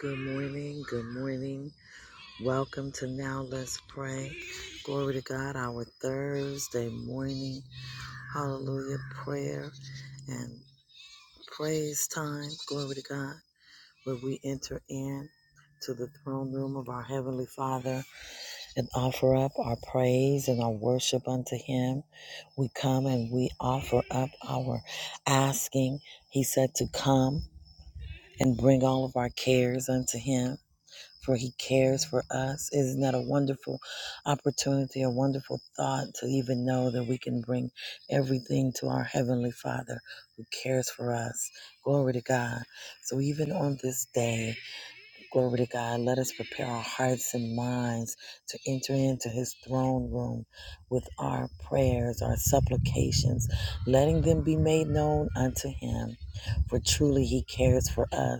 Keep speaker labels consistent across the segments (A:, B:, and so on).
A: Good morning. Good morning. Welcome to Now Let's Pray. Glory to God, our Thursday morning. Hallelujah. Prayer and praise time. Glory to God, where we enter in to the throne room of our Heavenly Father and offer up our praise and our worship unto Him. We come and we offer up our asking. He said to come and bring all of our cares unto Him. for he cares for us. Isn't that a wonderful opportunity, a wonderful thought to even know that we can bring everything to our Heavenly Father who cares for us? Glory to God. So, even on this day, glory to God, let us prepare our hearts and minds to enter into his throne room with our prayers, our supplications, letting them be made known unto him. For truly he cares for us.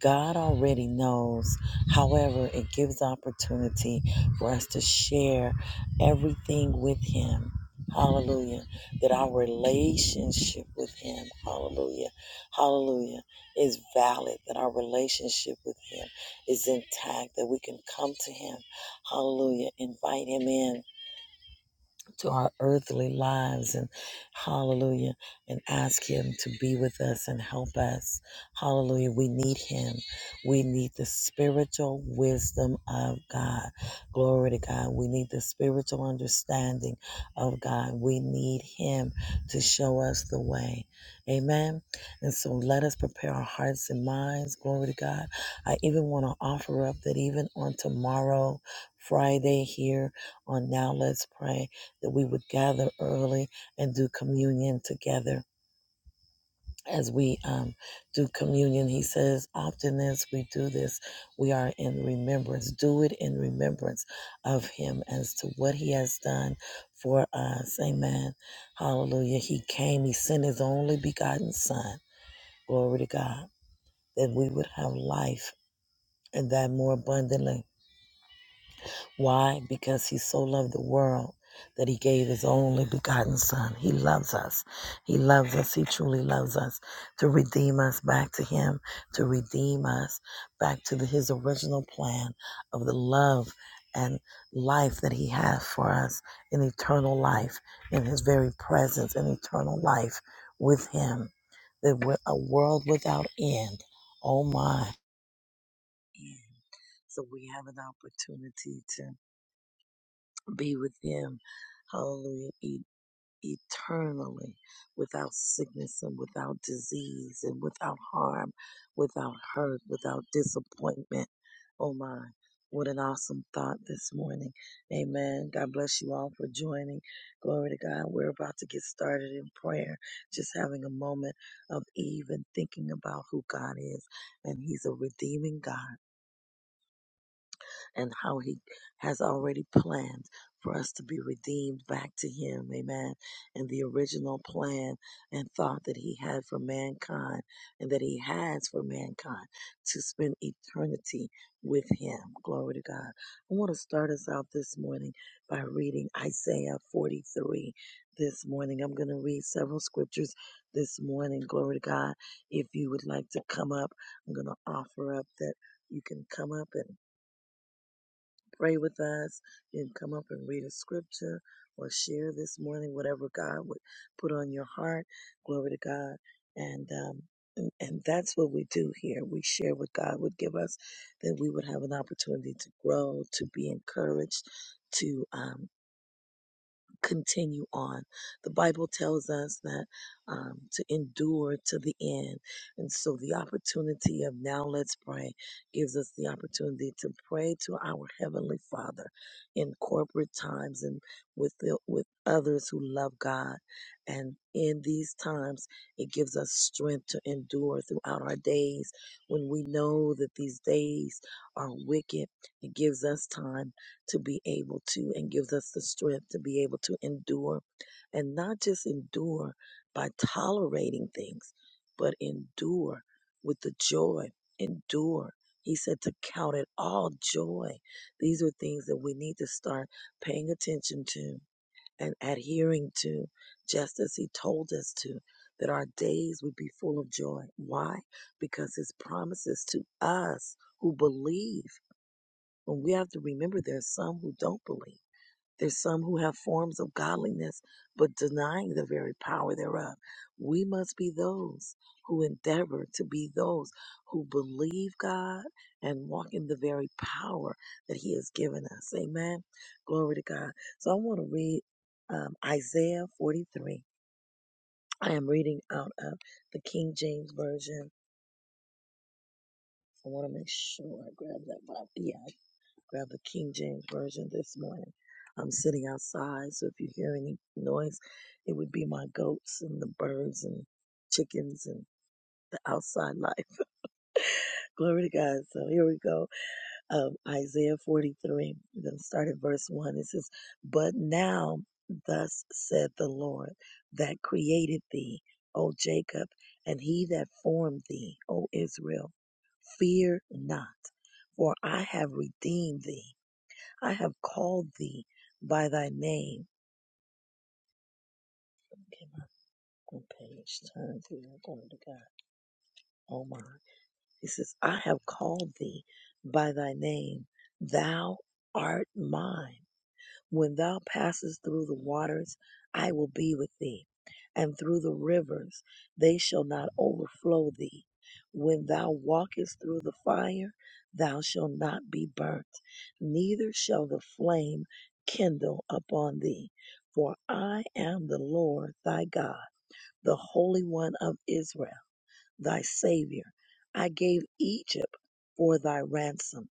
A: God already knows. However, it gives opportunity for us to share everything with Him. Hallelujah. That our relationship with Him, hallelujah, hallelujah, is valid. That our relationship with Him is intact. That we can come to Him, hallelujah, invite Him in to our earthly lives and hallelujah and ask him to be with us and help us hallelujah we need him we need the spiritual wisdom of god glory to god we need the spiritual understanding of god we need him to show us the way amen and so let us prepare our hearts and minds glory to god i even want to offer up that even on tomorrow friday here on now let's pray that we would gather early and do communion together. As we um, do communion, he says, often as we do this, we are in remembrance. Do it in remembrance of him as to what he has done for us. Amen. Hallelujah. He came, he sent his only begotten son. Glory to God. That we would have life and that more abundantly. Why? Because he so loved the world that he gave his only begotten son. He loves us. He loves us. He truly loves us to redeem us back to him, to redeem us back to the, his original plan of the love and life that he has for us in eternal life, in his very presence, in eternal life with him. That a world without end. Oh my. So we have an opportunity to be with him, hallelujah, e- eternally, without sickness and without disease and without harm, without hurt, without disappointment. Oh my, what an awesome thought this morning. Amen. God bless you all for joining. Glory to God. We're about to get started in prayer, just having a moment of Eve and thinking about who God is. And He's a redeeming God and how he has already planned for us to be redeemed back to him. Amen. And the original plan and thought that he had for mankind and that he has for mankind to spend eternity with him. Glory to God. I want to start us out this morning by reading Isaiah 43 this morning. I'm going to read several scriptures this morning. Glory to God. If you would like to come up, I'm going to offer up that you can come up and pray with us. You can come up and read a scripture or share this morning whatever God would put on your heart. Glory to God. And, um, and, and that's what we do here. We share what God would give us, that we would have an opportunity to grow, to be encouraged, to um, continue on. The Bible tells us that um, to endure to the end. And so the opportunity of now let's pray gives us the opportunity to pray to our Heavenly Father in corporate times and with, the, with others who love God. And in these times, it gives us strength to endure throughout our days. When we know that these days are wicked, it gives us time to be able to and gives us the strength to be able to endure and not just endure by tolerating things, but endure with the joy, endure. He said to count it all joy. These are things that we need to start paying attention to and adhering to, just as he told us to, that our days would be full of joy. Why? Because his promises to us who believe. But we have to remember there's some who don't believe. There's some who have forms of godliness, but denying the very power thereof. We must be those who endeavor to be those who believe God and walk in the very power that He has given us. Amen. Glory to God. So I want to read um, Isaiah 43. I am reading out of the King James Version. I want to make sure I grab that Bible. Yeah. grab the King James Version this morning. I'm sitting outside, so if you hear any noise, it would be my goats and the birds and chickens and the outside life. Glory to God. So here we go. Um, Isaiah 43. We're going to start at verse 1. It says, But now, thus said the Lord that created thee, O Jacob, and he that formed thee, O Israel, fear not, for I have redeemed thee. I have called thee by thy name. Get my fucking page turned here. Glory to God. Oh my. He says, I have called thee by thy name. Thou art mine. When thou passest through the waters, I will be with thee, and through the rivers, they shall not overflow thee. When thou walkest through the fire, thou shalt not be burnt, neither shall the flame kindle upon thee. For I am the Lord thy God, the Holy One of Israel, thy Savior. I gave Egypt for thy ransom,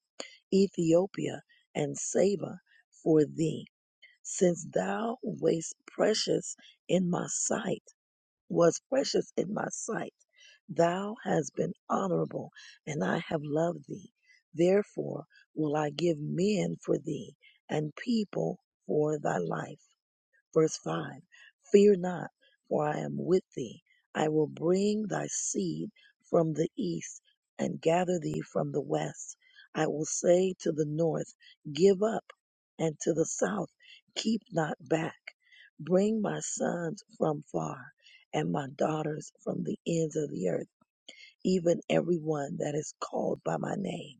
A: Ethiopia and Saba for thee since thou wast precious in my sight, was precious in my sight. Thou hast been honorable, and I have loved thee. Therefore will I give men for thee, and people for thy life. Verse 5 Fear not, for I am with thee. I will bring thy seed from the east and gather thee from the west. I will say to the north, Give up, and to the south, Keep not back. Bring my sons from far and my daughters from the ends of the earth even everyone that is called by my name.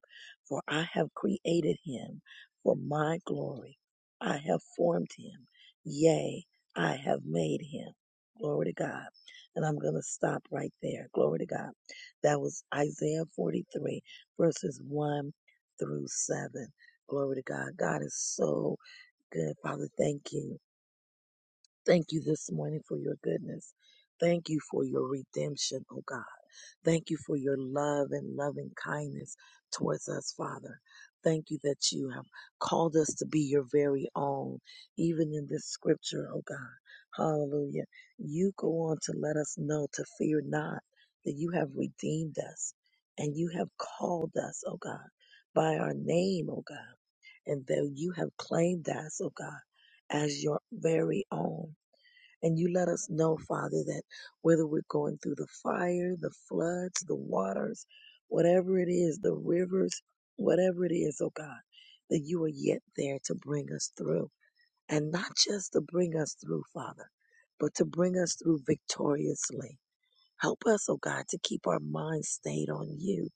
A: For I have created him for my glory. I have formed him. Yea, I have made him. Glory to God. And I'm going to stop right there. Glory to God. That was Isaiah 43, verses 1 through 7. Glory to God. God is so good. Father, thank you Thank you this morning for your goodness. Thank you for your redemption, oh God. Thank you for your love and loving kindness towards us, Father. Thank you that you have called us to be your very own, even in this scripture, oh God. Hallelujah. You go on to let us know to fear not that you have redeemed us and you have called us, oh God, by our name, oh God, and that you have claimed us, oh God, as your very own. And you let us know, Father, that whether we're going through the fire, the floods, the waters, whatever it is, the rivers, whatever it is, oh God, that you are yet there to bring us through. And not just to bring us through, Father, but to bring us through victoriously. Help us, oh God, to keep our minds stayed on you,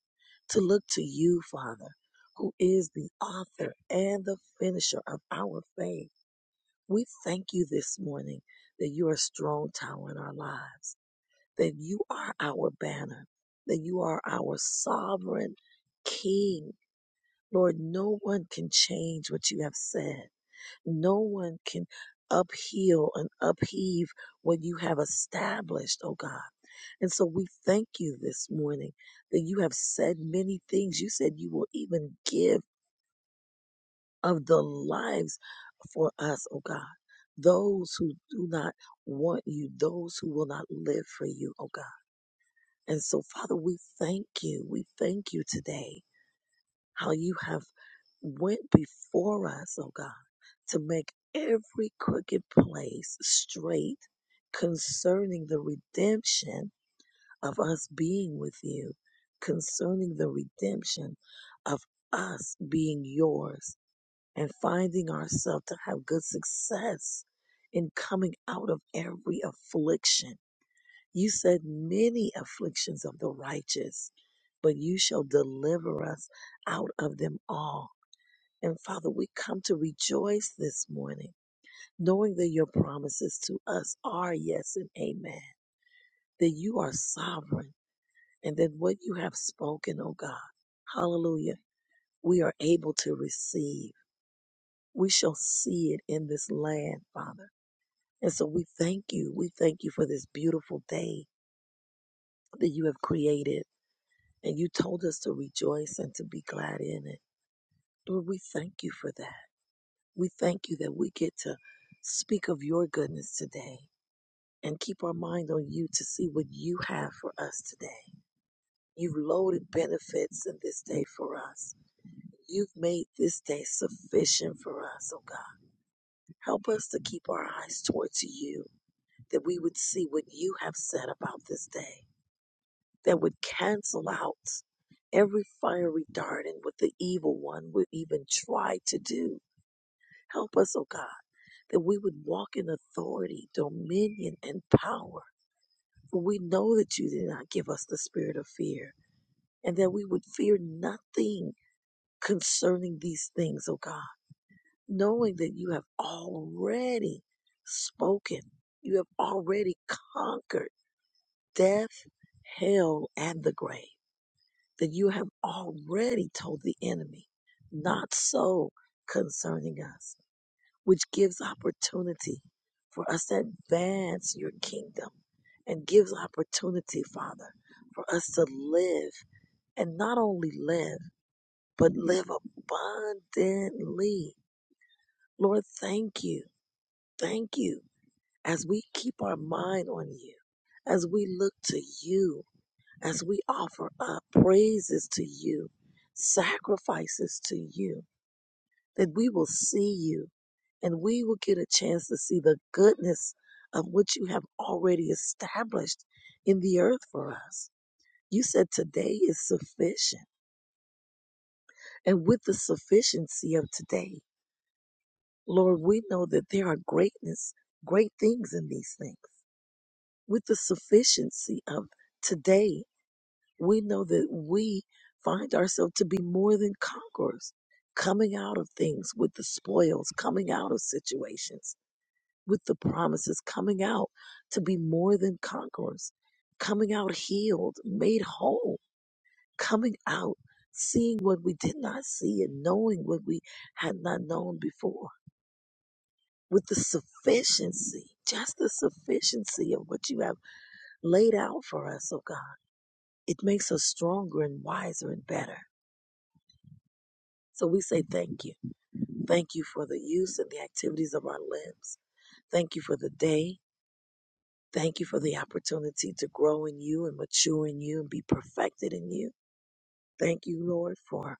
A: to look to you, Father, who is the author and the finisher of our faith we thank you this morning that you are a strong tower in our lives, that you are our banner, that you are our sovereign king. Lord, no one can change what you have said. No one can upheal and upheave what you have established, oh God. And so we thank you this morning that you have said many things. You said you will even give of the lives for us, oh God. Those who do not want you, those who will not live for you, oh God. And so, Father, we thank you. We thank you today how you have went before us, oh God, to make every crooked place straight concerning the redemption of us being with you, concerning the redemption of us being yours and finding ourselves to have good success in coming out of every affliction. You said many afflictions of the righteous, but you shall deliver us out of them all. And Father, we come to rejoice this morning, knowing that your promises to us are yes and amen, that you are sovereign, and that what you have spoken, oh God, hallelujah, we are able to receive. We shall see it in this land, Father And so we thank you. We thank you for this beautiful day that you have created. And you told us to rejoice and to be glad in it. Lord, we thank you for that. We thank you that we get to speak of your goodness today and keep our mind on you to see what you have for us today. You've loaded benefits in this day for us. You've made this day sufficient for us, oh God. Help us to keep our eyes towards you, that we would see what you have said about this day that would cancel out every fiery dart and what the evil one would even try to do. Help us, O God, that we would walk in authority, dominion, and power. For we know that you did not give us the spirit of fear, and that we would fear nothing concerning these things, O God, knowing that you have already spoken, you have already conquered death, hell, and the grave. that you have already told the enemy, not so concerning us, which gives opportunity for us to advance your kingdom and gives opportunity, Father, for us to live and not only live, but live abundantly. Lord, thank you. Thank you as we keep our mind on you, as we look to you as we offer up praises to you, sacrifices to you, that we will see you and we will get a chance to see the goodness of what you have already established in the earth for us. You said today is sufficient. And with the sufficiency of today, Lord, we know that there are greatness, great things in these things. With the sufficiency of today, we know that we find ourselves to be more than conquerors, coming out of things with the spoils, coming out of situations with the promises, coming out to be more than conquerors, coming out healed, made whole, coming out seeing what we did not see and knowing what we had not known before with the sufficiency, just the sufficiency of what you have laid out for us, oh God. It makes us stronger and wiser and better So we say thank you. Thank you for the use and the activities of our limbs. Thank you for the day. Thank you for the opportunity to grow in you and mature in you and be perfected in you. Thank you, Lord, for,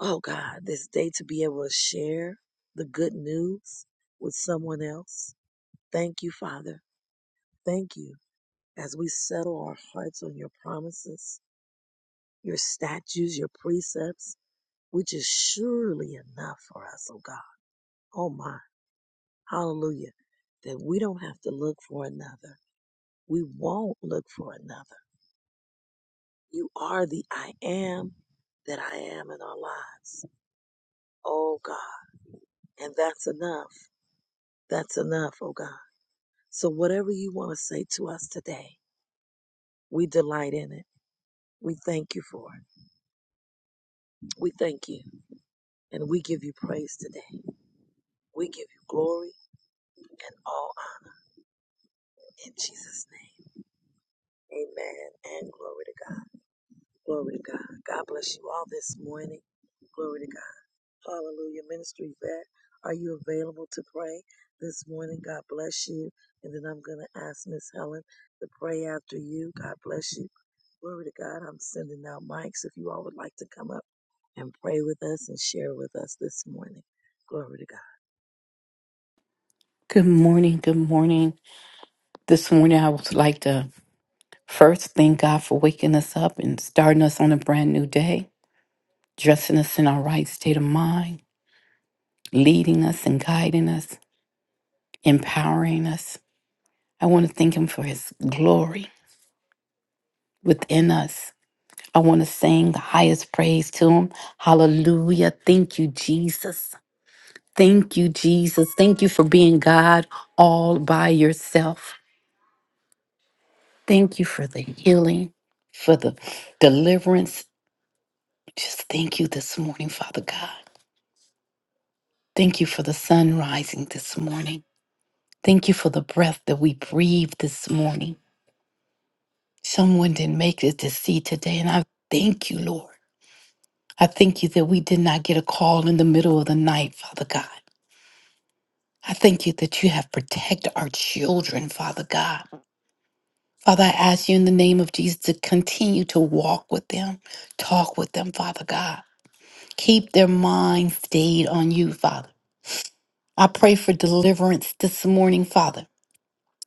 A: oh God, this day to be able to share the good news with someone else. Thank you, Father. Thank you as we settle our hearts on your promises, your statutes, your precepts, which is surely enough for us, oh God. Oh my. Hallelujah. That we don't have to look for another. We won't look for another. You are the I am that I am in our lives. Oh God. And that's enough. That's enough, oh God. So whatever you want to say to us today, we delight in it. We thank you for it. We thank you. And we give you praise today. We give you glory and all honor in Jesus' name. Amen. And glory to God. Glory to God. God bless you all this morning. Glory to God. Hallelujah. Ministry vet, are you available to pray this morning? God bless you. And then I'm going to ask Miss Helen to pray after you. God bless you. Glory to God. I'm sending out mics if you all would like to come up and pray with us and share with us this morning. Glory to God.
B: Good morning. Good morning. This morning, I would like to first thank God for waking us up and starting us on a brand new day, dressing us in our right state of mind, leading us and guiding us, empowering us. I want to thank Him for His glory within us. I want to sing the highest praise to Him. Hallelujah. Thank you, Jesus. Thank you, Jesus. Thank you for being God all by yourself. Thank you for the healing, for the deliverance Just thank you this morning, Father God. Thank you for the sun rising this morning. Thank you for the breath that we breathe this morning. Someone didn't make it to see today, and I thank you, Lord. I thank you that we did not get a call in the middle of the night, Father God. I thank you that you have protected our children, Father God. Father, I ask you in the name of Jesus to continue to walk with them, talk with them, Father God. Keep their minds stayed on you, Father. I pray for deliverance this morning, Father,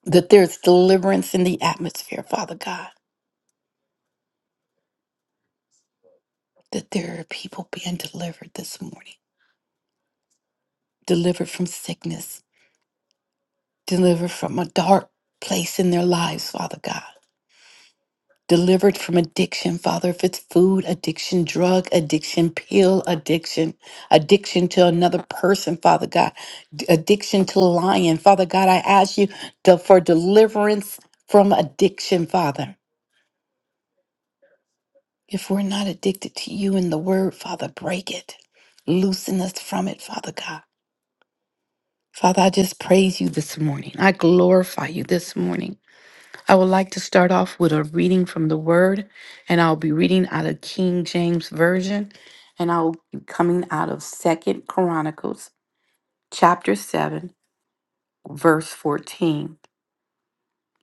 B: that there's deliverance in the atmosphere, Father God, that there are people being delivered this morning, delivered from sickness, delivered from a dark place in their lives, Father God. Delivered from addiction, Father, if it's food addiction, drug addiction, pill addiction, addiction to another person, Father God, d- addiction to lying, Father God, I ask you to, for deliverance from addiction, Father If we're not addicted to you and the word, Father, break it. Loosen us from it, Father God. Father, I just praise you this morning. I glorify you this morning. I would like to start off with a reading from the word, and I'll be reading out of King James Version, and I'll be coming out of Second Chronicles chapter 7, verse 14.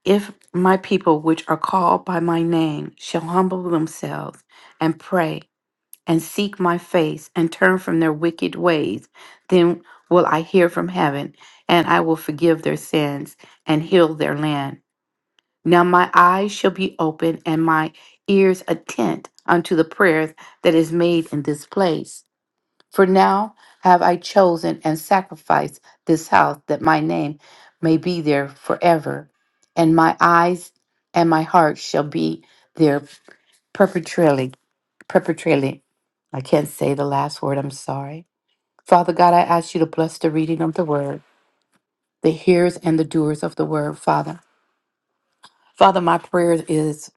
B: If my people which are called by my name shall humble themselves and pray and seek my face and turn from their wicked ways, then will I hear from heaven, and I will forgive their sins and heal their land. Now my eyes shall be open and my ears attent unto the prayers that is made in this place. For now have I chosen and sacrificed this house that my name may be there forever, and my eyes and my heart shall be there perpetually perpetually. I can't say the last word, I'm sorry. Father God, I ask you to bless the reading of the word, the hearers and the doers of the word, Father. Father, my prayer is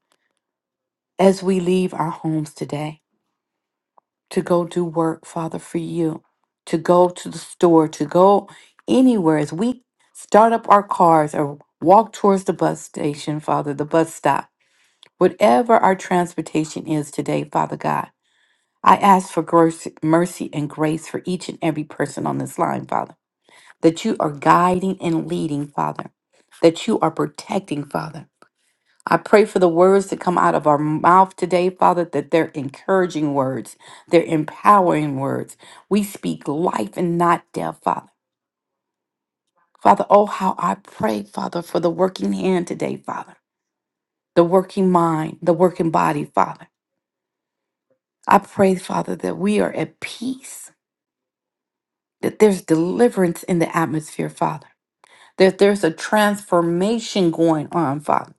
B: as we leave our homes today to go do work, Father, for you, to go to the store, to go anywhere, as we start up our cars or walk towards the bus station, Father, the bus stop, whatever our transportation is today, Father God. I ask for grace, mercy and grace for each and every person on this line, Father, that you are guiding and leading, Father, that you are protecting, Father. I pray for the words that come out of our mouth today, Father, that they're encouraging words, they're empowering words. We speak life and not death, Father. Father, oh, how I pray, Father, for the working hand today, Father, the working mind, the working body, Father. I pray, Father, that we are at peace that there's deliverance in the atmosphere, Father, that there's a transformation going on, Father.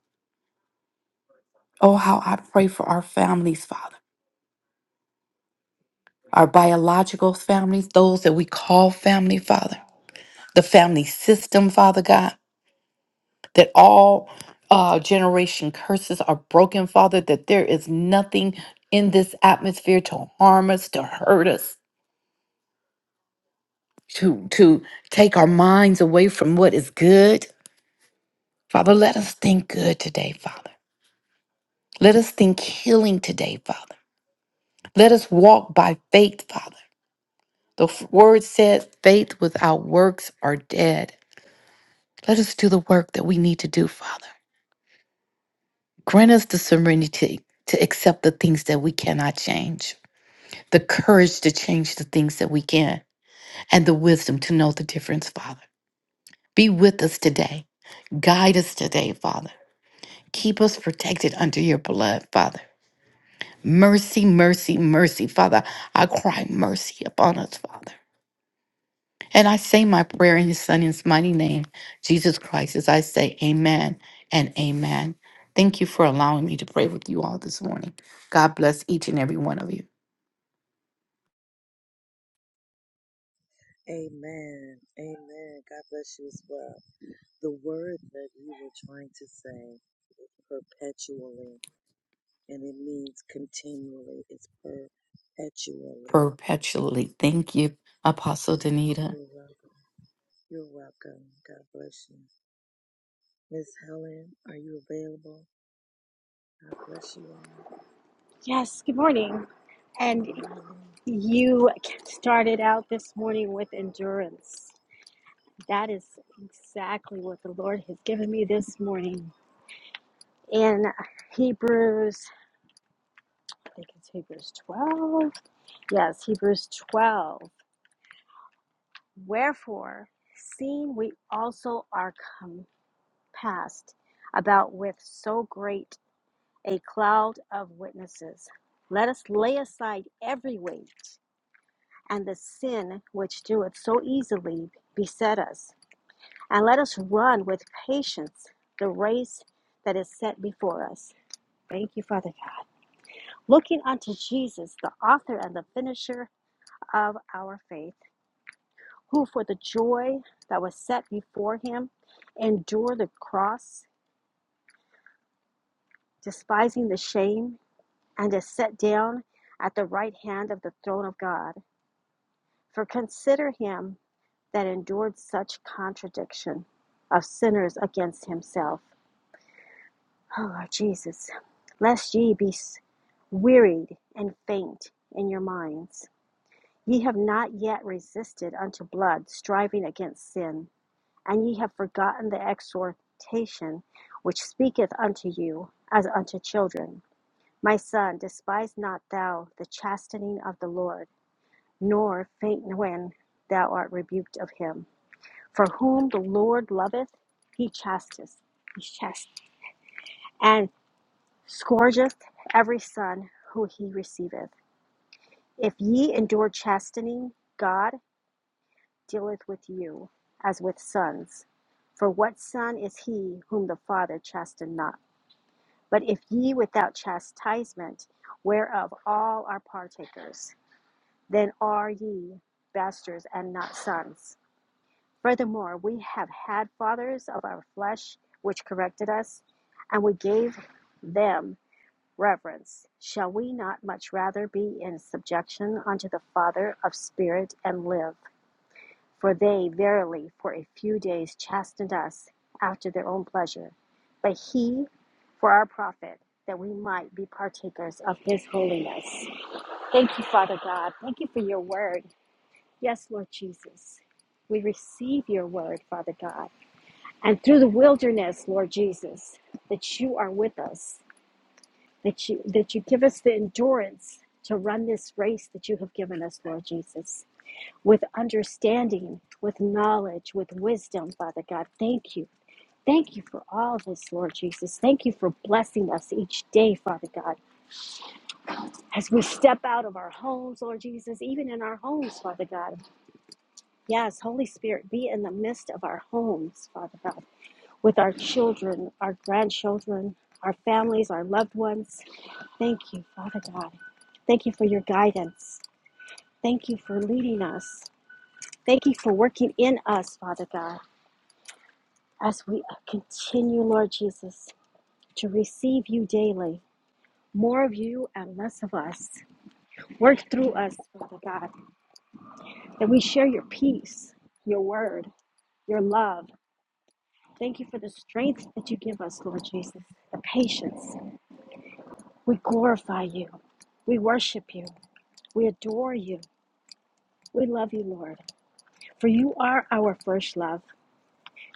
B: Oh, how I pray for our families, Father, our biological families, those that we call family, Father, the family system, Father God, that all uh, generation curses are broken, Father, that there is nothing in this atmosphere to harm us, to hurt us, to, to take our minds away from what is good. Father, let us think good today, Father. Let us think healing today, Father. Let us walk by faith, Father. The f- word said, faith without works are dead. Let us do the work that we need to do, Father. Grant us the serenity to accept the things that we cannot change, the courage to change the things that we can, and the wisdom to know the difference, Father. Be with us today. Guide us today, Father. Keep us protected under your blood, Father. Mercy, mercy, mercy, Father. I cry mercy upon us, Father. And I say my prayer in his son, in his mighty name, Jesus Christ, as I say amen and amen. Thank you for allowing me to pray with you all this morning. God bless each and every one of you
A: Amen. Amen. God bless you as well. The word that you were trying to say, perpetually, and it means continually, it's perpetually.
B: perpetually. Thank you, Apostle Danita.
A: You're welcome. You're welcome. God bless you. Miss Helen, are you available? God bless you all.
C: Yes, good morning.
A: Good
C: And
A: morning.
C: you started out this morning with endurance. That is exactly what the Lord has given me this morning. In Hebrews, I think it's Hebrews 12. Yes, Hebrews 12. Wherefore, seeing we also are compassed about with so great a cloud of witnesses, let us lay aside every weight and the sin which doeth so easily beset us, and let us run with patience the race that is set before us. Thank you, Father God. Looking unto Jesus, the author and the finisher of our faith, who for the joy that was set before him endured the cross, despising the shame, and is set down at the right hand of the throne of God. For consider him that endured such contradiction of sinners against himself. O Lord Jesus, lest ye be wearied and faint in your minds. Ye have not yet resisted unto blood, striving against sin, and ye have forgotten the exhortation which speaketh unto you as unto children. My son, despise not thou the chastening of the Lord, nor faint when thou art rebuked of him. For whom the Lord loveth, he chastiseth, he chastiseth, and scourgeth every son who he receiveth. If ye endure chastening, God dealeth with you as with sons. For what son is he whom the Father chasten not? But if ye without chastisement, whereof all are partakers, then are ye bastards and not sons. Furthermore, we have had fathers of our flesh which corrected us, and we gave them reverence. Shall we not much rather be in subjection unto the Father of spirit and live? For they verily for a few days chastened us after their own pleasure, but he for our profit, that we might be partakers of his holiness. Thank you, Father God. Thank you for your word. Yes, Lord Jesus. We receive your word, Father God and through the wilderness, Lord Jesus, that you are with us, that you that you give us the endurance to run this race that you have given us, Lord Jesus, with understanding, with knowledge, with wisdom, Father God. Thank you. Thank you for all of this, Lord Jesus. Thank you for blessing us each day, Father God, as we step out of our homes, Lord Jesus, even in our homes, Father God. Yes, Holy Spirit, be in the midst of our homes, Father God with our children, our grandchildren, our families, our loved ones. Thank you, Father God. Thank you for your guidance. Thank you for leading us. Thank you for working in us, Father God, as we continue, Lord Jesus, to receive you daily. More of you and less of us. Work through us, Father God, that we share your peace, your word, your love. Thank you for the strength that you give us, Lord Jesus, the patience, We glorify you. We worship you. We adore you. We love you, Lord. For you are our first love.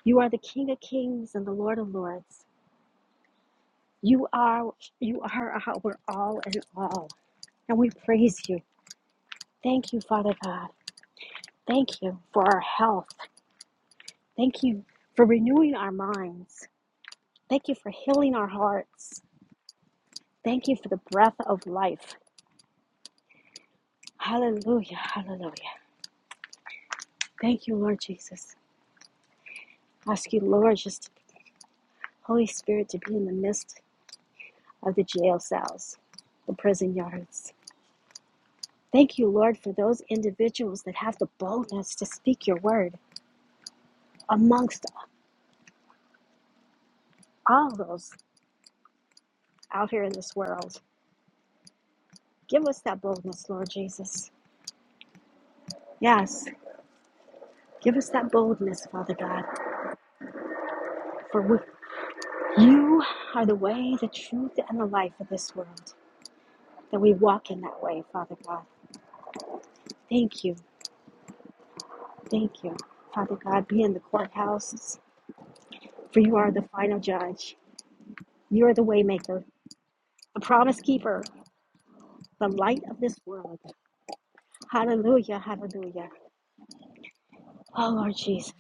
C: You are the King of kings and the Lord of lords. You are you are our all in all. And we praise you. Thank you, Father God. Thank you for our health. Thank you for renewing our minds. Thank you for healing our hearts. Thank you for the breath of life. Hallelujah. Hallelujah. Thank you, Lord Jesus. Ask you, Lord, just Holy Spirit, to be in the midst of the jail cells, the prison yards. Thank you, Lord, for those individuals that have the boldness to speak your word amongst all those out here in this world. Give us that boldness, Lord Jesus. Yes, give us that boldness, Father God, for we, you are the way, the truth, and the life of this world. That we walk in that way, Father God. Thank you. Thank you, Father God. Be in the courthouses, for you are the final judge. You're the waymaker, the promise keeper, the light of this world. Hallelujah, hallelujah. Oh, Lord Jesus.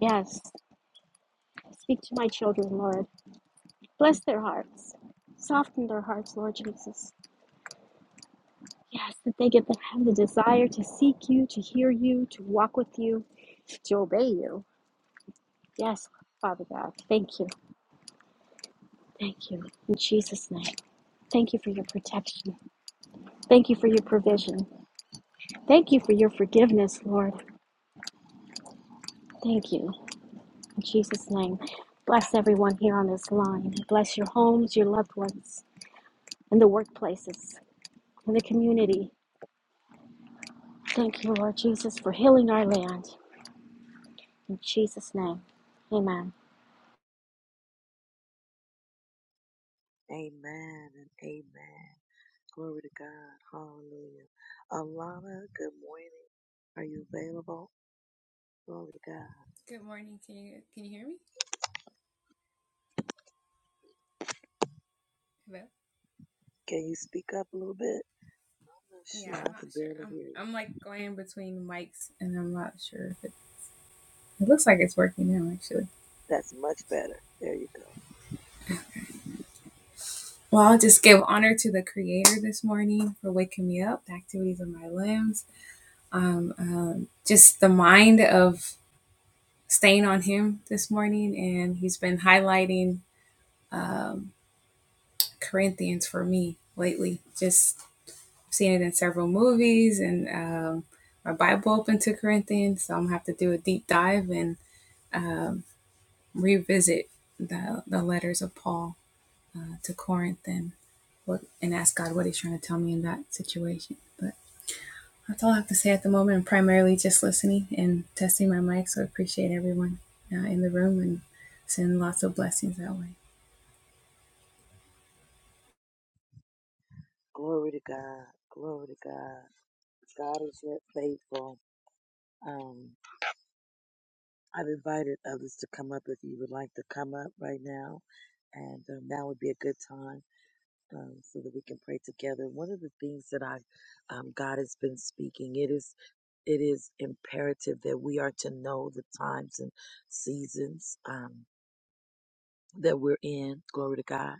C: Yes. Speak to my children, Lord. Bless their hearts. Soften their hearts, Lord Jesus. Yes, that they get to have the desire to seek you, to hear you, to walk with you, to obey you. Yes, Father God. Thank you. Thank you. In Jesus' name. Thank you for your protection. Thank you for your provision. Thank you for your forgiveness, Lord. Thank you. In Jesus' name, bless everyone here on this line. Bless your homes, your loved ones, and the workplaces, and the community. Thank you, Lord Jesus, for healing our land. In Jesus' name, amen.
A: Amen and amen. Glory to God. Hallelujah. Alana, good morning. Are you available? Glory to God.
D: Good morning. Can you can you hear me? Hello.
A: Can you speak up a little bit? I'm not
D: Yeah,
A: sure.
D: I'm
A: I
D: not
A: can
D: sure.
A: barely
D: I'm
A: hear you.
D: I'm like going between mics, and I'm not sure if it. It looks like it's working now, actually.
A: That's much better. There you go.
D: Well, I'll just give honor to the Creator this morning for waking me up, the activities of my limbs, um, um, just the mind of staying on Him this morning, and He's been highlighting Corinthians for me lately. Just seen it in several movies, and um, my Bible open to Corinthians, so I'm gonna have to do a deep dive and revisit the the letters of Paul uh, to Corinth and what and ask God what He's trying to tell me in that situation. But that's all I have to say at the moment. I'm primarily just listening and testing my mic, so I appreciate everyone uh, in the room and send lots of blessings that way.
A: Glory to God. Glory to God. God is yet faithful. Um, I've invited others to come up if you would like to come up right now, and um, now would be a good time. um, so that we can pray together. One of the things that I, um, God has been speaking, it is, it is imperative that we are to know the times and seasons um, that we're in. Glory to God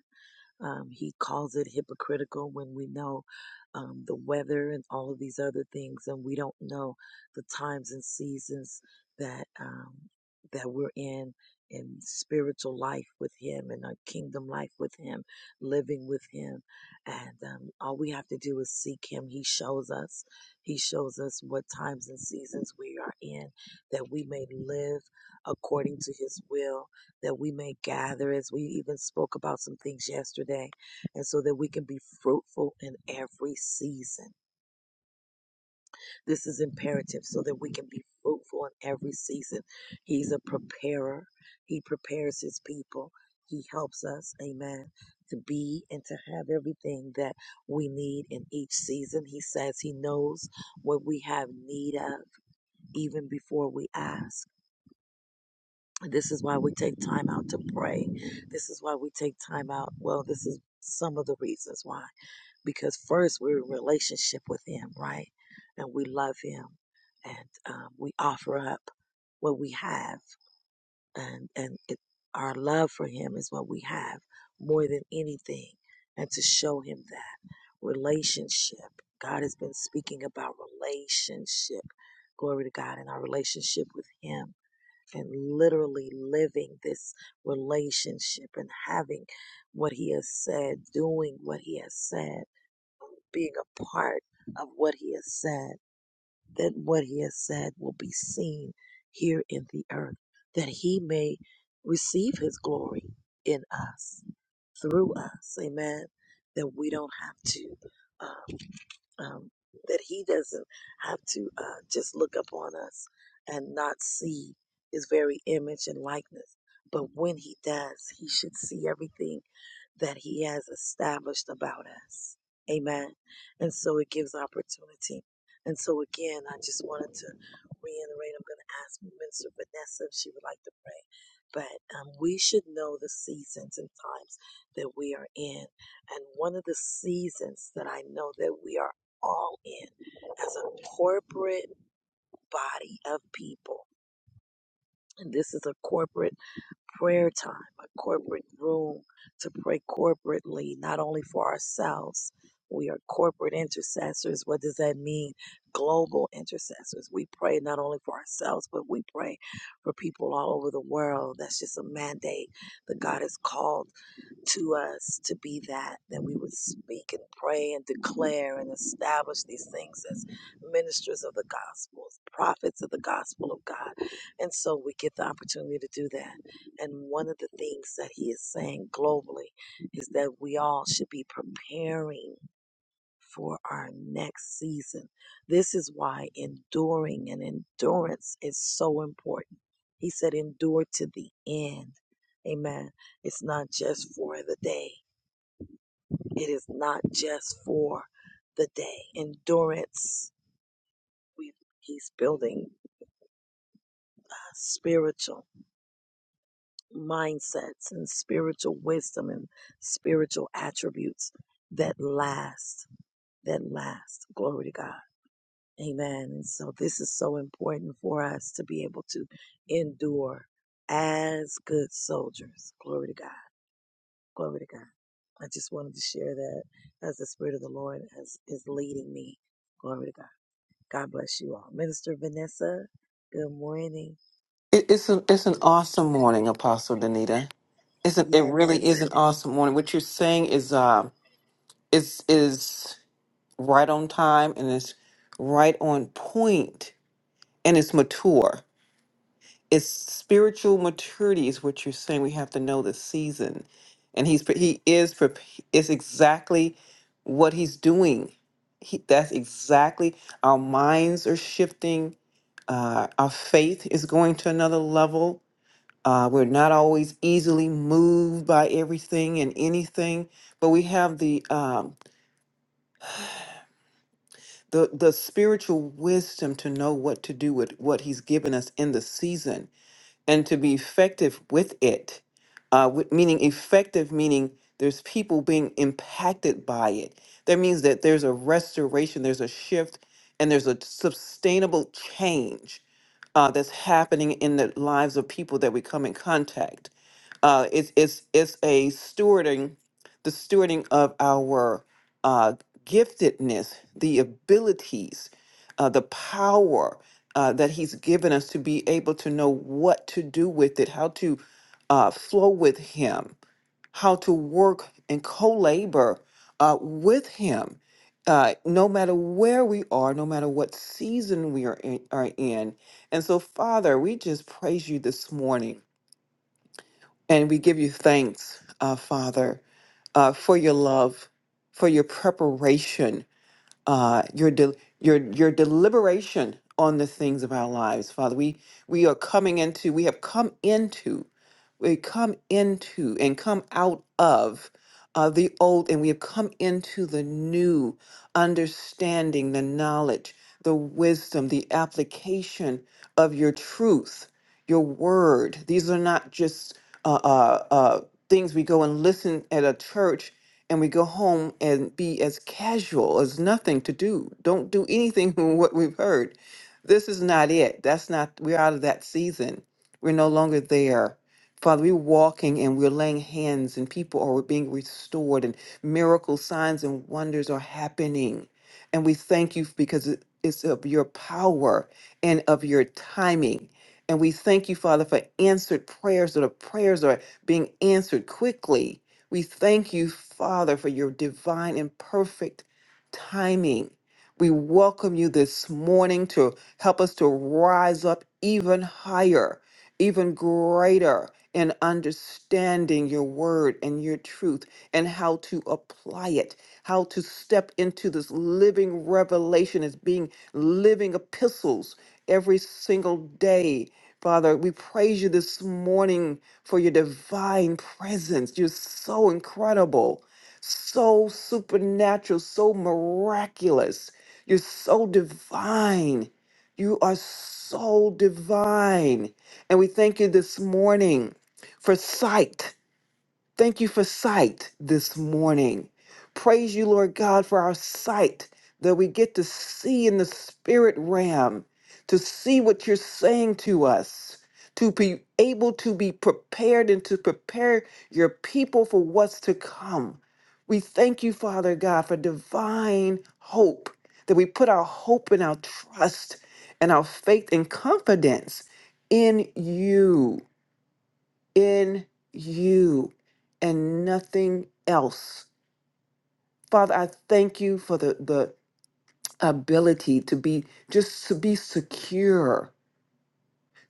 A: um, he calls it hypocritical when we know um, the weather and all of these other things, and we don't know the times and seasons that um, that we're in in spiritual life with Him and our kingdom life with Him, living with Him, and um, all we have to do is seek Him. He shows us. He shows us what times and seasons we are in, that we may live according to His will that we may gather as we even spoke about some things yesterday, and so that we can be fruitful in every season. This is imperative so that we can be fruitful in every season. He's a preparer, He prepares His people, He helps us, amen, to be and to have everything that we need in each season. He says He knows what we have need of even before we ask. This is why we take time out to pray. This is why we take time out. Well, this is some of the reasons why. Because first, we're in relationship with Him, right? And we love Him, and um, we offer up what we have, and and it, our love for Him is what we have more than anything, and to show Him that relationship. God has been speaking about relationship. Glory to God and our relationship with Him and literally living this relationship and having what he has said, doing what he has said, being a part of what he has said, that what he has said will be seen here in the earth, that he may receive his glory in us, through us. Amen. That we don't have to. uh, um, that he doesn't have to uh, just look upon us and not see his very image and likeness. But when he does, he should see everything that he has established about us. Amen. And so it gives opportunity. And so again, I just wanted to reiterate, I'm going to ask Minister Vanessa if she would like to pray. But um, we should know the seasons and times that we are in. And one of the seasons that I know that we are all in as a corporate body of people, and this is a corporate prayer time, a corporate room to pray corporately, not only for ourselves. We are corporate intercessors. What does that mean? Global intercessors. We pray not only for ourselves, but we pray for people all over the world. That's just a mandate that God has called to us to be that, that we would speak and pray and declare and establish these things as ministers of the gospel, as prophets of the gospel of God. And so we get the opportunity to do that. And one of the things that he is saying globally is that we all should be preparing for our next season. This is why enduring and endurance is so important. He said, endure to the end. Amen. It's not just for the day. It is not just for the day. Endurance, we, he's building spiritual mindsets and spiritual wisdom and spiritual attributes that last, that last. Glory to God. Amen. And so this is so important for us to be able to endure as good soldiers. Glory to God. Glory to God. I just wanted to share that as the Spirit of the Lord has, is leading me. Glory to God. God bless you all. Minister Vanessa, good morning.
E: It, it's an it's an awesome morning, Apostle Danita. It's an, it
A: Yes, it
E: really is an
A: is.
E: awesome morning. What you're saying is uh is is right on time and it's right on point and it's mature. It's spiritual maturity is what you're saying. We have to know the season, and he's pre- he is prep- is exactly what he's doing. He, that's exactly our minds are shifting. Uh, our faith is going to another level Uh, we're not always easily moved by everything and anything, but we have the um, the the spiritual wisdom to know what to do with what He's given us in the season and to be effective with it. Uh, wi- meaning effective, meaning there's people being impacted by it. That means that there's a restoration, there's a shift, and there's a sustainable change uh, that's happening in the lives of people that we come in contact. Uh, it's it's it's a stewarding, the stewarding of our uh, giftedness, the abilities, uh, the power uh, that He's given us to be able to know what to do with it, how to uh, flow with Him, how to work and co labor uh, with Him. Uh, no matter where we are, no matter what season we are in, are in. And so, Father, we just praise you this morning and we give you thanks, uh, Father, uh, for your love, for your preparation, uh, your de- your your deliberation on the things of our lives, Father. We we are coming into, we have come into, we come into and come out of uh, the old, and we have come into the new, understanding, the knowledge, the wisdom, the application of your truth, your word. These are not just uh, uh, uh, things we go and listen at a church and we go home and be as casual as nothing to do. Don't do anything from what we've heard. This is not it. That's not, we're out of that season. We're no longer there. Father, we're walking and we're laying hands, and people are being restored, and miracle signs and wonders are happening. And we thank you because it- it's of your power and of your timing. And we thank you, Father, for answered prayers that are prayers are being answered quickly we thank you, Father, for your divine and perfect timing. We welcome you this morning to help us to rise up even higher, even greater in understanding your word and your truth and how to apply it, how to step into this living revelation as being living epistles every single day. Father, we praise you this morning for your divine presence. You're so incredible, so supernatural, so miraculous. You're so divine. You are so divine. And we thank you this morning for sight. Thank you for sight this morning. Praise you, Lord God, for our sight that we get to see in the spirit realm, to see what you're saying to us, to be able to be prepared and to prepare your people for what's to come. We thank you, Father God, for divine hope, that we put our hope and our trust and our faith and confidence in you in you and nothing else. Father, I thank you for the, the ability to be just to be secure,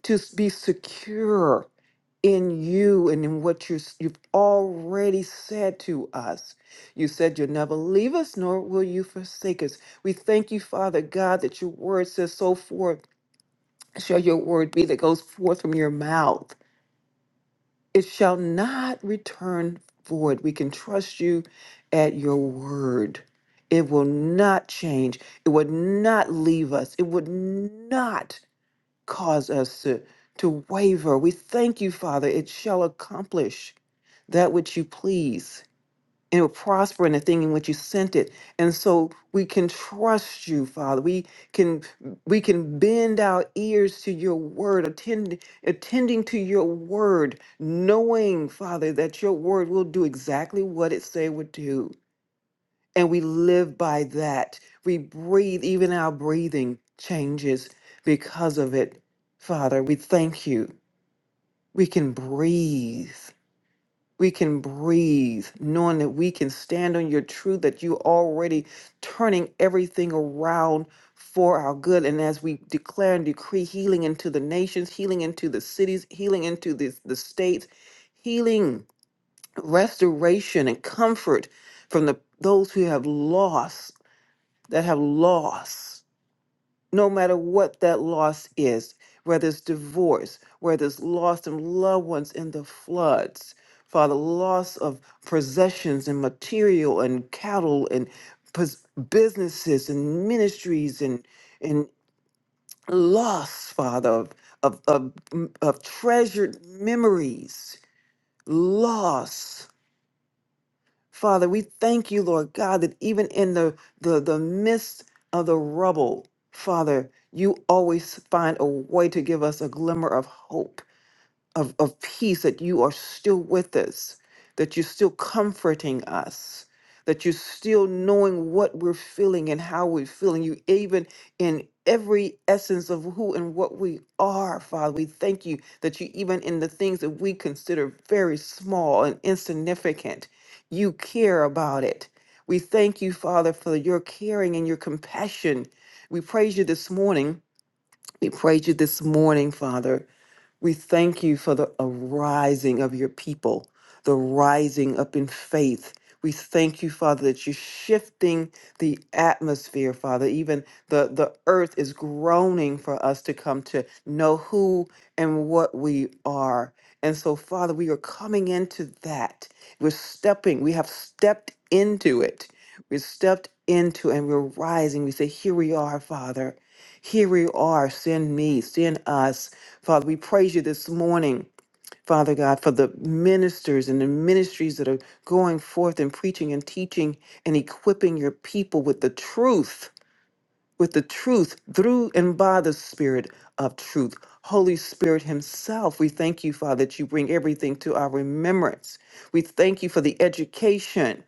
E: to be secure in you and in what you're, you've already said to us. You said you'll never leave us, nor will you forsake us. We thank you, Father God, that your word says so forth. Shall your word be that goes forth from your mouth It shall not return void. We can trust you at your word. It will not change. It would not leave us. It would not cause us to, to waver. We thank you, Father. It shall accomplish that which you please and it will prosper in the thing in which you sent it. And so we can trust you, Father. We can we can bend our ears to your word, attend, attending to your word, knowing, Father, that your word will do exactly what it say would do. And we live by that. We breathe, even our breathing changes because of it. Father, we thank you. We can breathe we can breathe knowing that we can stand on your truth that you already turning everything around for our good and as we declare and decree healing into the nations healing into the cities healing into the, the states healing restoration and comfort from the those who have lost that have lost no matter what that loss is, whether it's divorce, whether it's loss of loved ones in the floods, Father, loss of possessions and material and cattle and pos- businesses and ministries and and loss, Father, of of, of, of treasured memories, loss. Father, we thank you, Lord God, that even in the, the, the midst of the rubble, Father, you always find a way to give us a glimmer of hope of, of peace that you are still with us, that you're still comforting us, that you're still knowing what we're feeling and how we're feeling. You even in every essence of who and what we are, Father, we thank you that you even in the things that we consider very small and insignificant, you care about it. We thank you, Father, for your caring and your compassion. We praise you this morning. We praise you this morning, Father. We thank you for the arising of your people, the rising up in faith. We thank you, Father, that you're shifting the atmosphere, Father. Even the, the earth is groaning for us to come to know who and what we are. And so, Father, we are coming into that. We're stepping, we have stepped into it. We've stepped into and we're rising. We say, Here we are, Father. Here we are. Send me, send us Father, we praise you this morning, Father God, for the ministers and the ministries that are going forth and preaching and teaching and equipping your people with the truth, with the truth through and by the Spirit of truth. Holy Spirit Himself, we thank you, Father, that you bring everything to our remembrance. We thank you for the education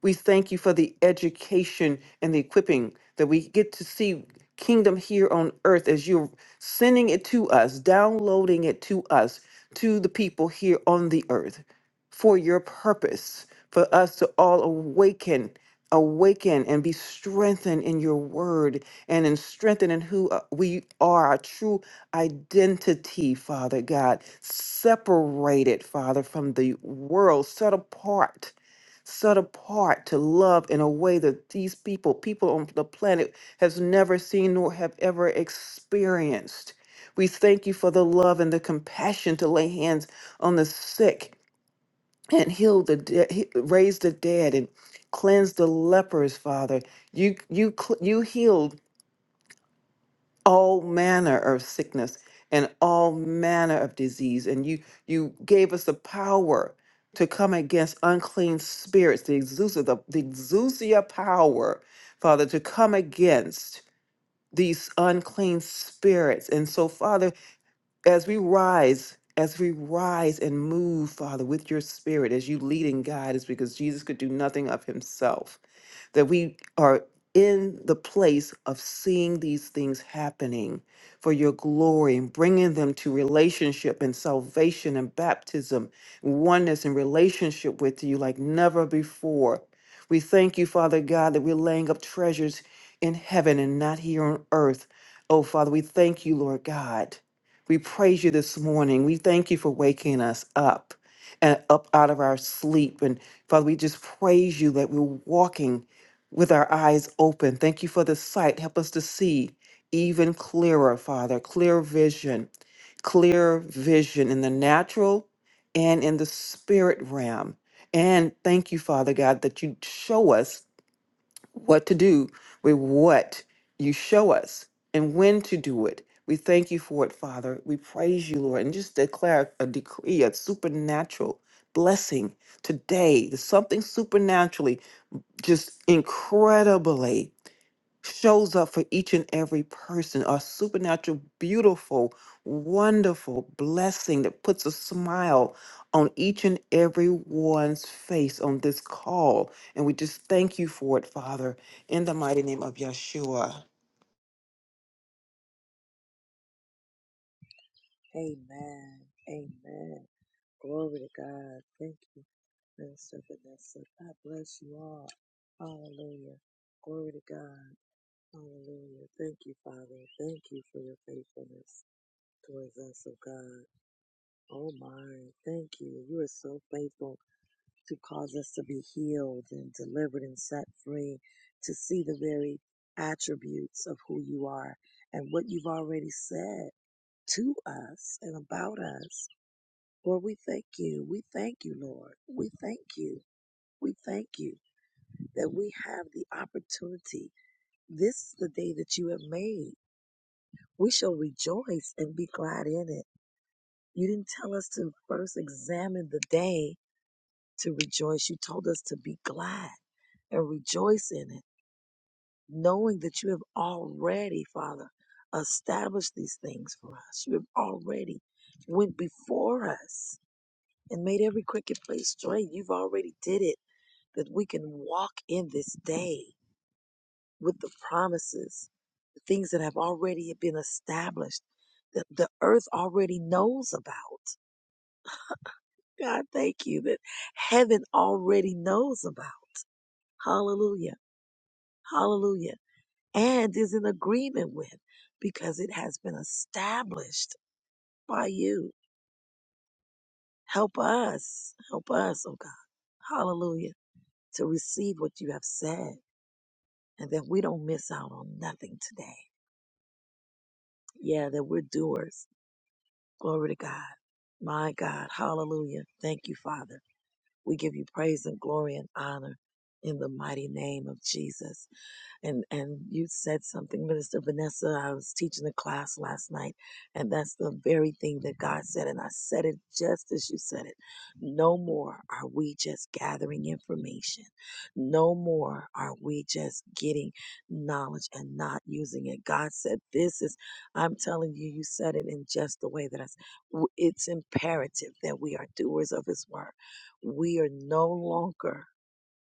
E: we thank you for the education and the equipping that we get to see kingdom here on earth as you're sending it to us, downloading it to us, to the people here on the earth for your purpose, for us to all awaken, awaken and be strengthened in your word and in strengthened in who uh, we are, our true identity, Father God, separated, Father, from the world, set apart set apart to love in a way that these people, people on the planet, has never seen nor have ever experienced. We thank you for the love and the compassion to lay hands on the sick and heal the dead, he- raise the dead and cleanse the lepers, Father. You you cl- you healed all manner of sickness and all manner of disease and you you gave us the power to come against unclean spirits the exousia the, the exousia power father to come against these unclean spirits and so father as we rise as we rise and move father with your spirit as you lead and guide us because jesus could do nothing of himself that we are in the place of seeing these things happening for your glory and bringing them to relationship and salvation and baptism, oneness and relationship with you like never before. We thank you, Father God, that we're laying up treasures in heaven and not here on earth. Oh, Father, we thank you, Lord God. We praise you this morning. We thank you for waking us up and up out of our sleep. And Father, we just praise you that we're walking with our eyes open. Thank you for the sight. Help us to see even clearer, Father, clear vision, clear vision in the natural and in the spirit realm. And thank you, Father God, that you show us what to do with what you show us and when to do it. We thank you for it, Father. We praise you, Lord, and just declare a decree, a supernatural blessing today. There's something supernaturally just incredibly shows up for each and every person a supernatural beautiful wonderful blessing that puts a smile on each and every one's face on this call and we just thank you for it father in the mighty name of yeshua
A: Amen. Amen. Glory to God. Thank you, Minister Vanessa. God bless you all. Hallelujah. Glory to God. Hallelujah. Thank you, Father. Thank you for your faithfulness towards us, oh God. Oh my, thank you. You are so faithful to cause us to be healed and delivered and set free, to see the very attributes of who you are and what you've already said to us and about us. Lord, we thank you. We thank you, Lord. We thank you. We thank you that we have the opportunity. This is the day that you have made We shall rejoice and be glad in it. You didn't tell us to first examine the day to rejoice. You told us to be glad and rejoice in it, knowing that you have already, Father, established these things for us. You have already went before us and made every crooked place straight. You've already did it that we can walk in this day with the promises, the things that have already been established, that the earth already knows about. God, thank you that heaven already knows about. Hallelujah. Hallelujah. And is in agreement with because it has been established by you. Help us. Help us, oh God. Hallelujah. To receive what you have said and that we don't miss out on nothing today. Yeah, that we're doers. Glory to God. My God. Hallelujah. Thank you, Father. We give you praise and glory and honor in the mighty name of Jesus. and and you said something minister vanessa i was teaching a class last night and that's the very thing that god said and i said it just as you said it no more are we just gathering information no more are we just getting knowledge and not using it god said this is i'm telling you you said it in just the way that i s- w- it's imperative that we are doers of his word we are no longer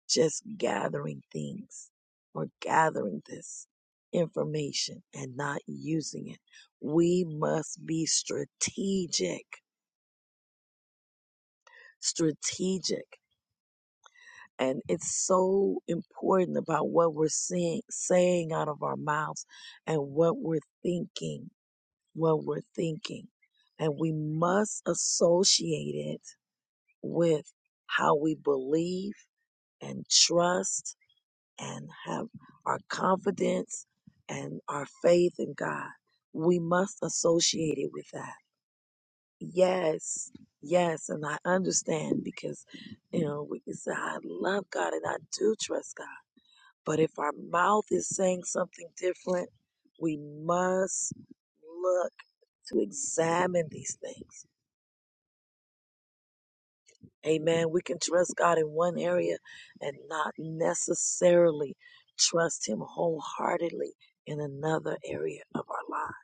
A: just gathering things or gathering this information and not using it. We must be strategic, strategic. And it's so important about what we're seeing, saying out of our mouths and what we're thinking, what we're thinking. And we must associate it with how we believe and trust and have our confidence and our faith in God. We must associate it with that. Yes, yes, and I understand because, you know, we can say, I love God and I do trust God. But if our mouth is saying something different, we must look to examine these things Amen. We can trust God in one area and not necessarily trust Him wholeheartedly in another area of our life.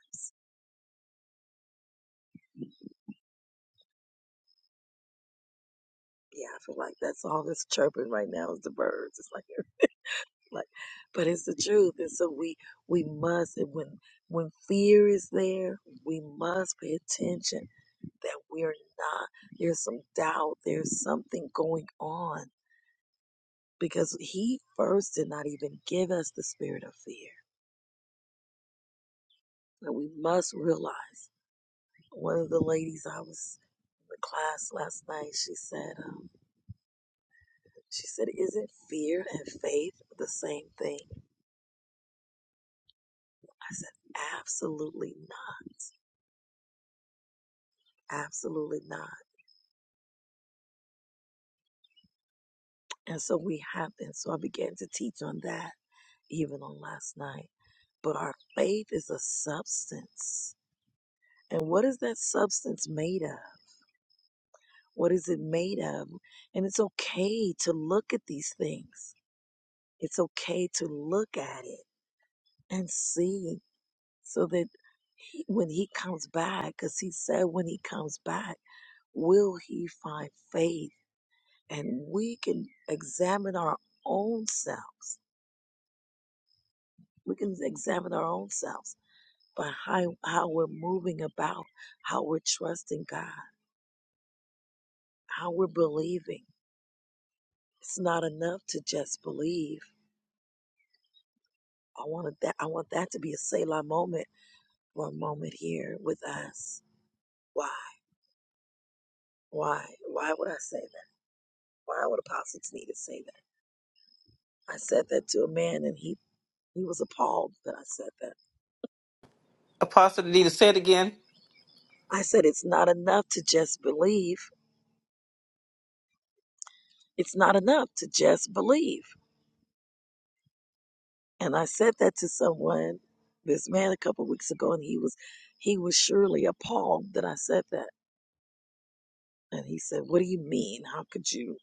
A: Yeah, I feel like that's all this chirping right now is the birds. It's like, like, but it's the truth. And so we we must and when when fear is there, we must pay attention that we're not. There's some doubt. There's something going on because He first did not even give us the spirit of fear. And we must realize. One of the ladies I was in the class last night, she said, um, she said, isn't fear and faith the same thing? I said, absolutely not. Absolutely not. And so we have, and so I began to teach on that even on last night. But our faith is a substance. And what is that substance made of? What is it made of? And it's okay to look at these things. It's okay to look at it and see so that he, when he comes back, because he said when he comes back, will he find faith? And we can examine our own selves. We can examine our own selves by how, how we're moving about, how we're trusting God, how we're believing. It's not enough to just believe. I wanted that. I want that to be a Selah moment for a moment here with us. Why? Why? Why would I say that? Why would Apostle Tanita say that? I said that to a man and he, he was appalled that I said that.
E: Apostle Danita, say it again.
A: I said, it's not enough to just believe. It's not enough to just believe. And I said that to someone, this man a couple of weeks ago, and he was, he was surely appalled that I said that. And he said, what do you mean? How could you,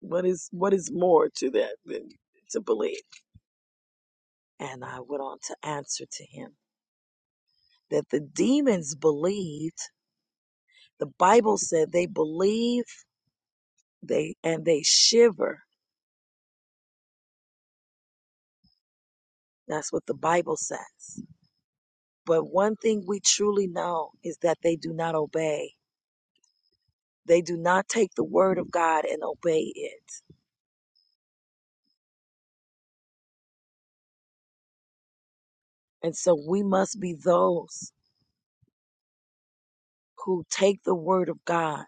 A: what is, what is more to that than to believe? And I went on to answer to him that the demons believed. The Bible said they believe they, and they shiver That's what the Bible says. But one thing we truly know is that they do not obey. They do not take the word of God and obey it. And so we must be those who take the word of God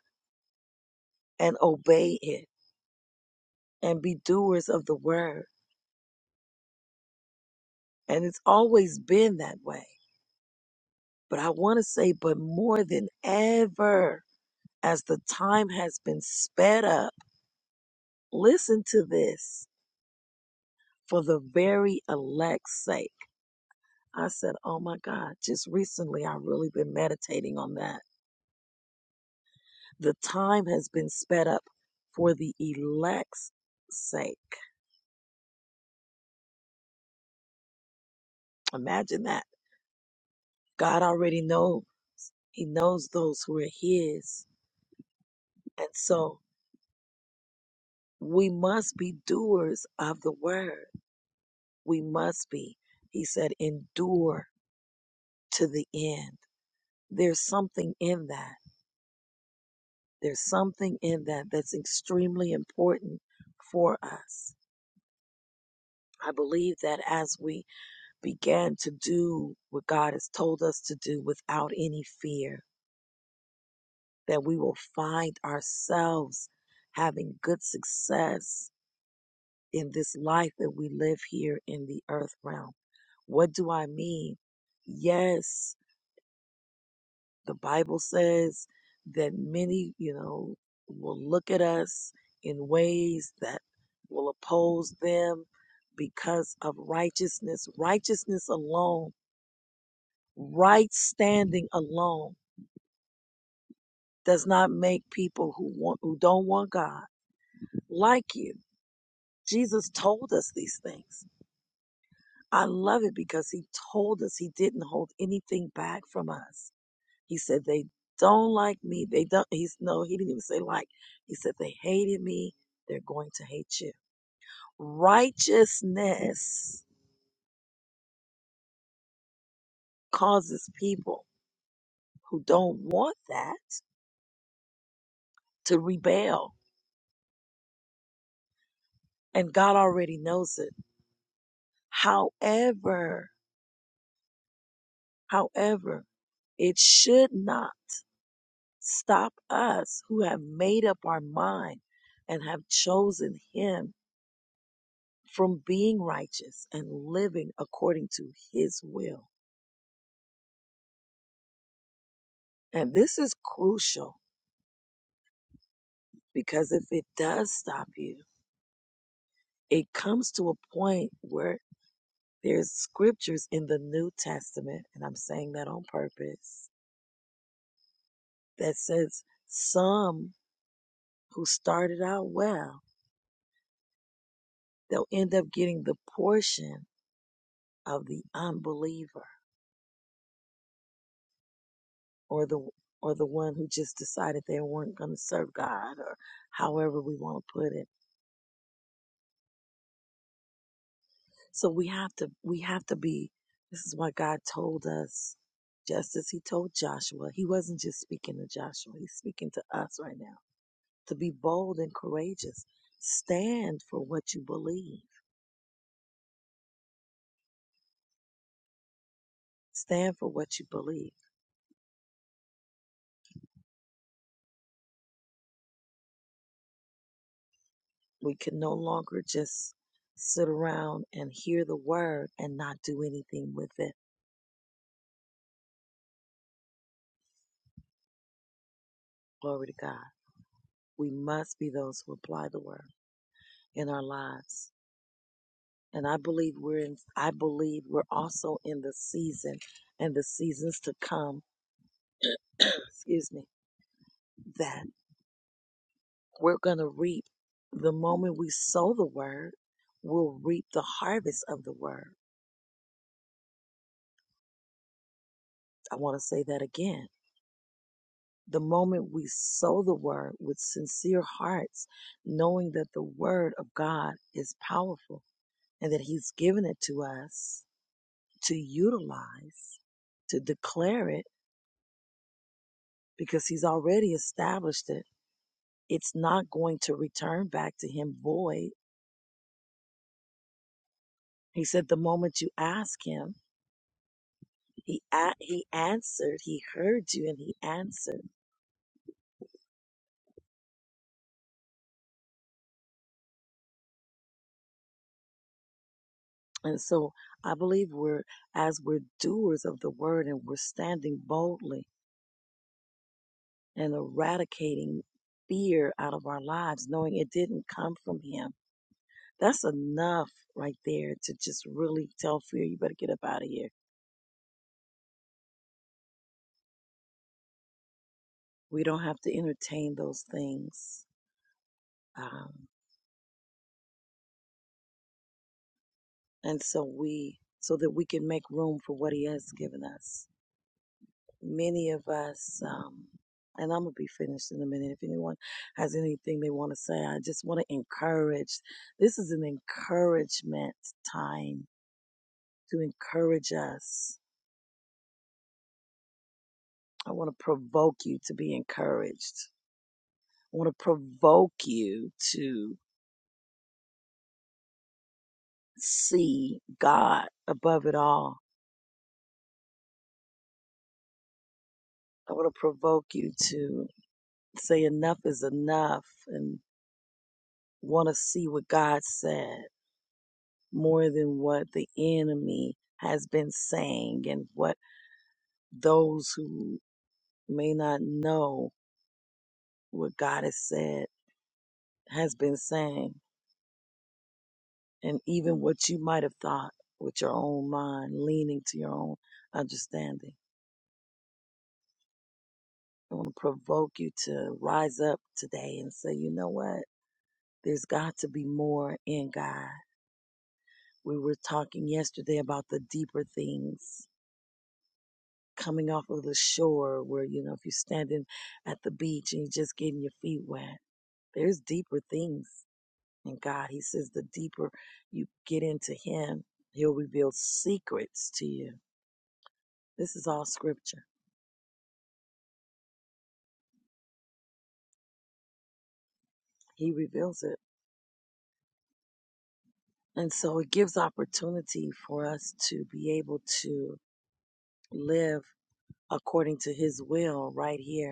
A: and obey it and be doers of the word. And it's always been that way. But I want to say, but more than ever, as the time has been sped up, listen to this for the very elect's sake I said, Oh my God, just recently I've really been meditating on that. The time has been sped up for the elect's sake. Imagine that. God already know He knows those who are His. And so we must be doers of the word. We must be. He said, endure to the end. There's something in that. There's something in that that's extremely important for us. I believe that as we began to do what God has told us to do without any fear, that we will find ourselves having good success in this life that we live here in the earth realm. What do I mean? Yes, the Bible says that many, you know, will look at us in ways that will oppose them because of righteousness, righteousness alone, right standing alone does not make people who want who don't want God like you. Jesus told us these things. I love it because he told us he didn't hold anything back from us. He said they don't like me. They don't he's no, he didn't even say like. He said they hated me. They're going to hate you. Righteousness causes people who don't want that to rebel. And God already knows it. However, however, it should not Stop us who have made up our mind and have chosen Him from being righteous and living according to His will. And this is crucial because if it does stop you, it comes to a point where there's scriptures in the New Testament, and I'm saying that on purpose, that says some who started out well, they'll end up getting the portion of the unbeliever. or the or the one who just decided they weren't going to serve God or however we want to put it. So we have to we have to be this is why God told us just as he told Joshua. He wasn't just speaking to Joshua. He's speaking to us right now to be bold and courageous. Stand for what you believe. Stand for what you believe. We can no longer just sit around and hear the word and not do anything with it. Glory to God. We must be those who apply the word. in our lives. And I believe we're in, I believe we're also in the season and the seasons to come, excuse me, that we're going to reap the moment we sow the word, we'll reap the harvest of the word. I want to say that again. The moment we sow the word with sincere hearts, knowing that the word of God is powerful and that he's given it to us to utilize, to declare it because he's already established it. It's not going to return back to him void. He said the moment you ask him, he a- he answered, he heard you and he answered. And so I believe we're as we're doers of the word and we're standing boldly and eradicating fear out of our lives, knowing it didn't come from him. That's enough right there to just really tell fear, you better get up out of here. We don't have to entertain those things. Um, and so we, so that we can make room for what he has given us. Many of us, um, and I'm going to be finished in a minute. If anyone has anything they want to say, I just want to encourage. This is an encouragement time to encourage us. I want to provoke you to be encouraged. I want to provoke you to see God above it all. I want to provoke you to say enough is enough and want to see what God said more than what the enemy has been saying and what those who may not know what God has said has been saying and even what you might have thought with your own mind leaning to your own understanding. I want to provoke you to rise up today and say, you know what? There's got to be more in God. We were talking yesterday about the deeper things coming off of the shore where, you know, if you're standing at the beach and you're just getting your feet wet, there's deeper things in God. He says the deeper you get into Him, He'll reveal secrets to you. This is all scripture. He reveals it. And so it gives opportunity for us to be able to live according to His will right here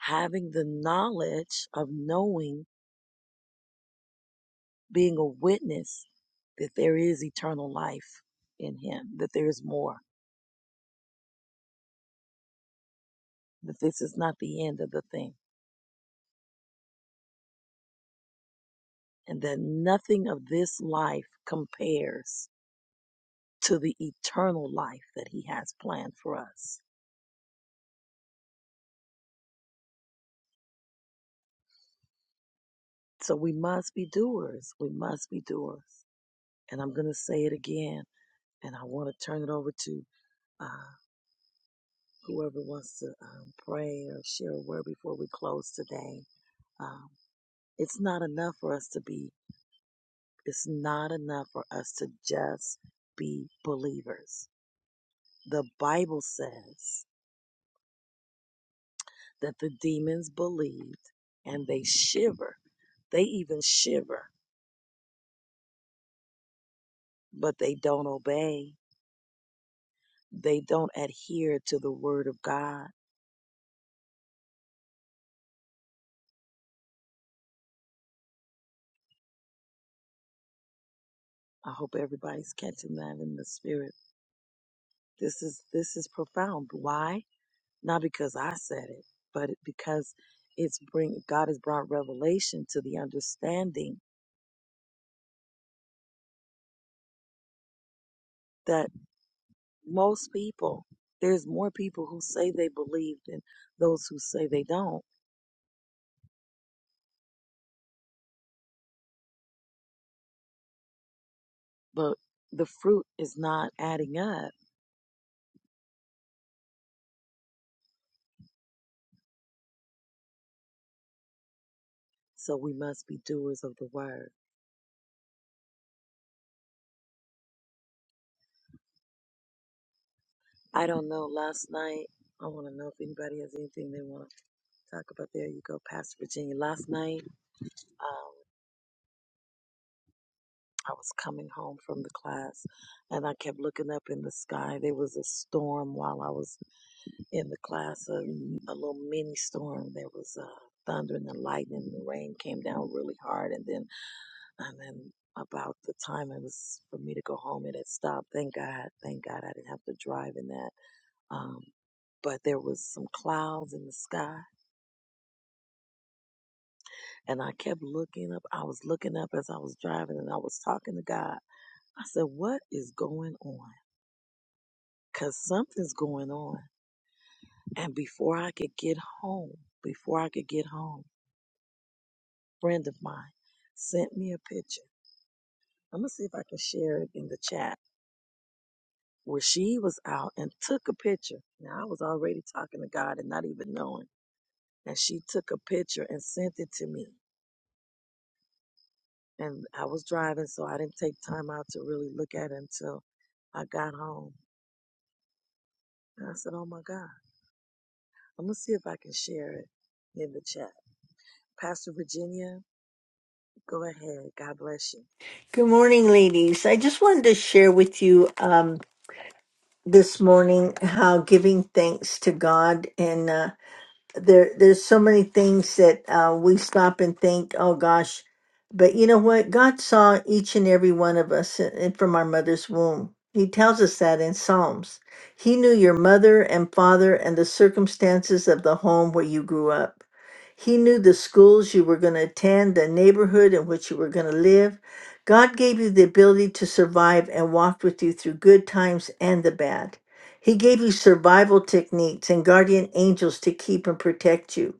A: having the knowledge of knowing, being a witness that there is eternal life in him, that there is more, that this is not the end of the thing, and that nothing of this life compares to the eternal life that he has planned for us. So we must be doers. We must be doers. And I'm going to say it again, and I want to turn it over to uh, whoever wants to um, pray or share a word before we close today. Uh, It's not enough for us to be, it's not enough for us to just be believers. The Bible says that the demons believed and they shiver. They even shiver, but they don't obey. They don't adhere to the word of God. I hope everybody's catching that in the spirit. This is this is profound. Why? Not because I said it, but because it's bring God has brought revelation to the understanding that. Most people, there's more people who say they believe than those who say they don't, but the fruit is not adding up. So we must be doers of the word. I don't know. Last night, I want to know if anybody has anything they want to talk about. There you go, Pastor Virginia. Last night, um, I was coming home from the class and I kept looking up in the sky. There was a storm while I was in the class um, a little mini storm. There was uh, thunder and the lightning. and The rain came down really hard, and then and then about the time it was for me to go home, it had stopped. Thank God, thank God, I didn't have to drive in that. Um, but there was some clouds in the sky, and I kept looking up. I was looking up as I was driving, and I was talking to God. I said, "What is going on? Cause something's going on." And before I could get home, before I could get home. friend of mine sent me a picture. I'm gonna see if I can share it in the chat where she was out and took a picture. Now I was already talking to God and not even knowing. And she took a picture and sent it to me. And I was driving, so I didn't take time out to really look at it until I got home. And I said, Oh my God, I'm gonna see if I can share it in the chat. Pastor Virginia, go ahead. God bless you.
F: Good morning, ladies. I just wanted to share with you um, this morning how giving thanks to God there there's so many things that uh, we stop and think oh gosh but you know what god saw each and every one of us in, in- from our mother's womb he tells us that in psalms he knew your mother and father and the circumstances of the home where you grew up he knew the schools you were going to attend the neighborhood in which you were going to live god gave you the ability to survive and walked with you through good times and the bad he gave you survival techniques and guardian angels to keep and protect you.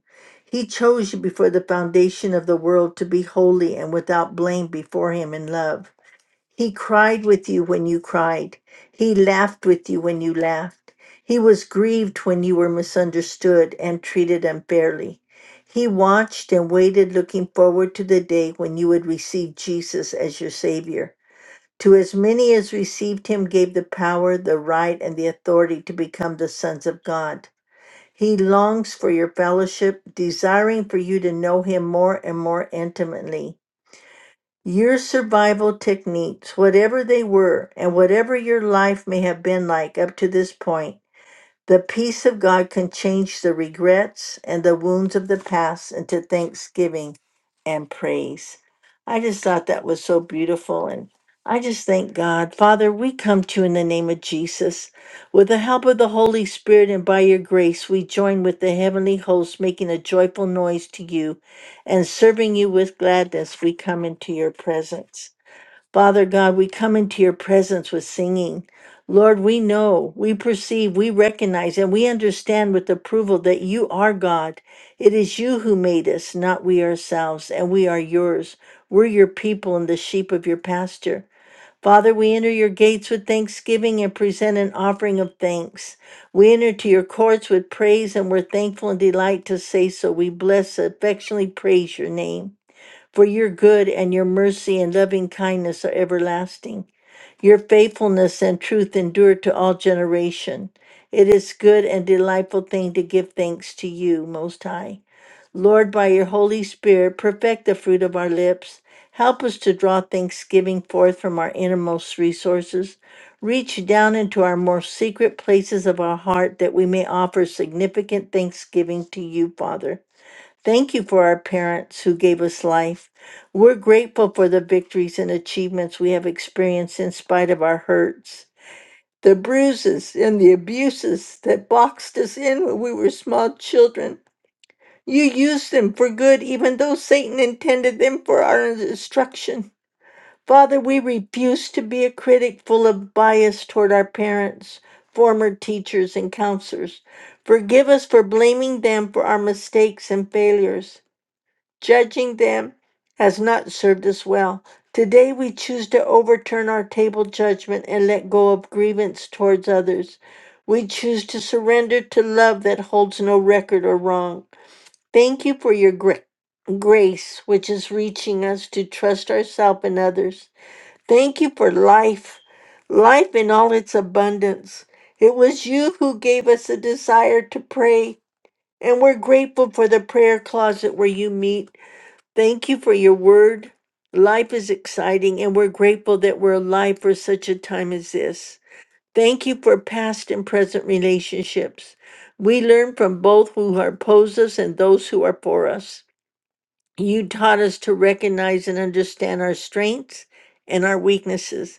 F: He chose you before the foundation of the world to be holy and without blame before Him in love. He cried with you when you cried. He laughed with you when you laughed. He was grieved when you were misunderstood and treated unfairly. He watched and waited, looking forward to the day when you would receive Jesus as your Savior. To as many as received him gave the power, the right, and the authority to become the sons of God. He longs for your fellowship, desiring for you to know him more and more intimately. Your survival techniques, whatever they were, and whatever your life may have been like up to this point, the peace of God can change the regrets and the wounds of the past into thanksgiving and praise. I just thought that was so beautiful. And I just thank God. Father, we come to you in the name of Jesus. With the help of the Holy Spirit and by your grace, we join with the heavenly host, making a joyful noise to you and serving you with gladness. We come into your presence. Father God, we come into your presence with singing. Lord, we know, we perceive, we recognize, and we understand with approval that you are God. It is you who made us, not we ourselves, and we are yours. We're your people and the sheep of your pasture. Father, we enter your gates with thanksgiving and present an offering of thanks. We enter to your courts with praise, and we're thankful and delight to say so. We bless, affectionately praise your name for your good and your mercy and loving kindness are everlasting. Your faithfulness and truth endure to all generation. It is good and delightful thing to give thanks to you, Most High. Lord, by your Holy Spirit, perfect the fruit of our lips. Help us to draw thanksgiving forth from our innermost resources. Reach down into our more secret places of our heart that we may offer significant thanksgiving to you, Father. Thank you for our parents who gave us life. We're grateful for the victories and achievements we have experienced in spite of our hurts, the bruises and the abuses that boxed us in when we were small children. You used them for good, even though Satan intended them for our destruction. Father, we refuse to be a critic full of bias toward our parents, former teachers, and counselors. Forgive us for blaming them for our mistakes and failures judging them has not served us well. Today we choose to overturn our table judgment and let go of grievance towards others. We choose to surrender to love that holds no record or wrong. Thank you for your gra- grace, which is reaching us to trust ourselves and others. Thank you for life, life in all its abundance. It was you who gave us a desire to pray, and we're grateful for the prayer closet where you meet. Thank you for your word. Life is exciting, and we're grateful that we're alive for such a time as this. Thank you for past and present relationships. We learn from both who are opposed us and those who are for us. You taught us to recognize and understand our strengths and our weaknesses.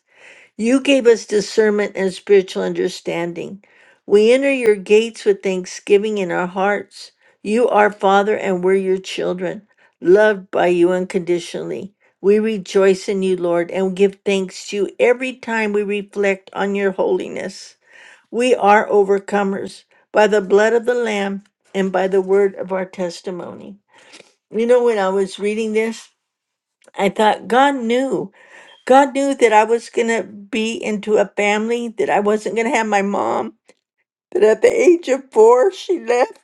F: You gave us discernment and spiritual understanding. We enter your gates with thanksgiving in our hearts. You are Father, and we're your children, loved by you unconditionally. We rejoice in you, Lord, and give thanks to you every time we reflect on your holiness. We are overcomers by the blood of the Lamb and by the word of our testimony. You know, when I was reading this, I thought God knew. God knew that I was going to be into a family, that I wasn't going to have my mom. But at the age of four, she left.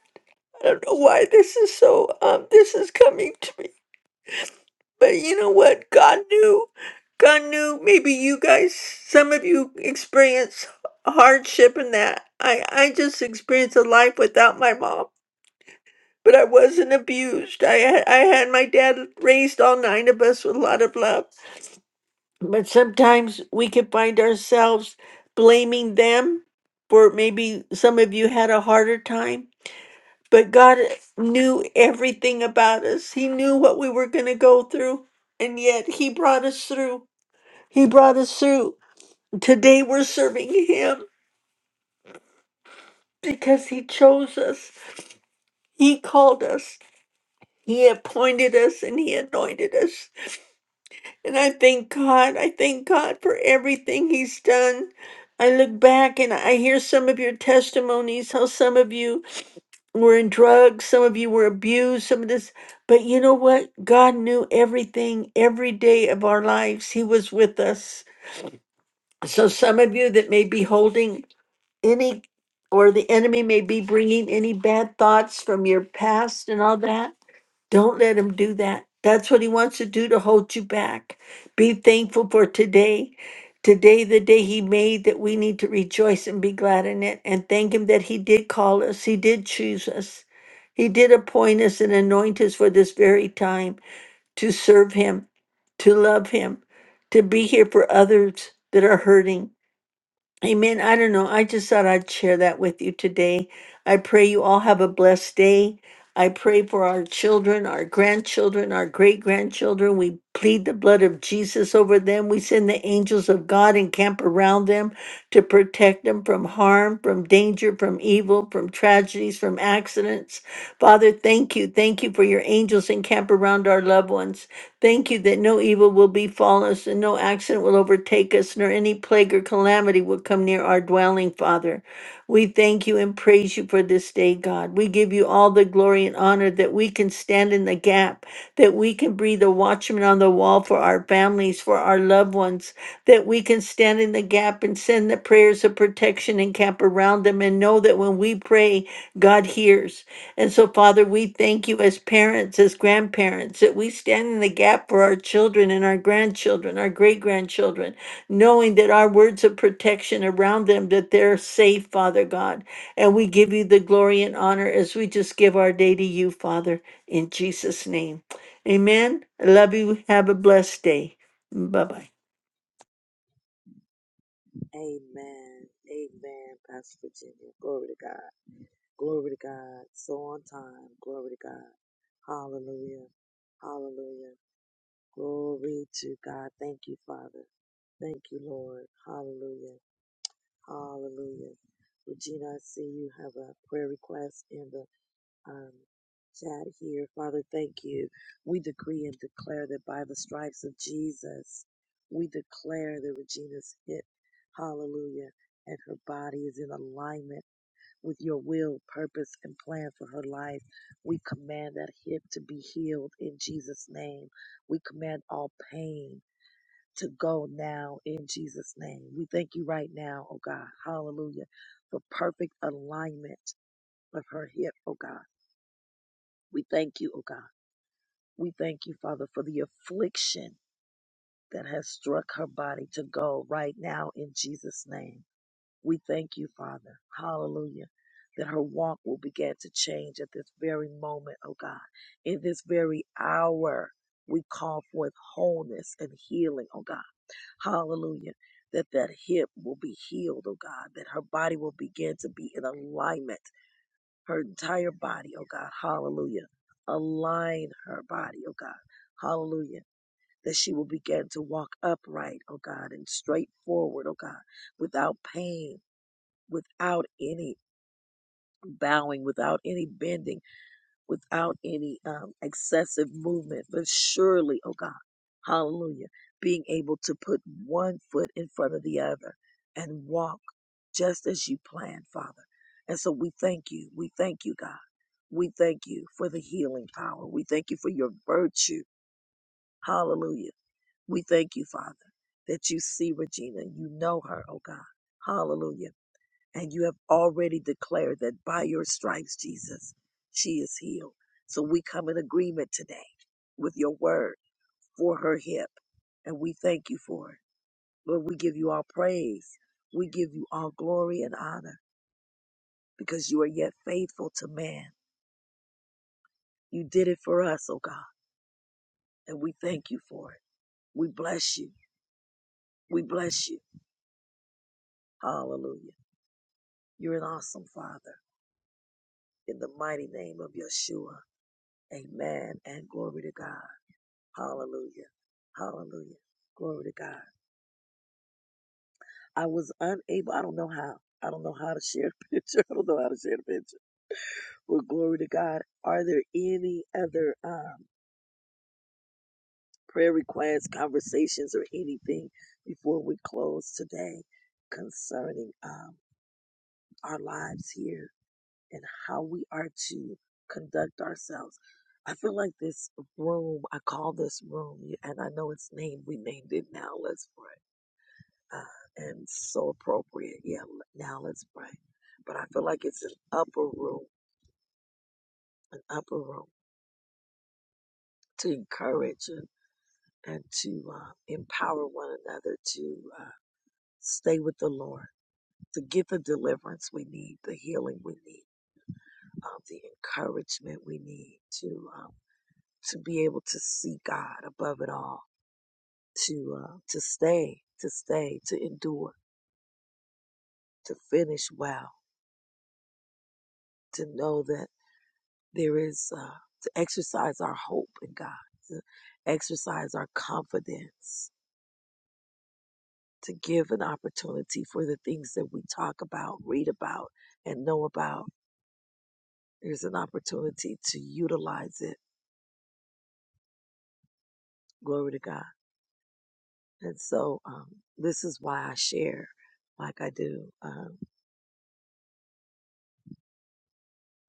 F: I don't know why this is so, um, this is coming to me. But you know what? God knew. God knew maybe you guys, some of you experience hardship in that. I, I just experienced a life without my mom. But I wasn't abused. I had, I had my dad raised all nine of us with a lot of love. But sometimes we can find ourselves blaming them for maybe some of you had a harder time. But God knew everything about us, He knew what we were going to go through. And yet He brought us through. He brought us through. Today we're serving Him because He chose us, He called us, He appointed us, and He anointed us. And I thank God. I thank God for everything He's done. I look back and I hear some of your testimonies, how some of you were in drugs, some of you were abused, some of this. But you know what? God knew everything every day of our lives. He was with us. So, some of you that may be holding any, or the enemy may be bringing any bad thoughts from your past and all that. Don't let him do that. That's what he wants to do to hold you back. Be thankful for today. Today, the day he made, that we need to rejoice and be glad in it and thank him that he did call us, he did choose us, he did appoint us and anoint us for this very time to serve him, to love him, to be here for others that are hurting. Amen. I don't know. I just thought I'd share that with you today. I pray you all have a blessed day. I pray for our children, our grandchildren, our great grandchildren. We plead the blood of Jesus over them. We send the angels of God and camp around them to protect them from harm, from danger, from evil, from tragedies, from accidents. Father, thank you. Thank you for your angels and camp around our loved ones. Thank you that no evil will befall us and no accident will overtake us, nor any plague or calamity will come near our dwelling, Father. We thank you and praise you for this day, God. We give you all the glory and honor that we can stand in the gap, that we can be the watchman on the wall for our families, for our loved ones, that we can stand in the gap and send the prayers of protection and camp around them and know that when we pray, God hears. And so, Father, we thank you as parents, as grandparents, that we stand in the gap for our children and our grandchildren, our great grandchildren, knowing that our words of protection around them, that they're safe, Father God. And we give you the glory and honor as we just give our day to you, Father, in Jesus' name. Amen. I love you. Have a blessed day. Bye bye.
A: Amen. Amen, Pastor Virginia. Glory to God. Glory to God. So on time. Glory to God. Hallelujah. Hallelujah. Glory to God. Thank you, Father. Thank you, Lord. Hallelujah. Hallelujah. Regina, I see you have a prayer request in the um, chat here. Father, thank you. We decree and declare that by the stripes of Jesus, we declare that Regina's hit. hallelujah, and her body is in alignment with your will, purpose, and plan for her life. We command that hip to be healed in Jesus' name. We command all pain to go now in Jesus' name. We thank you right now, oh God. Hallelujah. For perfect alignment of her hip, oh God. We thank you, oh God. We thank you, Father, for the affliction that has struck her body to go right now in Jesus' name. We thank you, Father. Hallelujah. That her walk will begin to change at this very moment, oh God. In this very hour, we call forth wholeness and healing, oh God. Hallelujah. That that hip will be healed, oh God. That her body will begin to be in alignment. Her entire body, oh God. Hallelujah. Align her body, oh God. Hallelujah. That she will begin to walk upright, oh God, and straightforward, oh God, without pain without any bowing, without any bending, without any um, excessive movement, but surely, oh God, hallelujah, being able to put one foot in front of the other and walk just as you planned, Father. And so we thank you. We thank you, God. We thank you for the healing power. We thank you for your virtue. Hallelujah. We thank you, Father, that you see Regina. You know her, oh God. Hallelujah and you have already declared that by your stripes, Jesus, she is healed. So we come in agreement today with your word for her hip. And we thank you for it. Lord, we give you all praise. We give you all glory and honor because you are yet faithful to man. You did it for us, oh God. And we thank you for it. We bless you. We bless you. Hallelujah. You're an awesome Father. In the mighty name of Yeshua. Amen. And glory to God. Hallelujah. Hallelujah. Glory to God. I was unable, I don't know how. I don't know how to share a picture. I don't know how to share a picture. Well, glory to God. Are there any other um, prayer requests, conversations, or anything before we close today concerning um, our lives here and how we are to conduct ourselves? I feel like this room, I call this room, and I know it's named, we named it now, Let's Pray uh, and so appropriate. Yeah, l- now let's pray. But I feel like it's an upper room, an upper room to encourage and, and to uh, empower one another to uh, stay with the Lord, to get the deliverance we need, the healing we need, um, the encouragement we need to um, to be able to see God above it all, to uh, to stay, to stay, to endure, to finish well, to know that. There is uh, to exercise our hope in God, to exercise our confidence, to give an opportunity for the things that we talk about, read about, and know about. There's an opportunity to utilize it. Glory to God. And so um, this is why I share like I do. Um,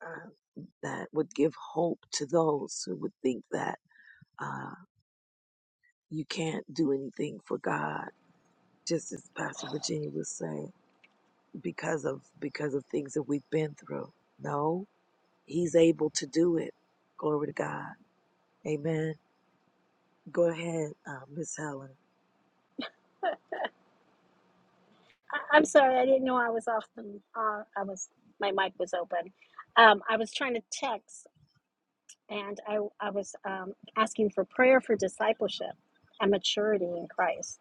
A: uh, that would give hope to those who would think that uh, you can't do anything for God. Just as Pastor Virginia was saying because of because of things that we've been through. No, he's able to do it. Glory to God. Amen. Go ahead, uh, Miss Helen.
C: I- I'm sorry, I didn't know I was off the. Uh, I was my mic was open. Um, I was trying to text, and I I was um, asking for prayer for discipleship and maturity in Christ.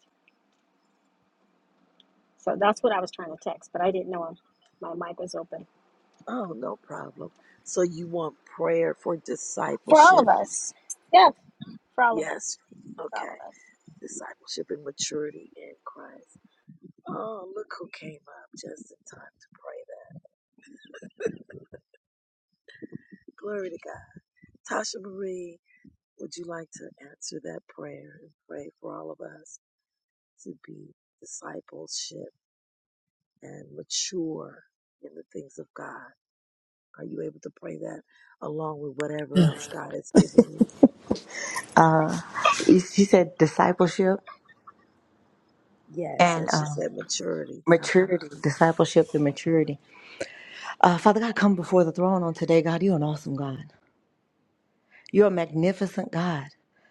C: So that's what I was trying to text, but I didn't know my mic was open
A: Oh, no problem. So you want prayer for
C: for all of
A: discipleship?
C: us. Yeah. for all of
A: Yes.
C: us, for all of
A: Okay.
C: us.
A: Discipleship and maturity in Christ. Oh, look who came up just in time to pray that. Glory to God. Tasha Marie, would you like to answer that prayer and pray for all of us to be discipleship? and mature in the things of God. Are you able to pray that along with whatever else God has given you?
G: You she said discipleship
A: Yes,
G: and
A: as she
G: um,
A: said, maturity. Uh huh.
G: maturity, discipleship and maturity. Uh, Father God, come before the throne on today, God. You're an awesome God. You're a magnificent God.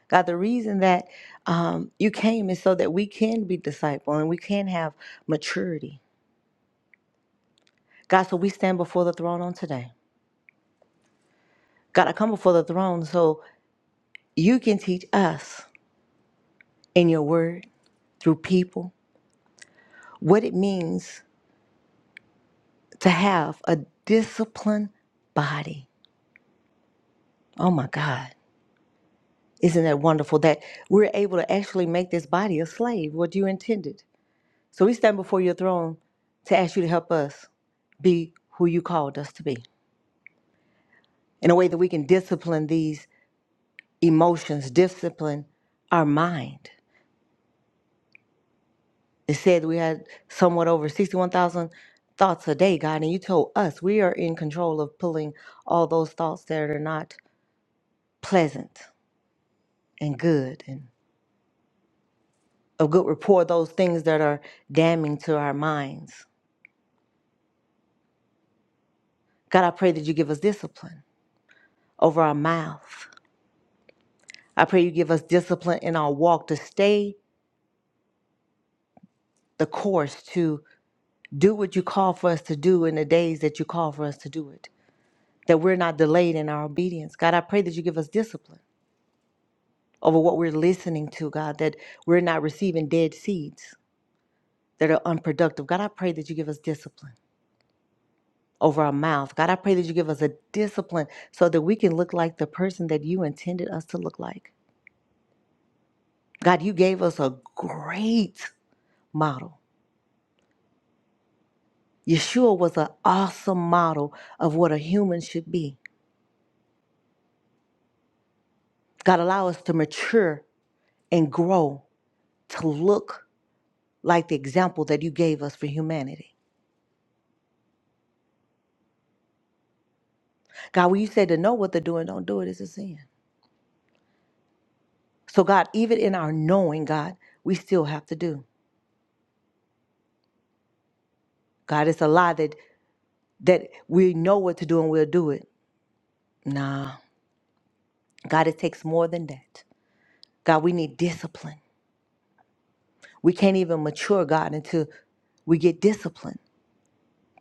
G: God, the reason that um, you came is so that we can be disciple and we can have maturity. God, so we stand before the throne on today. God, I come before the throne so you can teach us in your word through people what it means to have a disciplined body. Oh my God. Isn't that wonderful that we're able to actually make this body a slave, what you intended? So we stand before your throne to ask you to help us be who you called us to be in a way that we can discipline these emotions, discipline our mind. It said we had somewhat over 61,000 thoughts a day, God, and you told us we are in control of pulling all those thoughts that are not pleasant and good and of good rapport, those things that are damning to our minds God, I pray that you give us discipline over our mouth. I pray you give us discipline in our walk to stay the course, to do what you call for us to do in the days that you call for us to do it, that we're not delayed in our obedience. God, I pray that you give us discipline over what we're listening to, God, that we're not receiving dead seeds that are unproductive. God, I pray that you give us discipline over our mouth. God, I pray that you give us a discipline so that we can look like the person that you intended us to look like. God, you gave us a great model. Yeshua was an awesome model of what a human should be. God allow us to mature and grow to look like the example that you gave us for humanity. God, when you said to know what to do and don't do it, it's a sin. So God, even in our knowing, God, we still have to do. God, it's a lie that that we know what to do and we'll do it. Nah. God, it takes more than that. God, we need discipline. We can't even mature, God, until we get disciplined.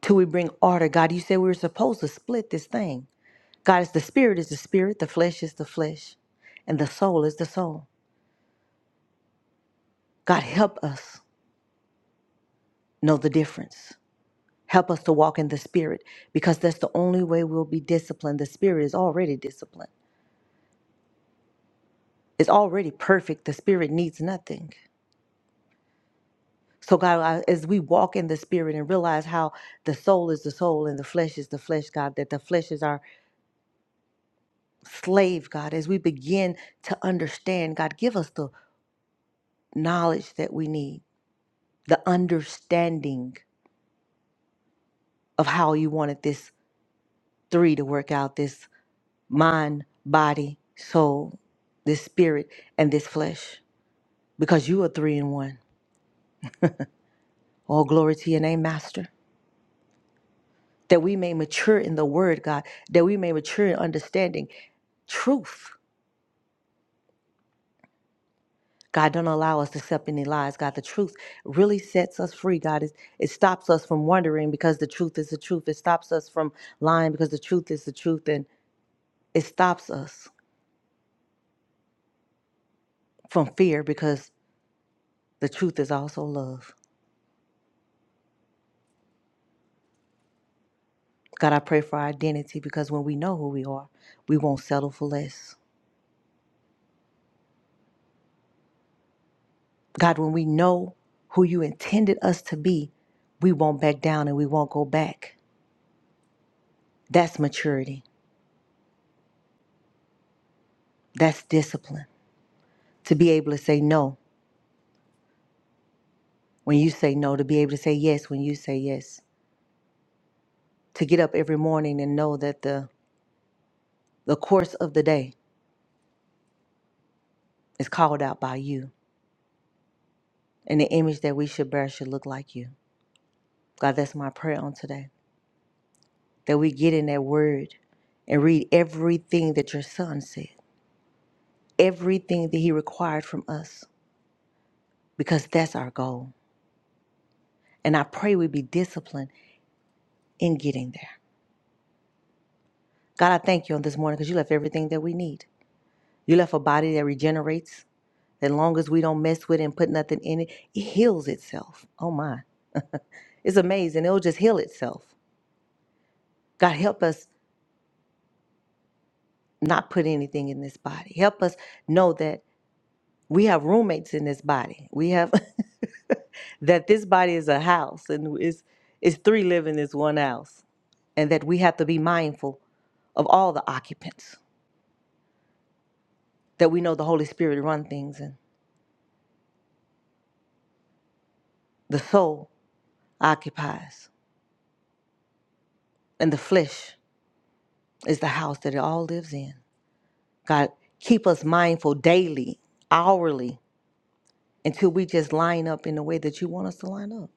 G: till we bring order. God, you said we were supposed to split this thing. God, is the spirit is the spirit, the flesh is the flesh, and the soul is the soul. God, help us know the difference. Help us to walk in the spirit because that's the only way we'll be disciplined. The spirit is already disciplined, it's already perfect. The spirit needs nothing. So, God, I- as we walk in the spirit and realize how the soul is the soul and the flesh is the flesh, God, that the flesh is our slave, God, as we begin to understand, God, give us the knowledge that we need, the understanding of how you wanted this three to work out this mind, body, soul, this spirit, and this flesh, because you are three in one. All glory to your name, Master. That we may mature in the word, God, that we may mature in understanding truth. God, don't allow us to accept any lies. God, the truth really sets us free. God, it, it stops us from wondering because the truth is the truth. It stops us from lying because the truth is the truth. and. It stops us from fear because the truth is also love. God, I pray for our identity because when we know who we are, we won't settle for less. God, when we know who you intended us to be, we won't back down and we won't go back. That's maturity. That's discipline. To be able to say no when you say no, to be able to say yes when you say yes, to get up every morning and know that the, the course of the day is called out by you and the image that we should bear should look like you. God, that's my prayer on today. that we get in that word and read everything that your son said, everything that he required from us, because that's our goal. And I pray we be disciplined in getting there. God, I thank you on this morning because you left everything that we need. You left a body that regenerates, that long as we don't mess with it and put nothing in it, it heals itself. Oh my. It's amazing. It'll just heal itself. God, help us not put anything in this body. Help us know that we have roommates in this body. We have that this body is a house and is is three living is one house and that we have to be mindful of all the occupants that we know the holy spirit run things and the soul occupies and the flesh is the house that it all lives in god keep us mindful daily hourly until we just line up in the way that you want us to line up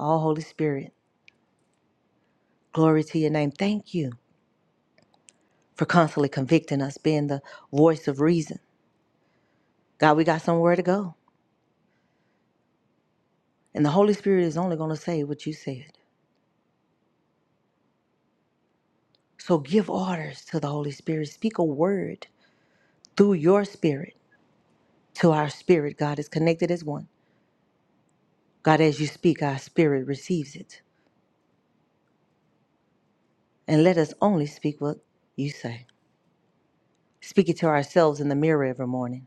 G: all holy spirit glory to your name thank you for constantly convicting us being the voice of reason god we got somewhere to go And the Holy Spirit is only going to say what you said. So give orders to the Holy Spirit. Speak a word through your spirit to our spirit. God is connected as one. God, as you speak, our spirit receives it. And let us only speak what you say. Speak it to ourselves in the mirror every morning.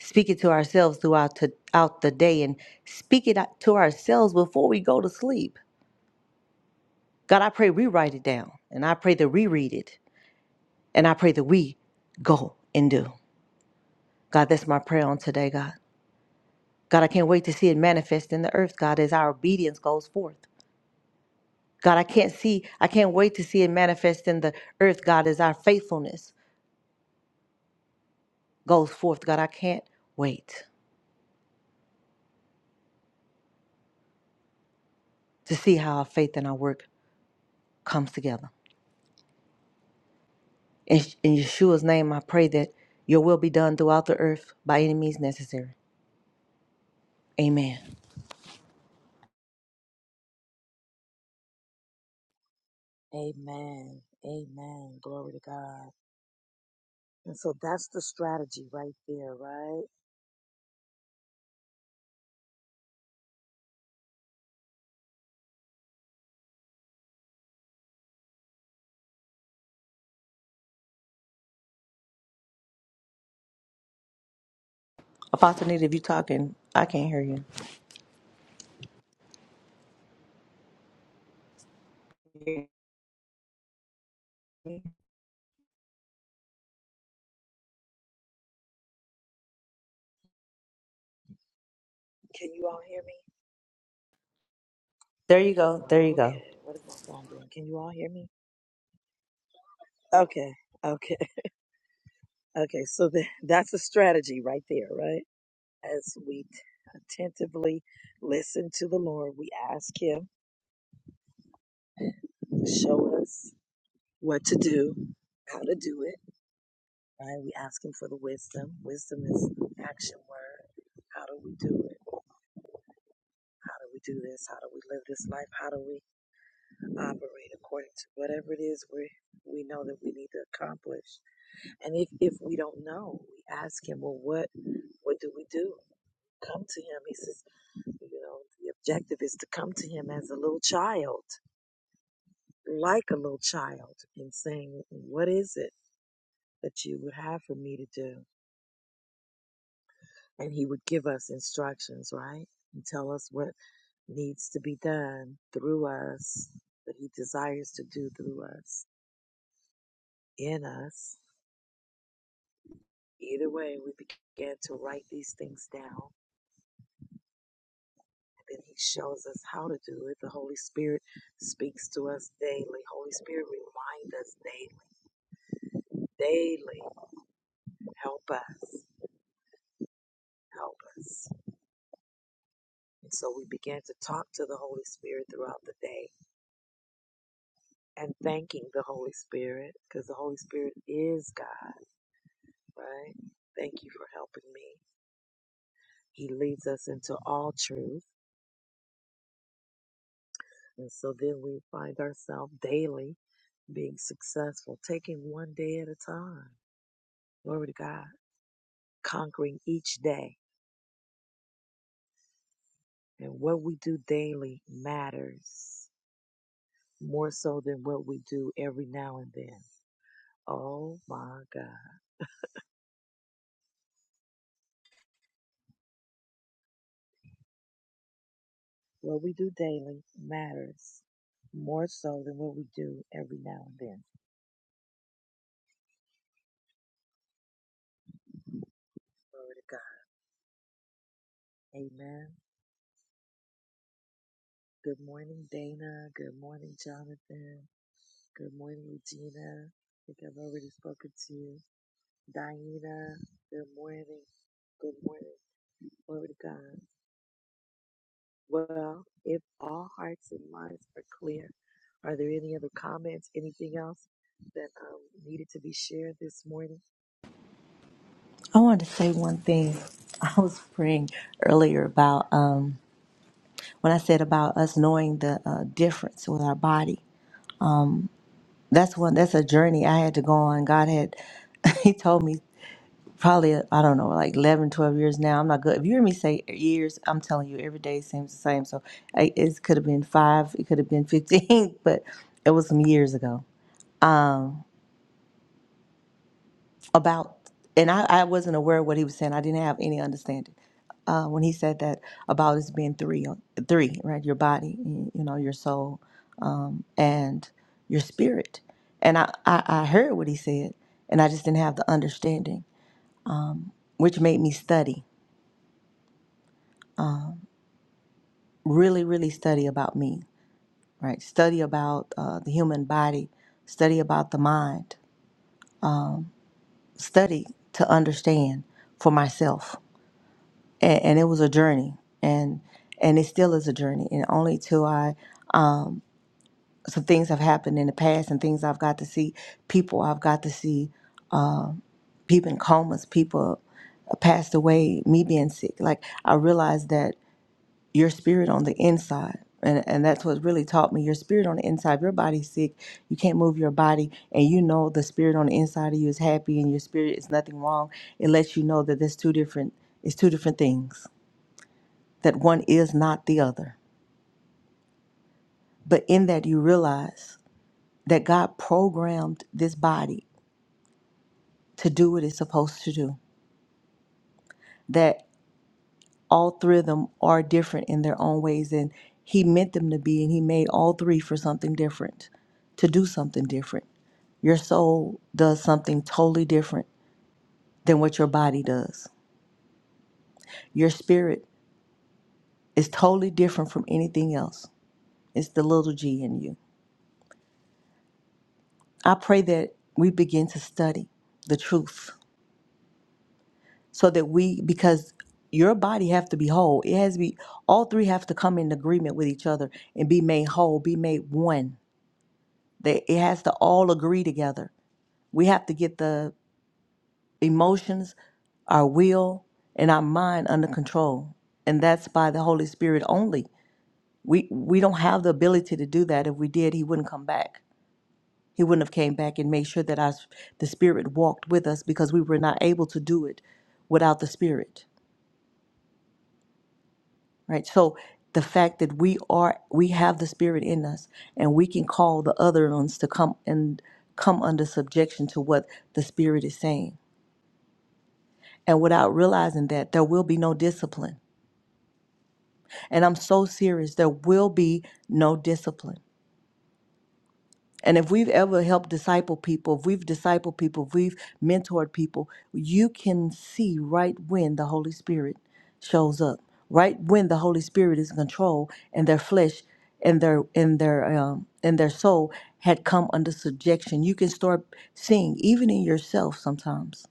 G: Speak it to ourselves throughout to, out the day and speak it out to ourselves before we go to sleep. God, I pray we write it down and I pray that we read it and I pray that we go and do. God, that's my prayer on today, God. God, I can't wait to see it manifest in the earth, God, as our obedience goes forth. God, I can't see, I can't wait to see it manifest in the earth, God, as our faithfulness goes forth. God, I can't wait to see how our faith and our work comes together. In, in Yeshua's name, I pray that your will be done throughout the earth by any means necessary. Amen.
A: Amen. Amen. Glory to God. And so that's the strategy right there, right?
G: Apostle Nita, if you talking, I can't hear you.
A: Can you all hear me?
G: There you go. There you
A: Okay.
G: go.
A: What is my phone doing? Can you all hear me? Okay. Okay. Okay. So the, that's the strategy right there, right? As we t- attentively listen to the Lord, we ask Him Show us what to do, how to do it, right? We ask him for the wisdom. Wisdom is an action word. How do we do it? How do we do this? How do we live this life? How do we operate according to whatever it is we we know that we need to accomplish? And if if we don't know, we ask him, well, what what do we do? Come to him. He says, you know, the objective is to come to him as a little child, like a little child, and saying, what is it that you would have for me to do? and he would give us instructions, right? And tell us what needs to be done through us, that he desires to do through us, in us. Either way, we began to write these things down. then he shows us how to do it. The Holy Spirit speaks to us daily. Holy Spirit, remind us daily, daily. Help us, help us. And so we began to talk to the Holy Spirit throughout the day and thanking the Holy Spirit because the Holy Spirit is God. right? Thank you for helping me. He leads us into all truth. And so then we find ourselves daily being successful, taking one day at a time. Glory to God, conquering each day. And what we do daily matters more so than what we do every now and then. Oh my God. What we do daily matters more so than what we do every now and then. Glory to God. Amen. Good morning, Dana. Good morning, Jonathan. Good morning, Regina. I think I've already spoken to you. Diana, good morning. Good morning. Glory to God. Well, if all hearts and minds are clear, are there any other comments, anything else that um, needed to be shared this morning?
G: I wanted to say one thing. I was praying earlier about um When I said about us knowing the uh, difference with our body, that's one. That's a journey I had to go on. God had, He told me probably I don't know like 11, 12 years now. I'm not good. If you hear me say years, I'm telling you every day seems the same. So I, it could have been five, it could have been fifteen, but it was some years ago about, and I, I wasn't aware of what he was saying. I didn't have any understanding uh, when he said that about it being three, uh, three, right? Your body, you know, your soul, um, and your spirit. And I, I, I heard what he said, and I just didn't have the understanding, which made me study, really, really study about me, right? Study about uh, the human body, study about the mind, study to understand for myself and, and it was a journey and and it still is a journey and only till i some things have happened in the past and things i've got to see people i've got to see uh, people in comas people uh, passed away me being sick like i realized that your spirit on the inside and, and that's what really taught me your spirit on the inside your body's sick you can't move your body and you know the spirit on the inside of you is happy and your spirit is nothing wrong it lets you know that there's two different it's two different things that one is not the other. But in that, you realize that God programmed this body to do what it's supposed to do, that all three of them are different in their own ways, and He meant them to be, and He made all three for something different, to do something different. Your soul does something totally different than what your body does. Your spirit is totally different from anything else. It's the little g in you. I pray that we begin to study the truth so that we because your body have to be whole it has to be all three have to come in agreement with each other and be made whole be made one that it has to all agree together we have to get the emotions our will and our mind under control and that's by the holy spirit only we we don't have the ability to do that if we did he wouldn't come back he wouldn't have came back and made sure that our the spirit walked with us because we were not able to do it without the spirit right? So the fact that we are we have the spirit in us and we can call the other ones to come and come under subjection to what the spirit is saying. And without realizing that there will be no discipline. And I'm so serious, there will be no discipline And if we've ever helped disciple people, if we've discipled people, if we've mentored people, you can see right when the Holy Spirit shows up, right when the Holy Spirit is in control and their flesh and their and their um, and their soul had come under subjection. You can start seeing even in yourself sometimes.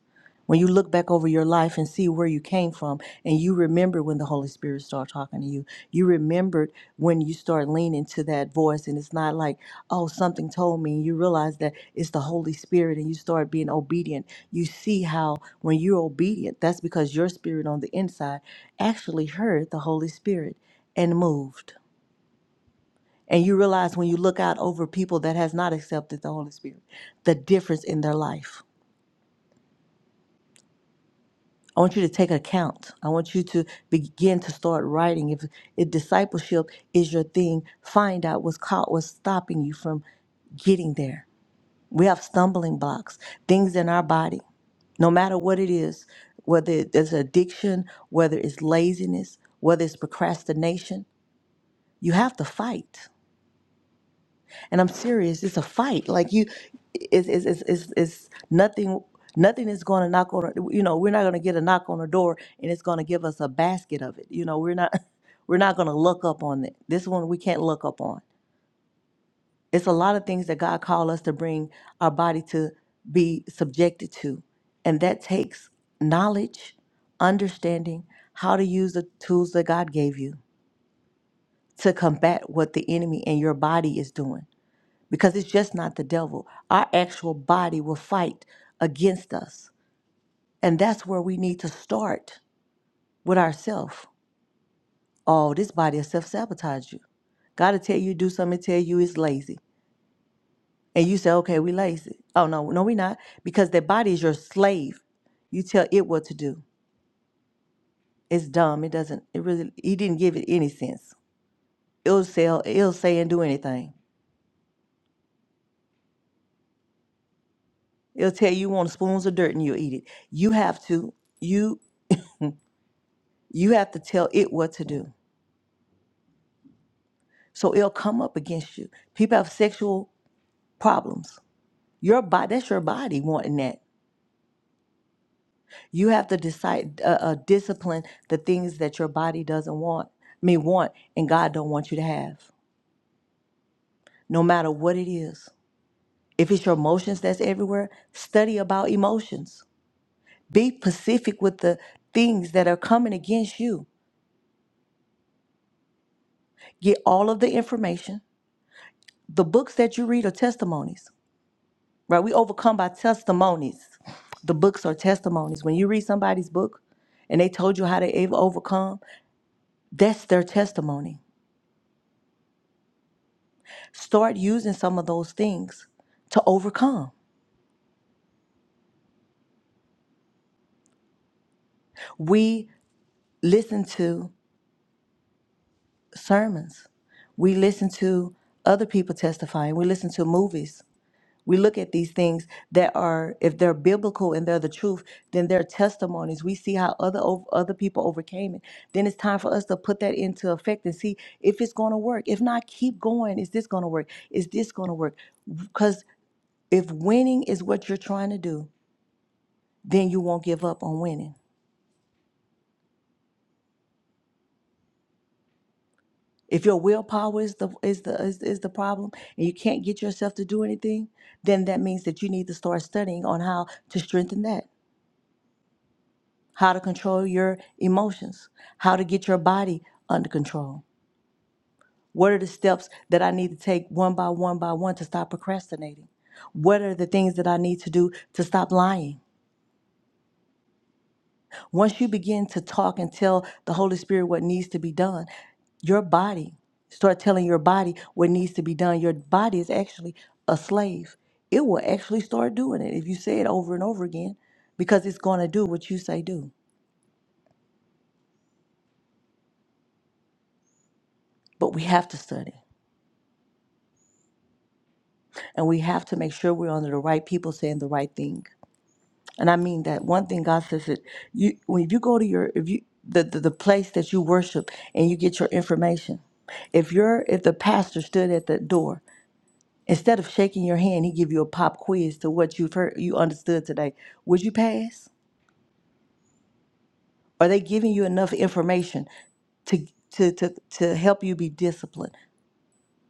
G: When you look back over your life and see where you came from, and you remember when the Holy Spirit started talking to you, you remembered when you start leaning to that voice, and it's not like, oh, something told me, and you realize that it's the Holy Spirit, and you start being obedient. You see how when you're obedient, that's because your spirit on the inside actually heard the Holy Spirit and moved. And you realize when you look out over people that has not accepted the Holy Spirit, the difference in their life I want you to take account. I want you to begin to start writing. If, if discipleship is your thing, find out what's caught, what's stopping you from getting there. We have stumbling blocks, things in our body, no matter what it is, whether it's addiction, whether it's laziness, whether it's procrastination, you have to fight and I'm serious. It's a fight. Like you, it's it's it's it's, it's nothing. Nothing is going to knock on. You know, we're not going to get a knock on the door, and it's going to give us a basket of it. You know, we're not we're not going to look up on it. This one we can't look up on. It's a lot of things that God called us to bring our body to be subjected to, and that takes knowledge, understanding how to use the tools that God gave you to combat what the enemy and your body is doing because it's just not the devil. Our actual body will fight against us. And that's where we need to start with ourselves. Oh, this body will self sabotage you. God will tell you to do something, tell you it's lazy. And you say, okay, we lazy. Oh, no, no, we not. Because that body is your slave. You tell it what to do. It's dumb. It doesn't, it really, he didn't give it any sense. It'll, sell, it'll say and do anything. It'll tell you you want spoons of dirt and you'll eat it. You have to, you, you have to tell it what to do. So it'll come up against you. People have sexual problems. Your body, that's your body wanting that. You have to decide, uh, uh, discipline the things that your body doesn't want, I mean, want, and God don't want you to have, no matter what it is. If it's your emotions that's everywhere, study about emotions. Be pacific with the things that are coming against you. Get all of the information. The books that you read are testimonies. right? We overcome by testimonies. The books are testimonies. When you read somebody's book and they told you how they ave- overcome, that's their testimony. Start using some of those things to overcome. We listen to sermons, we listen to other people testifying, we listen to movies, We look at these things that are, if they're biblical and they're the truth, then they're testimonies. We see how other ov- other people overcame it. Then it's time for us to put that into effect and see if it's going to work. If not, keep going. Is this going to work? Is this going to work? Because if winning is what you're trying to do, then you won't give up on winning. If your willpower is the is the is, is the problem and you can't get yourself to do anything, then that means that you need to start studying on how to strengthen that. how to control your emotions, how to get your body under control. What are the steps that I need to take one by one by one to stop procrastinating? What are the things that I need to do to stop lying? Once you begin to talk and tell the Holy Spirit what needs to be done, your body, start telling your body what needs to be done. Your body is actually a slave. It will actually start doing it if you say it over and over again because it's going to do what you say do. But we have to study. And we have to make sure we're under the right people saying the right thing. And I mean that one thing God says that you when you go to your if you the, the, the place that you worship and you get your information. If you're if the pastor stood at the door, instead of shaking your hand, he give you a pop quiz to what you've heard you understood today. Would you pass? Are they giving you enough information to to to, to help you be disciplined?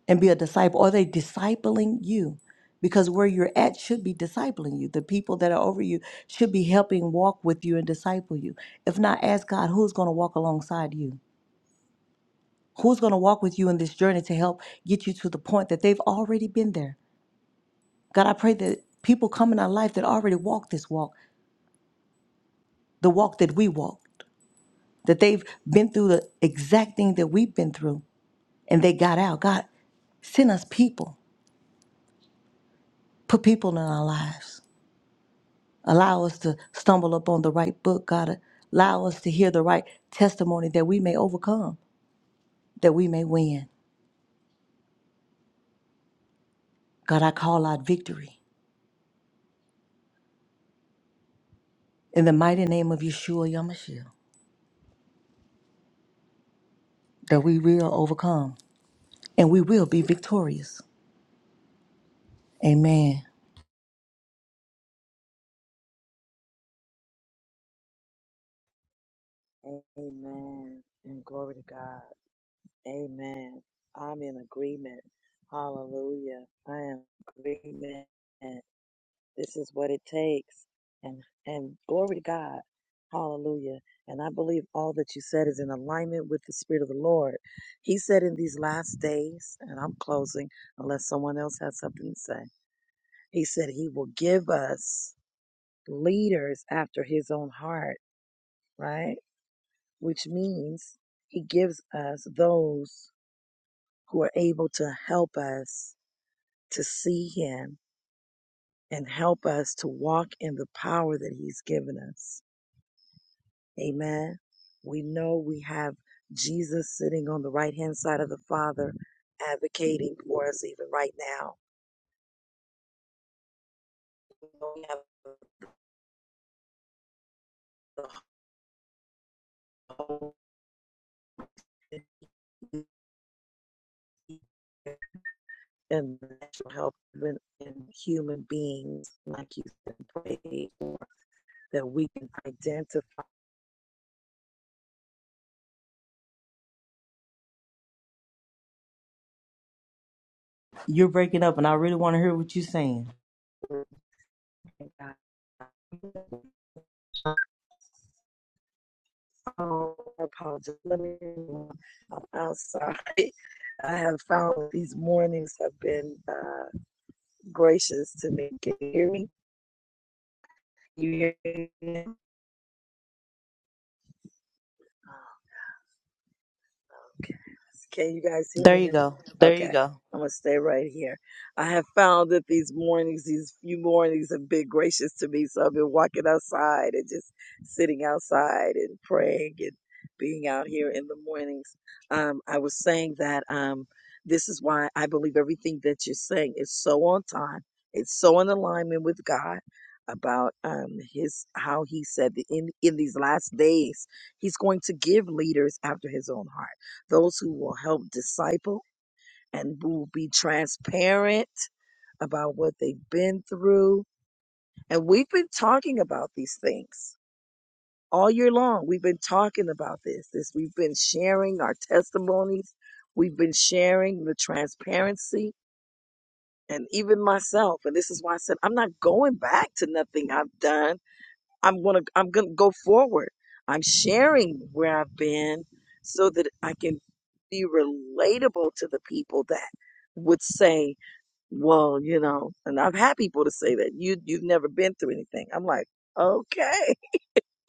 G: and be a disciple? Are they discipling you? Because where you're at should be discipling you. The people that are over you should be helping walk with you and disciple you. If not, ask God who's going to walk alongside you? Who's going to walk with you in this journey to help get you to the point that they've already been there? God, I pray that people come in our life that already walk this walk, the walk that we walk, that they've been through the exact thing that we've been through and they got out. God, send us people, put people in our lives Allow us to stumble upon the right book, God. Allow us to hear the right testimony that we may overcome, that we may win. God, I call out victory in the mighty name of Yeshua Yamashiach, that we will overcome and we will be victorious. Amen.
A: Amen. And glory to God. Amen. I'm in agreement. Hallelujah. I am in agreement. This is what it takes. And and glory to God. Hallelujah. And I believe all that you said is in alignment with the Spirit of the Lord. He said in these last days, and I'm closing unless someone else has something to say. He said he will give us leaders after his own heart, right? Which means he gives us those who are able to help us to see him and help us to walk in the power that he's given us. Amen. We know we have Jesus sitting on the right hand side of the Father, advocating for us even right now. We have the hope and the natural help in, in human beings, like you said, pray that we can identify.
G: You're breaking up, and I really want to hear what you're saying.
A: Oh, I apologize. Let me. I'm outside. I have found these mornings have been. uh, gracious to me. Can you hear me? You hear me? Okay. Can you guys hear
G: There
A: me
G: you go.
A: now?
G: There you
A: Okay.
G: go.
A: I'm going to stay right here. I have found that these mornings, these few mornings have been gracious to me. So I've been walking outside and just sitting outside and praying and being out here in the mornings. Um, I was saying that um, this is why I believe everything that you're saying is so on time. It's so in alignment with God about um, his how he said that in in these last days he's going to give leaders after his own heart those who will help disciple and who will be transparent about what they've been through. And we've been talking about these things all year long. We've been talking about this. This we've been sharing our testimonies. We've been sharing the transparency and even myself. And this is why I said I'm not going back to nothing I've done I'm gonna I'm gonna go forward. I'm sharing where I've been so that I can be relatable to the people that would say, "Well, you know," and I've had people to say that you you've never been through anything. I'm like, okay,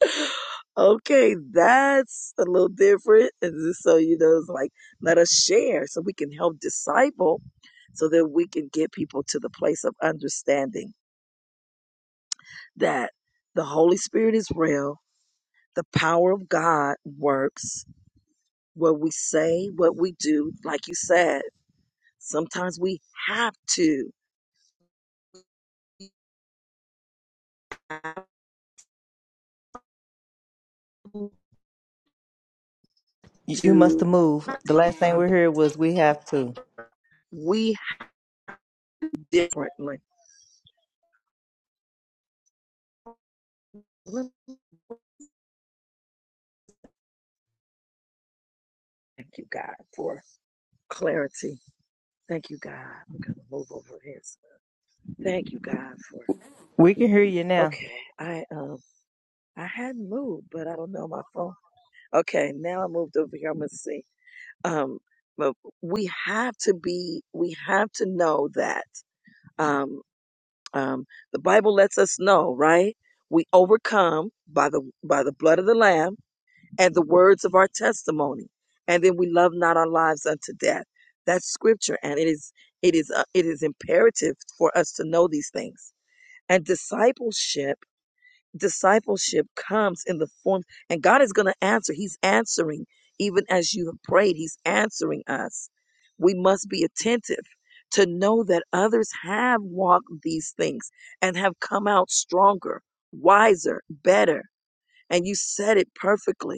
A: okay, that's a little different. And just so you know, it's like let us share so we can help disciple so that we can get people to the place of understanding that the Holy Spirit is real The power of God works what we say, what we do. Like you said, sometimes we have to
G: You, you must
A: do
G: have moved. The last thing
A: sometimes
G: we heard was we have to.
A: we differently. Thank you, God, for clarity. Thank you, God. I'm gonna move over here. Thank you, God, for
G: We can hear you now.
A: okay. I um I hadn't moved, but I don't know my phone. Okay, now I moved over here. I'm gonna see. Um, but we have to be. We have to know that. Um. Um, the Bible lets us know, right? We overcome by the by the blood of the Lamb and the words of our testimony, and then we love not our lives unto death. That's scripture, and it is it is uh, it is imperative for us to know these things. And discipleship discipleship comes in the form and God is going to answer. He's answering even as you have prayed. He's answering us. We must be attentive to know that others have walked these things and have come out stronger, wiser, better. And you said it perfectly.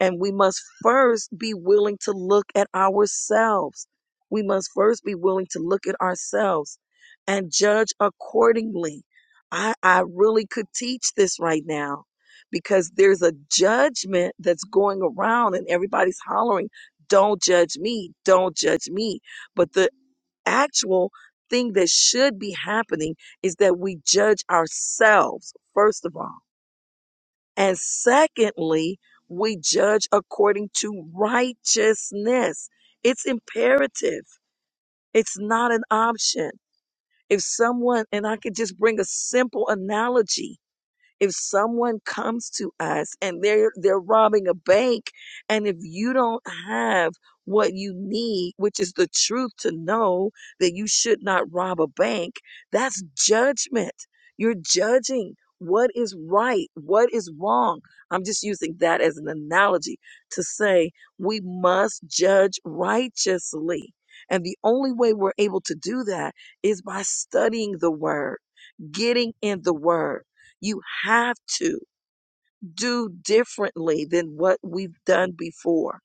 A: And we must first be willing to look at ourselves. We must first be willing to look at ourselves and judge accordingly. I, I really could teach this right now because there's a judgment that's going around and everybody's hollering, don't judge me, don't judge me. But the actual thing that should be happening is that we judge ourselves, first of all and secondly, we judge according to righteousness. It's imperative. It's not an option. If someone, and I could just bring a simple analogy. If someone comes to us and they're they're robbing a bank and if you don't have what you need, which is the truth to know that you should not rob a bank, that's judgment. You're judging what is right, what is wrong. I'm just using that as an analogy to say we must judge righteously. And the only way we're able to do that is by studying the word, getting in the word. You have to do differently than what we've done before.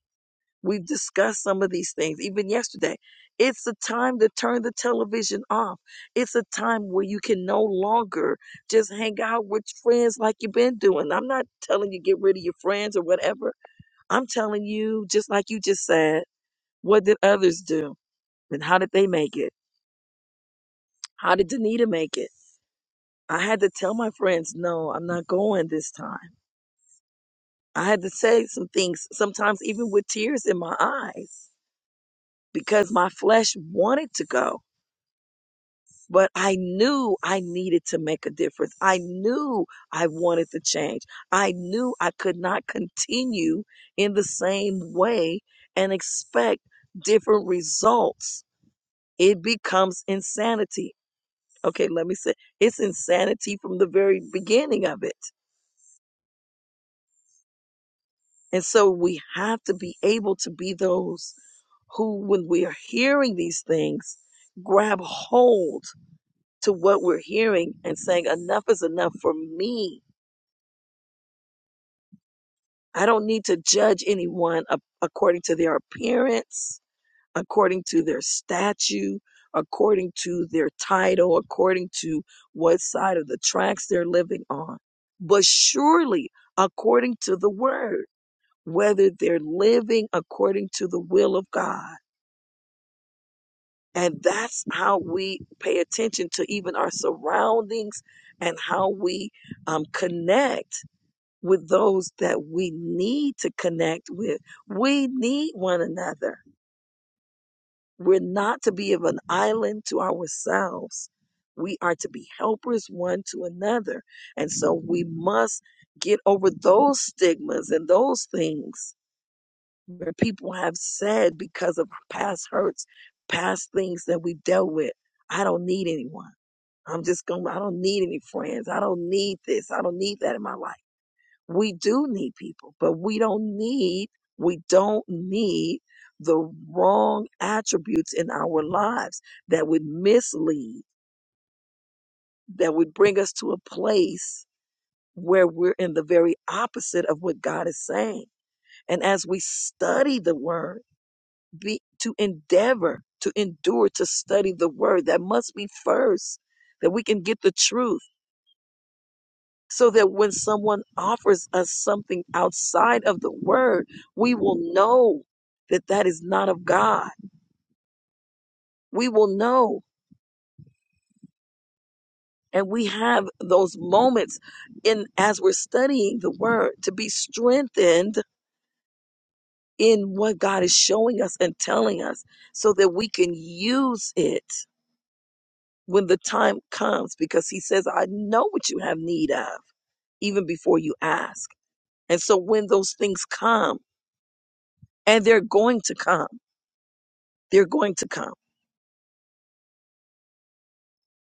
A: We've discussed some of these things even yesterday. It's a time to turn the television off. It's a time where you can no longer just hang out with friends like you've been doing. I'm not telling you get rid of your friends or whatever. I'm telling you, just like you just said, what did others do? And how did they make it? How did Danita make it? I had to tell my friends, no, I'm not going this time. I had to say some things, sometimes even with tears in my eyes, because my flesh wanted to go. But I knew I needed to make a difference. I knew I wanted to change. I knew I could not continue in the same way and expect different results. It becomes insanity. Okay, let me say it's insanity from the very beginning of it. And so we have to be able to be those who, when we are hearing these things, grab hold to what we're hearing and saying, enough is enough for me. I don't need to judge anyone a- according to their appearance, according to their statue, according to their title, according to what side of the tracks they're living on. But surely, according to the word, whether they're living according to the will of God And that's how we pay attention to even our surroundings and how we um, connect with those that we need to connect with. We need one another. We're not to be of an island to ourselves. We are to be helpers one to another. And so we must get over those stigmas and those things where people have said because of past hurts, past things that we dealt with, I don't need anyone. I'm just going, to I don't need any friends. I don't need this. I don't need that in my life. We do need people, but we don't need, we don't need the wrong attributes in our lives that would mislead, that would bring us to a place where we're in the very opposite of what God is saying. And as we study the word, be to endeavor to endure to study the word that must be first that we can get the truth so that when someone offers us something outside of the word we will know that that is not of god we will know and we have those moments in as we're studying the word to be strengthened in what god is showing us and telling us so that we can use it when the time comes because he says, I know what you have need of even before you ask. And so when those things come, and they're going to come, they're going to come,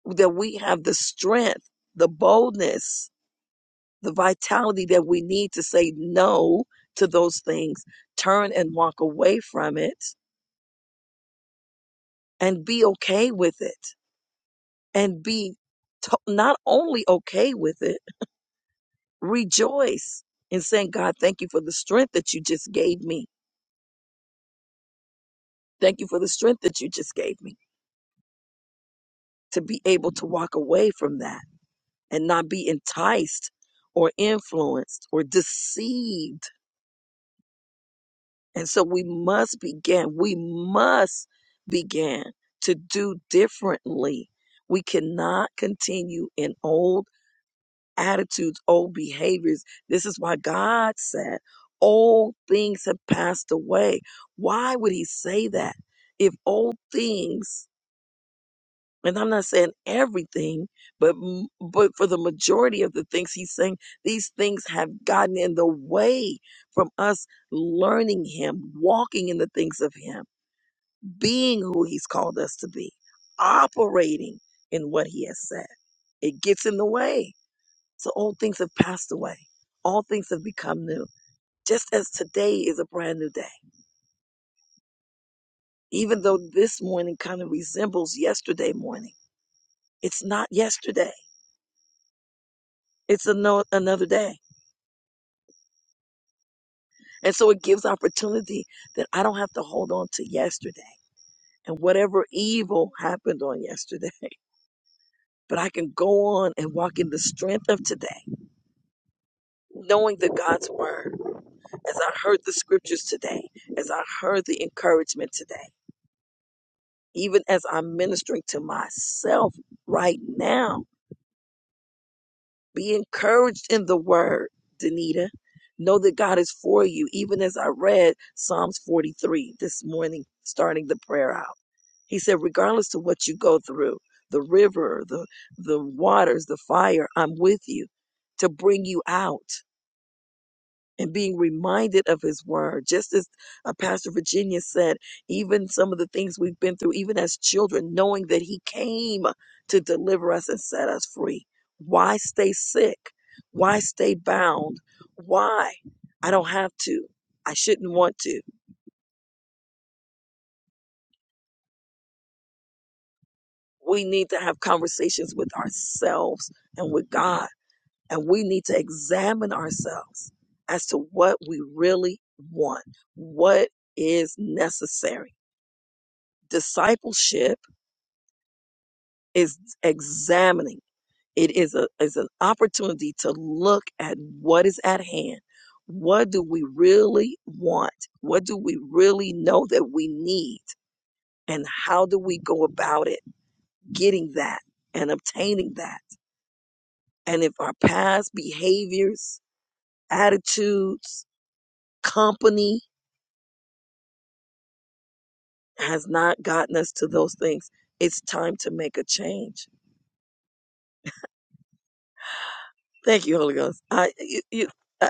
A: that we have the strength, the boldness, the vitality that we need to say no to those things, turn and walk away from it, and be okay with it, and be to- not only okay with it, rejoice in saying, God, thank you for the strength that you just gave me Thank you for the strength that you just gave me to be able to walk away from that and not be enticed or influenced or deceived. And so we must begin, we must begin to do differently. We cannot continue in old attitudes, old behaviors. This is why God said, Old things have passed away. Why would He say that? If old things and I'm not saying everything, but m- but for the majority of the things he's saying, these things have gotten in the way from us learning him, walking in the things of him, being who he's called us to be, operating in what he has said. It gets in the way. So old things have passed away. All things have become new. Just as today is a brand new day. Even though this morning kind of resembles yesterday morning, it's not yesterday. It's ano- another day And so it gives opportunity that I don't have to hold on to yesterday and whatever evil happened on yesterday, but I can go on and walk in the strength of today, knowing that God's word, as I heard the scriptures today, as I heard the encouragement today, even as I'm ministering to myself right now, be encouraged in the word, Danita. Know that God is for you, even as I read Psalms 43 this morning, starting the prayer out. He said, regardless of what you go through, the river, the the waters, the fire, I'm with you to bring you out and being reminded of his word. Just as uh, Pastor Virginia said, even some of the things we've been through, even as children, knowing that he came to deliver us and set us free. Why stay sick? Why stay bound? Why? I don't have to. I shouldn't want to. We need to have conversations with ourselves and with God And we need to examine ourselves as to what we really want, what is necessary. Discipleship is examining. It is a is an opportunity to look at what is at hand. What do we really want? What do we really know that we need? And how do we go about it getting that and obtaining that? And if our past behaviors, attitudes, company, has not gotten us to those things, it's time to make a change. Thank you, Holy Ghost. I, you, you, I,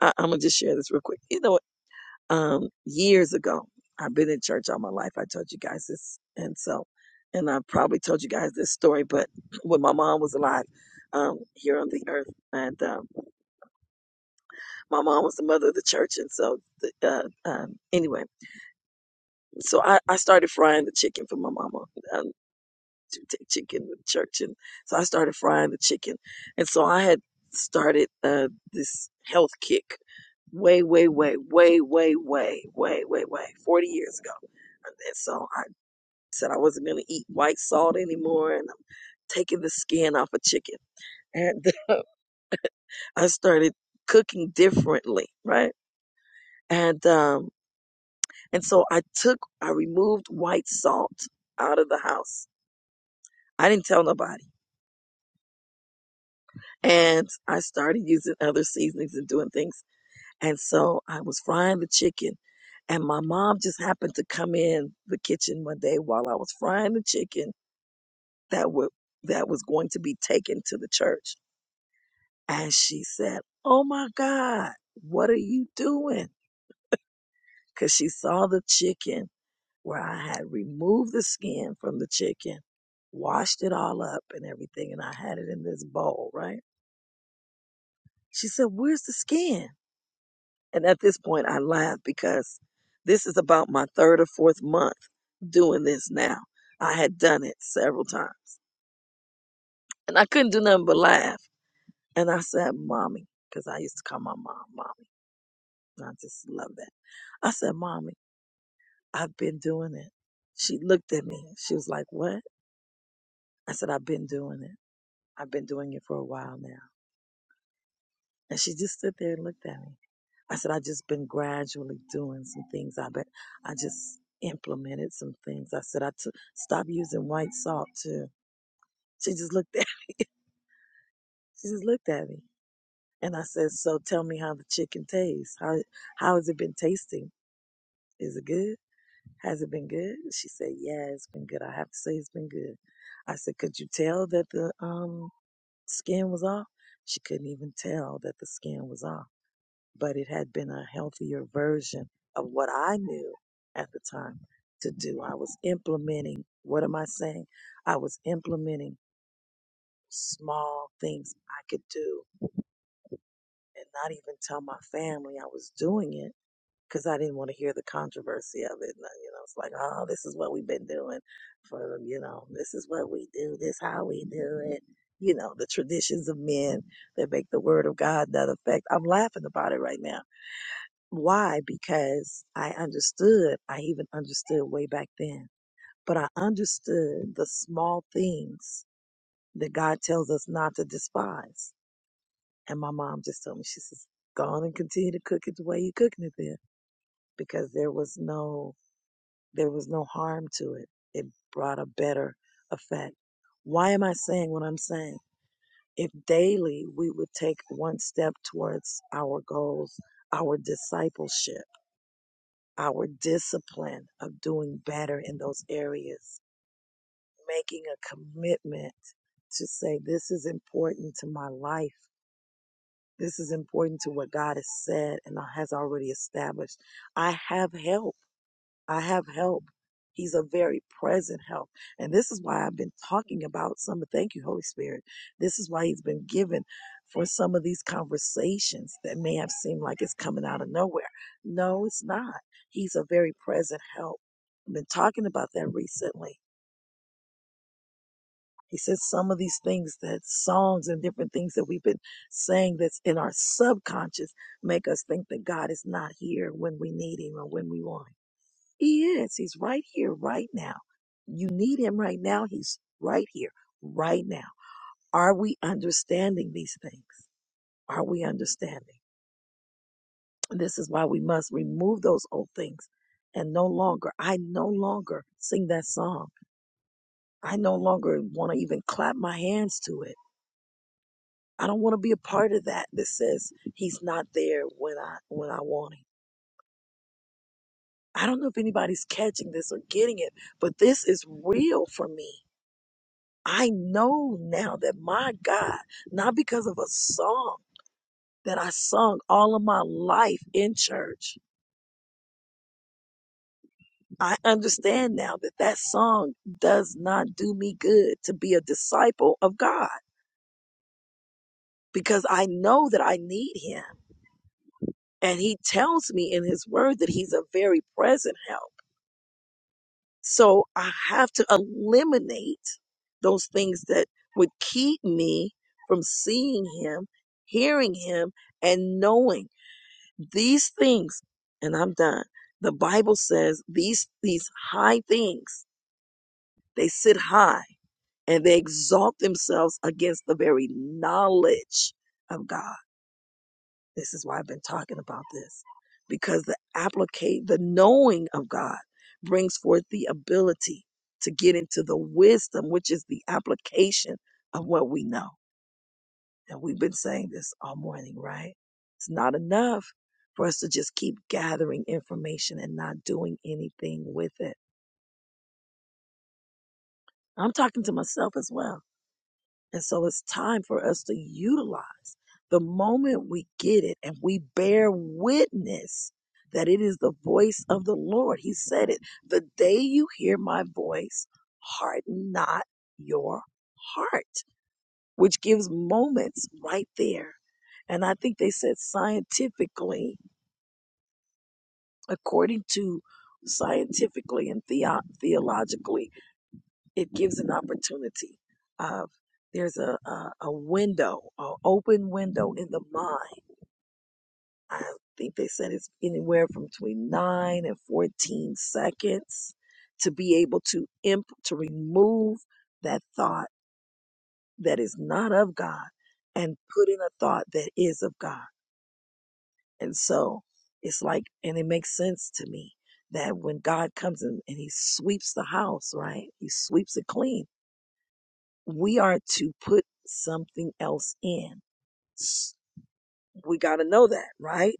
A: I, I'm gonna just share this real quick. You know, what? um, years ago, I've been in church all my life. I told you guys this, and so, and I probably told you guys this story. But when my mom was alive, um, here on the earth, and um, my mom was the mother of the church, and so, the, uh, um, anyway, so I, I started frying the chicken for my mama. Um, to take chicken to church. And so I started frying the chicken. And so I had started uh, this health kick way, way, way, way, way, way, way, way, way, 40 years ago. And so I said I wasn't going to eat white salt anymore. And I'm taking the skin off of chicken. And uh, I started cooking differently, right? And um and so I took I removed white salt out of the house. I didn't tell nobody. and I started using other seasonings and doing things. And so I was frying the chicken, and my mom just happened to come in the kitchen one day while I was frying the chicken that would that was going to be taken to the church. And she said, "Oh my God, what are you doing?" Because she saw the chicken where I had removed the skin from the chicken, washed it all up and everything, and I had it in this bowl, right? She said, "Where's the skin?" And at this point, I laugh because this is about my third or fourth month doing this now. I had done it several times and I couldn't do nothing but laugh. And I said, Mommy, because I used to call my mom, Mommy. and I just love that. I said, Mommy, I've been doing it. She looked at me. She was like, What? I said, I've been doing it. I've been doing it for a while now. And she just stood there and looked at me. I said, I just been gradually doing some things. I bet I just implemented some things. I said, I took, stop using white salt too. She just looked at, she just looked at me. And I said, so tell me how the chicken tastes. How, how has it been tasting? Is it good? Has it been good? She said, yeah, it's been good. I have to say it's been good. I said, could you tell that the, um, skin was off? She couldn't even tell that the skin was off. but it had been a healthier version of what I knew at the time to do. I was implementing, what am I saying? I was implementing small things I could do and not even tell my family I was doing it because I didn't want to hear the controversy of it. And, uh, You know, it's like, oh, this is what we've been doing for, you know, this is what we do, this how we do it. You know, the traditions of men that make the word of God not effect. I'm laughing about it right now Why? Because I understood. I even understood way back then. But I understood the small things that God tells us not to despise. And my mom just told me, she says, go on and continue to cook it the way you're cooking it there, Because there was no, there was no harm to it. It brought a better effect. Why am I saying what I'm saying? If daily we would take one step towards our goals, our discipleship our discipline of doing better in those areas, making a commitment to say, this is important to my life. This is important to what God has said and has already established. I have help. I have help. He's a very present help. And this is why I've been talking about some, thank you, Holy Spirit. This is why he's been given for some of these conversations that may have seemed like it's coming out of nowhere. No, it's not. He's a very present help. I've been talking about that recently. He says some of these things that songs and different things that we've been saying that's in our subconscious make us think that God is not here when we need him or when we want him he is. He's right here, right now. You need him right now. He's right here, right now. Are we understanding these things? Are we understanding? And this is why we must remove those old things and no longer, I no longer sing that song. I no longer want to even clap my hands to it. I don't want to be a part of that that says he's not there when I when I want him. I don't know if anybody's catching this or getting it, but this is real for me I know now that my God, not because of a song that I sung all of my life in church, I understand now that that song does not do me good to be a disciple of God because I know that I need Him. And He tells me in His Word that He's a very present help. So I have to eliminate those things that would keep me from seeing Him, hearing Him, and knowing These things, and I'm done. The Bible says these these high things, they sit high and they exalt themselves against the very knowledge of God. This is why I've been talking about this. Because the applicate the knowing of God brings forth the ability to get into the wisdom, which is the application of what we know. And we've been saying this all morning, right? It's not enough for us to just keep gathering information and not doing anything with it. I'm talking to myself as well. And so it's time for us to utilize the moment we get it and we bear witness that it is the voice of the Lord. He said it. The day you hear my voice, harden not your heart, which gives moments right there. And I think they said scientifically according to scientifically and theo- theologically, it gives an opportunity of there's a, a, a window, an open window in the mind. I think they said it's anywhere from between nine and 14 seconds to be able to imp, to remove that thought that is not of God and put in a thought that is of God And so it's like, and it makes sense to me that when God comes in and he sweeps the house, right? He sweeps it clean. We are to put something else in. We got to know that, right?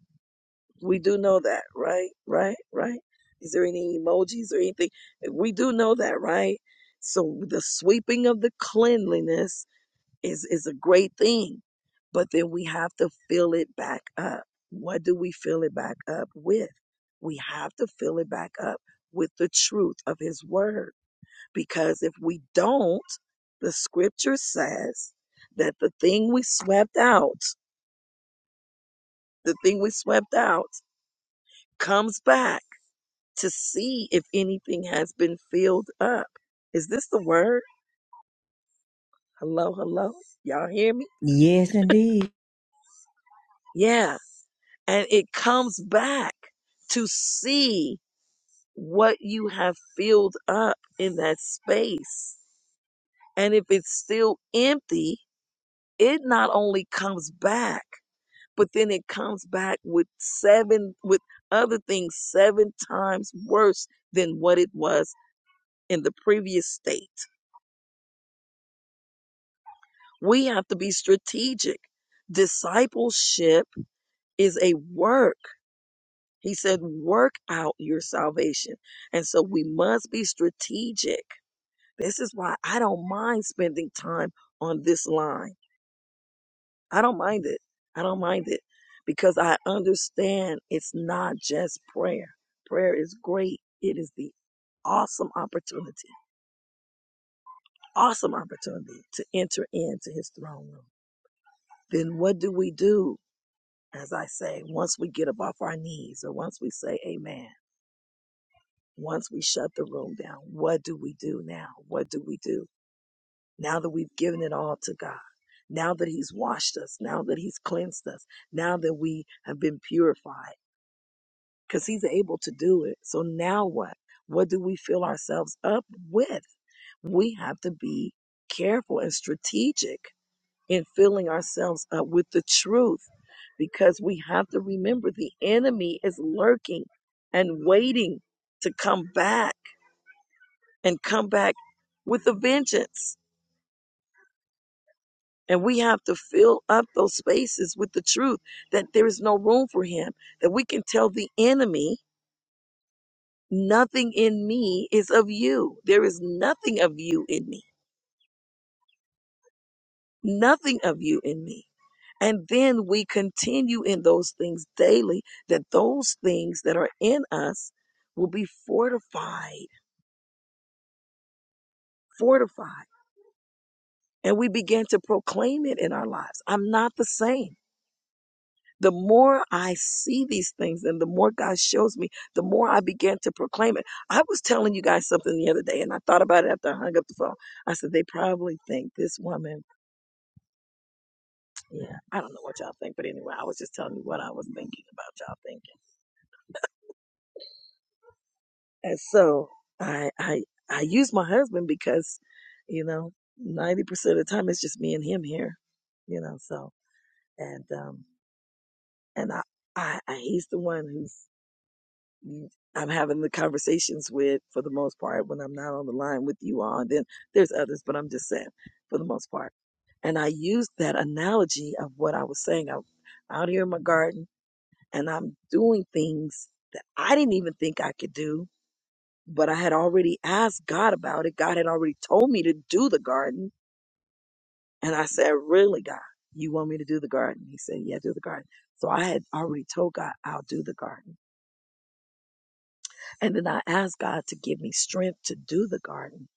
A: We do know that, right? Right? Right? Is there any emojis or anything? We do know that, right? So the sweeping of the cleanliness is is a great thing but then we have to fill it back up what do we fill it back up with we have to fill it back up with the truth of his word because if we don't the scripture says that the thing we swept out the thing we swept out comes back to see if anything has been filled up is this the word hello hello y'all hear me
G: Yes, indeed.
A: Yeah. And it comes back to see what you have filled up in that space. And if it's still empty, it not only comes back, but then it comes back with seven, with other things seven times worse than what it was in the previous state. We have to be strategic. Discipleship is a work. He said, work out your salvation. And so we must be strategic. This is why I don't mind spending time on this line. I don't mind it. I don't mind it because I understand it's not just prayer. Prayer is great. It is the awesome opportunity, awesome opportunity to enter into his throne room. Then what do we do? As I say, once we get up off our knees or once we say amen, Once we shut the room down, what do we do now? What do we do now that we've given it all to God? Now that He's washed us, now that He's cleansed us, now that we have been purified, because He's able to do it. So now what? What do we fill ourselves up with? We have to be careful and strategic in filling ourselves up with the truth because we have to remember the enemy is lurking and waiting to come back and come back with a vengeance. And we have to fill up those spaces with the truth that there is no room for him, that we can tell the enemy, nothing in me is of you. There is nothing of you in me, nothing of you in me. And then we continue in those things daily, that those things that are in us will be fortified, fortified. And we begin to proclaim it in our lives. I'm not the same. the more I see these things and the more God shows me, the more I began to proclaim it. I was telling you guys something the other day and I thought about it after I hung up the phone. I said, they probably think this woman, yeah, I don't know what y'all think, but anyway, I was just telling you what I was thinking about y'all thinking. And so I, I, I use my husband because, you know, 90% of the time it's just me and him here, you know, so, and, um, and I, I, I he's the one who's you- I'm having the conversations with for the most part when I'm not on the line with you all. And then there's others, but I'm just saying for the most part. And I used that analogy of what I was saying. I'm out here in my garden and I'm doing things that I didn't even think I could do, but I had already asked God about it. God had already told me to do the garden. And I said, Really, God, you want me to do the garden? He said, Yeah, do the garden. So I had already told God, I'll do the garden. And then I asked God to give me strength to do the garden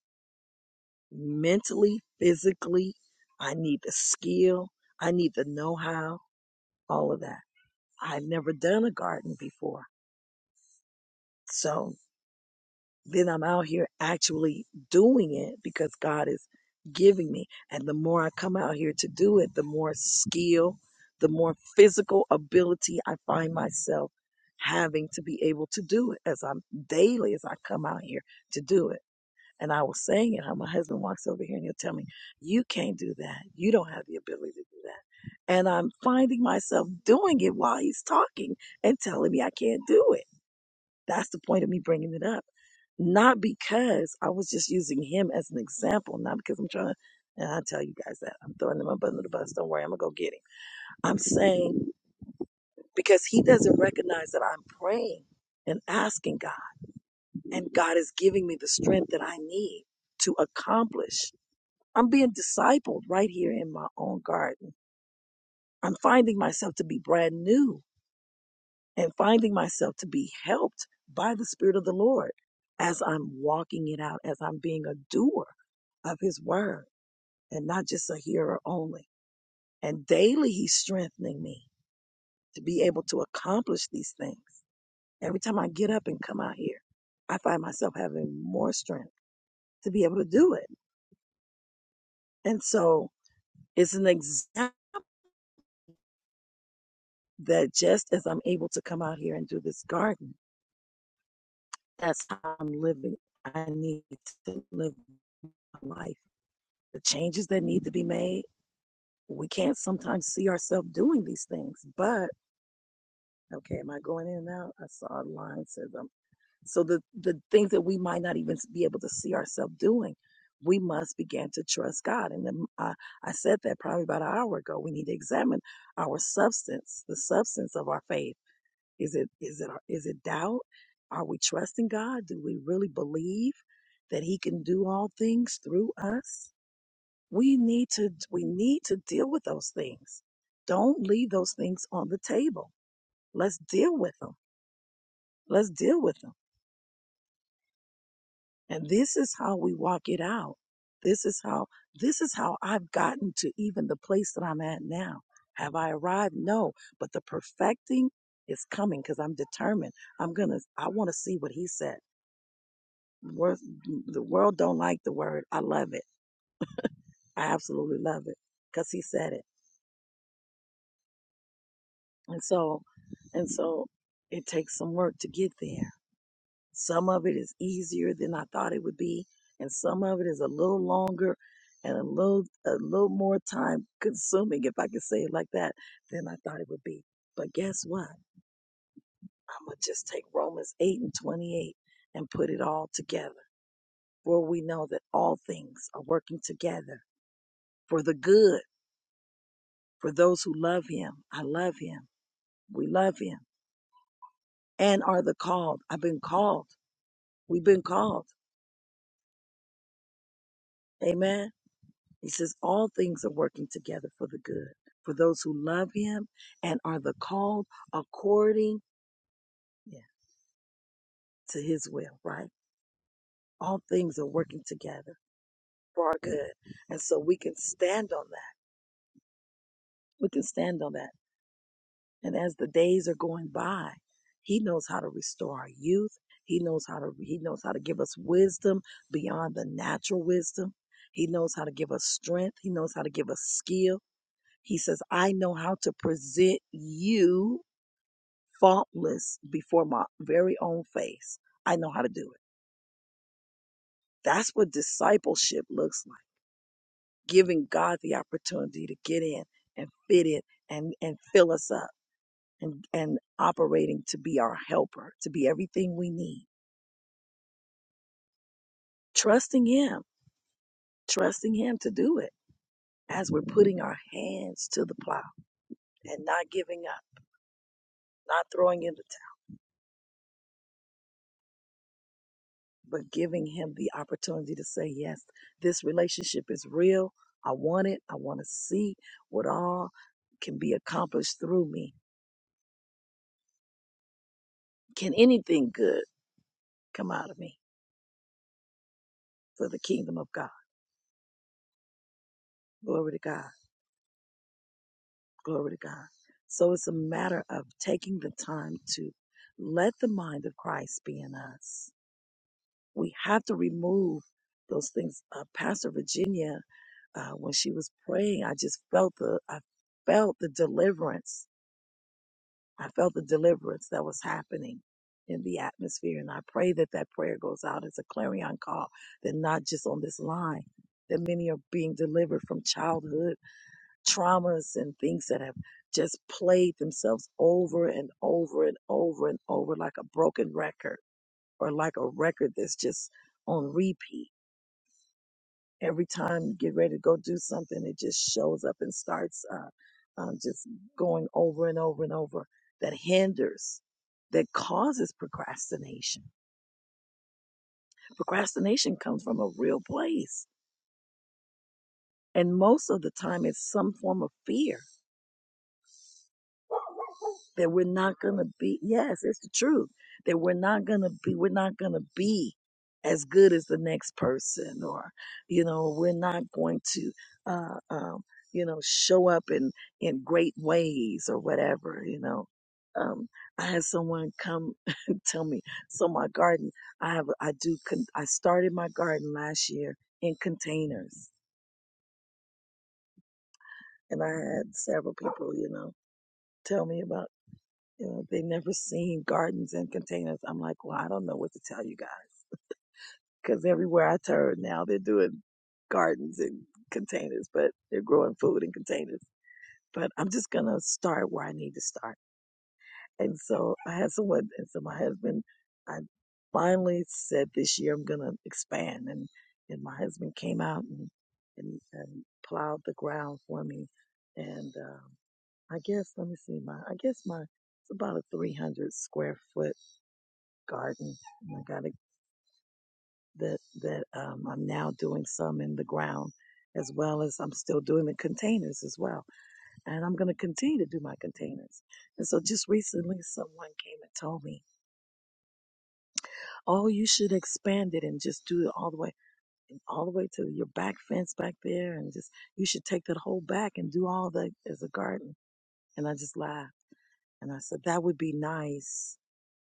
A: mentally, physically. I need the skill, I need the know how, all of that. I've never done a garden before. So then I'm out here actually doing it because God is giving me. And the more I come out here to do it, the more skill, the more physical ability I find myself having to be able to do it as I'm daily as I come out here to do it. And I was saying it, how my husband walks over here and he'll tell me, You can't do that. You don't have the ability to do that. And I'm finding myself doing it while he's talking and telling me I can't do it. That's the point of me bringing it up. Not because I was just using him as an example, not because I'm trying to, and I tell you guys that I'm throwing him up under the bus. Don't worry, I'm going to go get him. I'm saying because he doesn't recognize that I'm praying and asking God, and God is giving me the strength that I need to accomplish I'm being discipled right here in my own garden. I'm finding myself to be brand new and finding myself to be helped by the Spirit of the Lord as I'm walking it out, as I'm being a doer of His word and not just a hearer only. And daily He's strengthening me to be able to accomplish these things. Every time I get up and come out here, I find myself having more strength to be able to do it. And so it's an example that just as I'm able to come out here and do this garden, that's how I'm living. I need to live my life. The changes that need to be made, we can't sometimes see ourselves doing these things. But okay, am I going in and out? I saw a line says um so the the things that we might not even be able to see ourselves doing, we must begin to trust God. And then I, I said that probably about an hour ago. We need to examine our substance, the substance of our faith Is it is it is it doubt? Are we trusting God? Do we really believe that he can do all things through us? We need to we need to deal with those things. Don't leave those things on the table. Let's deal with them. Let's deal with them. And this is how we walk it out. This is how this is how I've gotten to even the place that I'm at now. Have I arrived? No, but the perfecting is coming because I'm determined. I'm gonna I want to see what he said. Worth, the world don't like the word. I love it. I absolutely love it because he said it. And so, and so it takes some work to get there. Some of it is easier than I thought it would be. And some of it is a little longer and a little, a little more time consuming, if I can say it like that, than I thought it would be. But guess what? I'm going to just take Romans 8 and 28 and put it all together. For we know that all things are working together for the good for those who love him. I love him. We love him and are the called. I've been called. We've been called. Amen. He says all things are working together for the good for those who love him and are the called according yeah, to his will, right? All things are working together for our good. And so we can stand on that. We can stand on that And as the days are going by, he knows how to restore our youth. He knows how to he knows how to give us wisdom beyond the natural wisdom. He knows how to give us strength. He knows how to give us skill. He says, "I know how to present you faultless before my very own face. I know how to do it." That's what discipleship looks like. Giving God the opportunity to get in and fit in and and fill us up and, and operating to be our helper, to be everything we need. Trusting Him, trusting Him to do it as we're putting our hands to the plow and not giving up, not throwing in the towel, but giving Him the opportunity to say, Yes, this relationship is real. I want it. I want to see what all can be accomplished through me. Can anything good come out of me for the kingdom of God? Glory to God. Glory to God. So it's a matter of taking the time to let the mind of Christ be in us. We have to remove those things. Uh, Pastor Virginia, uh, when she was praying, I just felt the, I felt the deliverance. I felt the deliverance that was happening in the atmosphere. And I pray that that prayer goes out as a clarion call that not just on this line, that many are being delivered from childhood traumas and things that have just played themselves over and over and over and over like a broken record or like a record that's just on repeat. Every time you get ready to go do something, it just shows up and starts uh, um, just going over and over and over that hinders, that causes procrastination. Procrastination comes from a real place. And most of the time, it's some form of fear That we're not gonna be, yes, it's the truth. That we're not gonna be, we're not gonna be as good as the next person, or, you know, we're not going to, uh, um, you know, show up in, in great ways or whatever, you know. Um, I had someone come tell me, so my garden, I have, I do, con- I started my garden last year in containers and I had several people, you know, tell me about You know, they never seen gardens and containers. I'm like, well, I don't know what to tell you guys because everywhere I turn now, they're doing gardens and containers, but they're growing food in containers. But I'm just gonna start where I need to start. And so I had someone, and so my husband, I finally said this year I'm gonna expand, and and my husband came out and and, and plowed the ground for me, and um, I guess let me see my, I guess my, it's about a 300 square foot garden. And I got it that that um, I'm now doing some in the ground, as well as I'm still doing the containers as well. And I'm going to continue to do my containers. And so just recently, someone came and told me, "Oh, you should expand it and just do it all the way, all the way to your back fence back there, and just you should take that whole back and do all the as a garden." And I just laughed and I said, "That would be nice.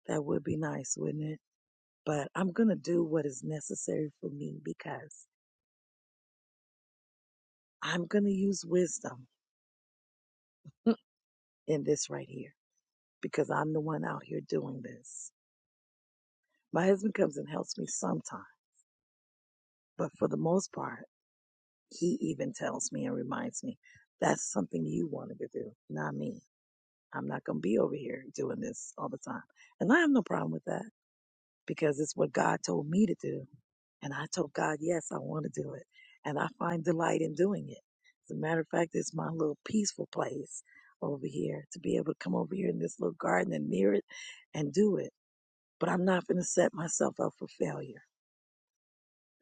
A: That would be nice, wouldn't it?" But I'm going to do what is necessary for me because I'm going to use wisdom in this right here because I'm the one out here doing this. My husband comes and helps me sometimes, but for the most part, he even tells me and reminds me that's something you wanted to do, not me. I'm not going to be over here doing this all the time. And I have no problem with that because it's what God told me to do And I told God, yes, I want to do it. And I find delight in doing it. As a matter of fact, it's my little peaceful place over here to be able to come over here in this little garden and near it and do it. But I'm not going to set myself up for failure.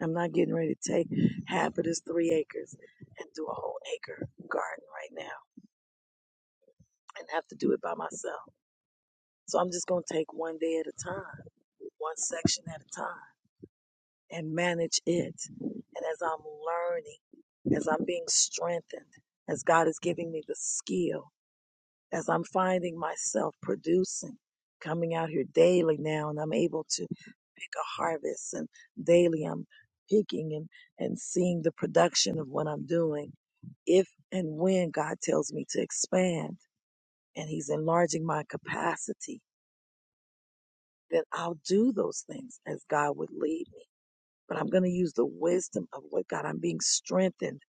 A: I'm not getting ready to take half of this three acres and do a whole acre garden right now and have to do it by myself. So I'm just going to take one day at a time, one section at a time. and manage it. And as I'm learning, as I'm being strengthened, as God is giving me the skill, as I'm finding myself producing, coming out here daily now, and I'm able to pick a harvest, and daily I'm picking and, and seeing the production of what I'm doing. If and when God tells me to expand and He's enlarging my capacity, then I'll do those things as God would lead me but I'm going to use the wisdom of what God, I'm being strengthened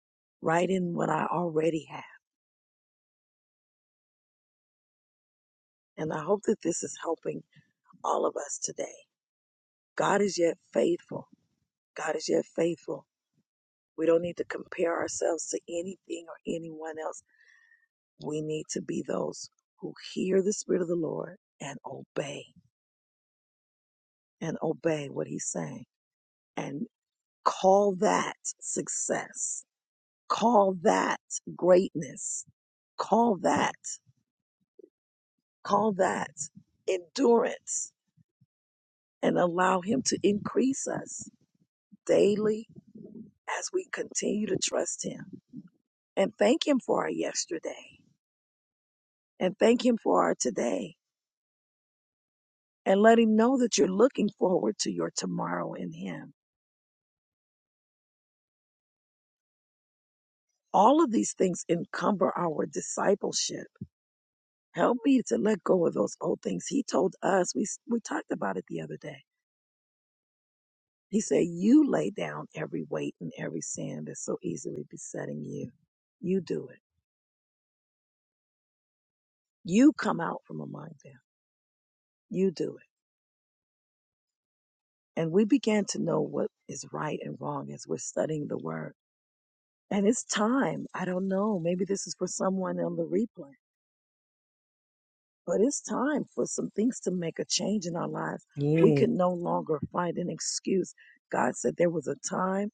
A: right in what I already have. And I hope that this is helping all of us today. God is yet faithful. God is yet faithful. We don't need to compare ourselves to anything or anyone else. We need to be those who hear the Spirit of the Lord and obey and obey what He's saying and call that success, call that greatness, call that Call that endurance and allow Him to increase us daily as we continue to trust Him and thank Him for our yesterday and thank Him for our today and let Him know that you're looking forward to your tomorrow in Him. All of these things encumber our discipleship. Help me to let go of those old things. He told us, we, we talked about it the other day. He said, You lay down every weight and every sin that's so easily besetting you. You do it You come out from among them. You do it. And we began to know what is right and wrong as we're studying the word. And it's time. I don't know. Maybe this is for someone on the replay, but it's time for some things to make a change in our lives. We
G: Yeah.
A: can no longer find an excuse. God said there was a time,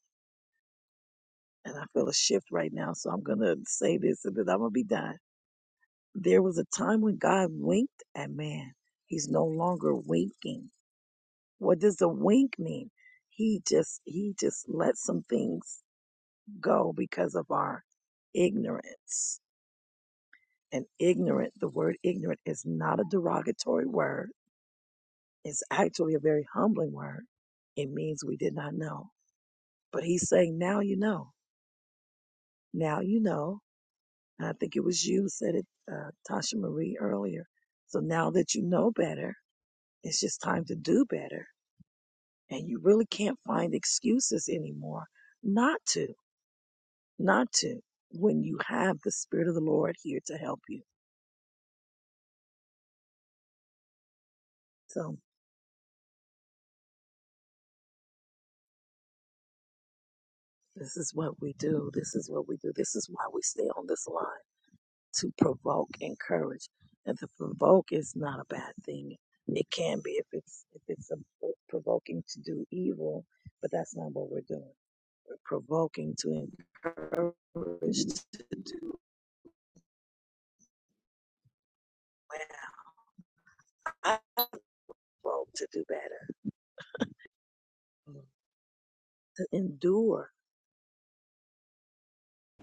A: and I feel a shift right now. So I'm going to say this and then I'm going to be done. There was a time when God winked at man. He's no longer winking. What does the wink mean? He just he just lets some things go because of our ignorance. And ignorant, the word ignorant is not a derogatory word. It's actually a very humbling word. It means we did not know. But he's saying, now you know. Now you know. And I think it was you said it, uh, Tasha Marie earlier. So now that you know better, it's just time to do better. And you really can't find excuses anymore not to not to when you have the Spirit of the Lord here to help you. So this is what we do. This is what we do. This is why we stay on this line to provoke, encourage, and to provoke is not a bad thing. It can be if it's if it's a provoking to do evil, but that's not what we're doing. We're provoking to encourage to do well. I provoke to do better, to endure.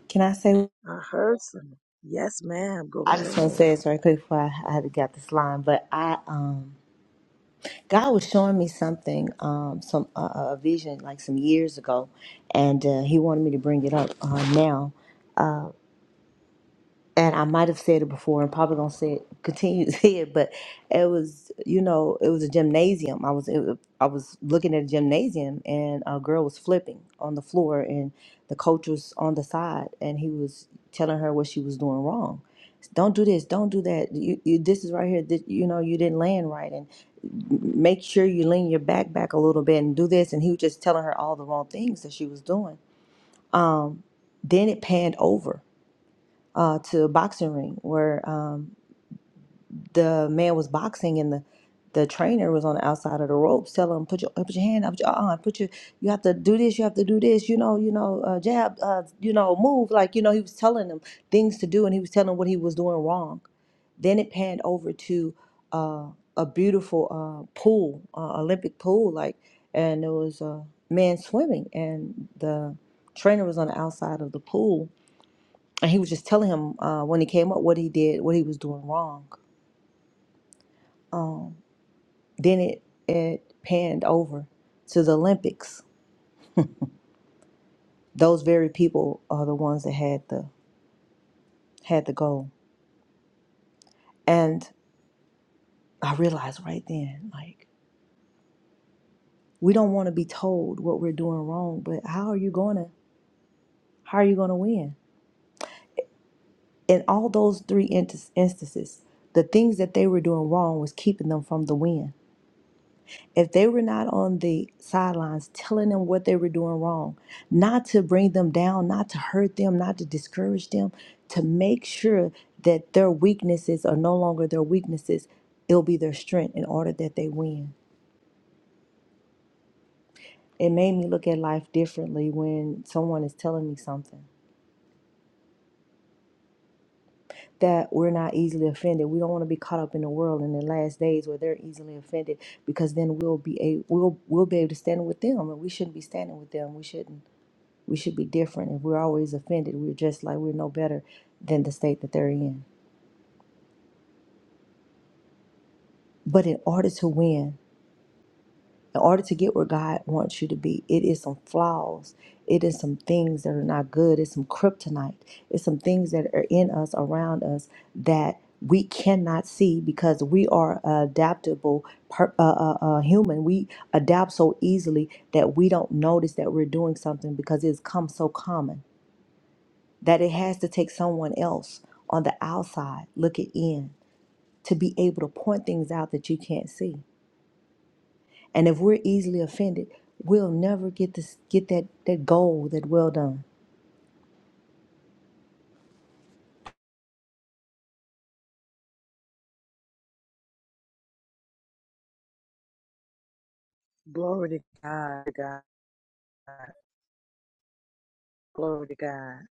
G: Can I say?
A: I heard some. Yes, ma'am. Go
G: I
A: right
G: just want to say
A: ahead.
G: this right quick before I, I had to get this line, but I um God was showing me something um some uh, a vision like some years ago, and uh, He wanted me to bring it up uh, now and I might have said it before and probably gonna say it continue to say it, but it was you know it was a gymnasium. I was it, was- I was looking at a gymnasium and a girl was flipping on the floor and the coach was on the side and he was telling her what she was doing wrong. Don't do this. Don't do that. You, you this is right here. That you know you didn't land right, and make sure you lean your back back a little bit and do this. And he was just telling her all the wrong things that she was doing. Then it panned over uh, to a boxing ring where Um, the man was boxing and the the trainer was on the outside of the ropes telling him put your put your hand up put your uh put your you have to do this you have to do this you know you know uh, jab uh, you know move like you know he was telling him things to do and he was telling him what he was doing wrong then it panned over to uh, a beautiful uh, pool uh, olympic pool like and there was a man swimming and the trainer was on the outside of the pool and he was just telling him uh, when he came up what he did what he was doing wrong Um, then it, it panned over to the Olympics. Those very people are the ones that had the had the goal. And I realized right then, like, we don't want to be told what we're doing wrong, but how are you gonna how are you gonna win? In all those three intis- instances, the things that they were doing wrong was keeping them from the win if they were not on the sidelines telling them what they were doing wrong, not to bring them down, not to hurt them, not to discourage them, to make sure that their weaknesses are no longer their weaknesses, it'll be their strength in order that they win. It made me look at life differently when someone is telling me something that we're not easily offended. We don't want to be caught up in the world in the last days where they're easily offended because then we'll be a we'll we'll be able to stand with them and we shouldn't be standing with them. We shouldn't We should be different. If we're always offended, we're just like we're no better than the state that they're in. But in order to win, in order to get where God wants you to be, it is some flaws. It is some things that are not good. It's some kryptonite. It's some things that are in us, around us, that we cannot see because we are a adaptable per, uh, uh, uh, human. We adapt so easily that we don't notice that we're doing something because it's come so common that it has to take someone else on the outside looking in to be able to point things out that you can't see. And if we're easily offended, we'll never get this get that that goal that well done.
A: Glory to God, to God, glory to God.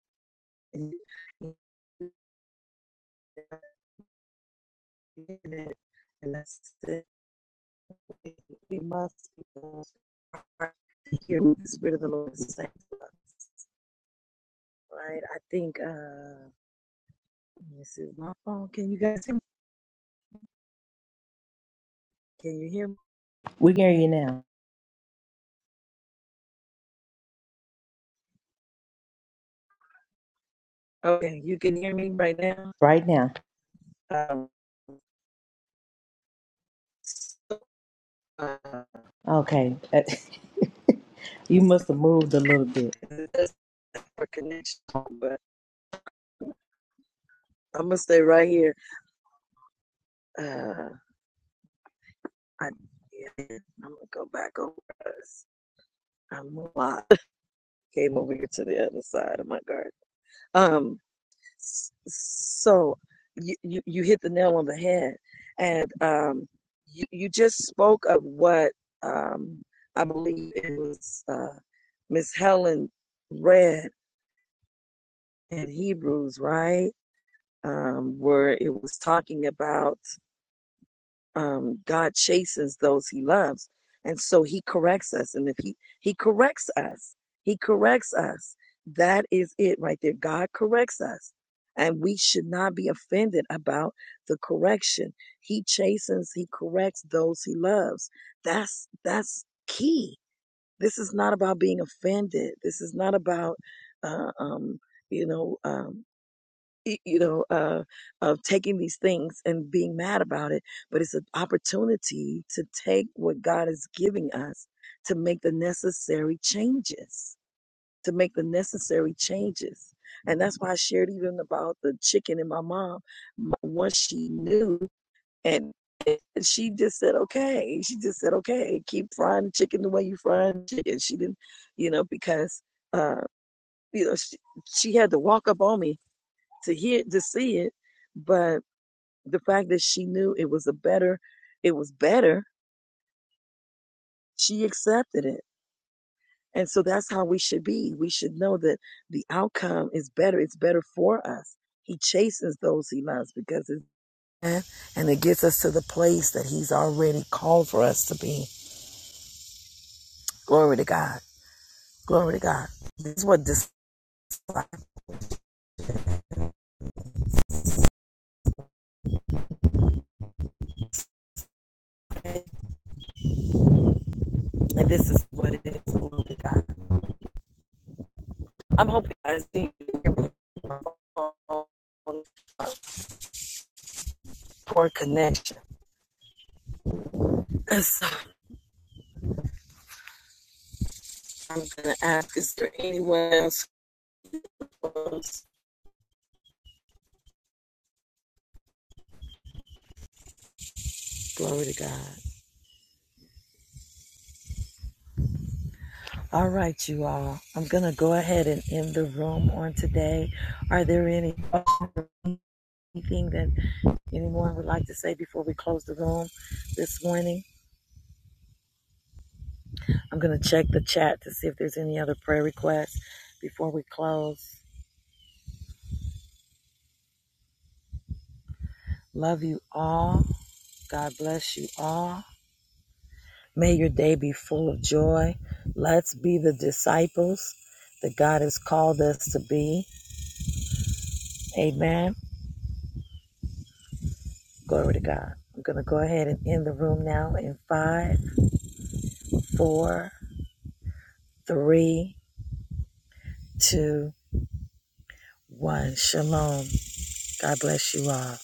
A: And and that's it. We must be those who hear what the Spirit of the Lord is saying to us. Right? I think uh this is my phone. Can you guys hear me? Can you hear me?
G: We hear you now,
A: Okay, you can hear me right now.
G: right now.
A: Um so, uh,
G: Okay, you must have moved a little bit.
A: it does for connection, but I'm gonna stay right here. Uh, I, yeah, I'm gonna go back over us. I'm a lot. Came over here to the other side of my garden. Um, so you, you you hit the nail on the head, and um, you you just spoke of what um I believe it was uh Miss Helen read in Hebrews, right? Um, where it was talking about um, God chastens those he loves. And so he corrects us. And if he, he corrects us, he corrects us. That is it right there. God corrects us. And we should not be offended about the correction. He chastens, he corrects those he loves. That's, that's key. This is not about being offended. This is not about, uh, um, you know, um, y- you know, uh, of taking these things and being mad about it, but it's an opportunity to take what God is giving us to make the necessary changes, to make the necessary changes. And that's why I shared even about the chicken and my mom. M- Once she knew, and and she just said, okay, she just said, okay, keep frying the chicken the way you frying chicken. She didn't, you know, because, uh, you know, she, she had to walk up on me to hear, to see it. But the fact that she knew it was a better it was better she accepted it and so that's how we should be we should know that the outcome is better it's better for us he chastens those he loves because it's bad, and it gets us to the place that he's already called for us to be glory to god glory to god this is what this is, like, and this is what it is glory to god i'm hoping i see you poor connection It's so I'm going to ask, is there anyone else? Glory to God. All right, you all. I'm going to go ahead and end the room on today. Are there any anything that anyone would like to say before we close the room this morning? I'm going to check the chat to see if there's any other prayer requests before we close. Love you all. God bless you all. May your day be full of joy. Let's be the disciples that God has called us to be. Amen. Glory to God. We're going to go ahead and end the room now in five, four, three, two, one. Shalom. God bless you all.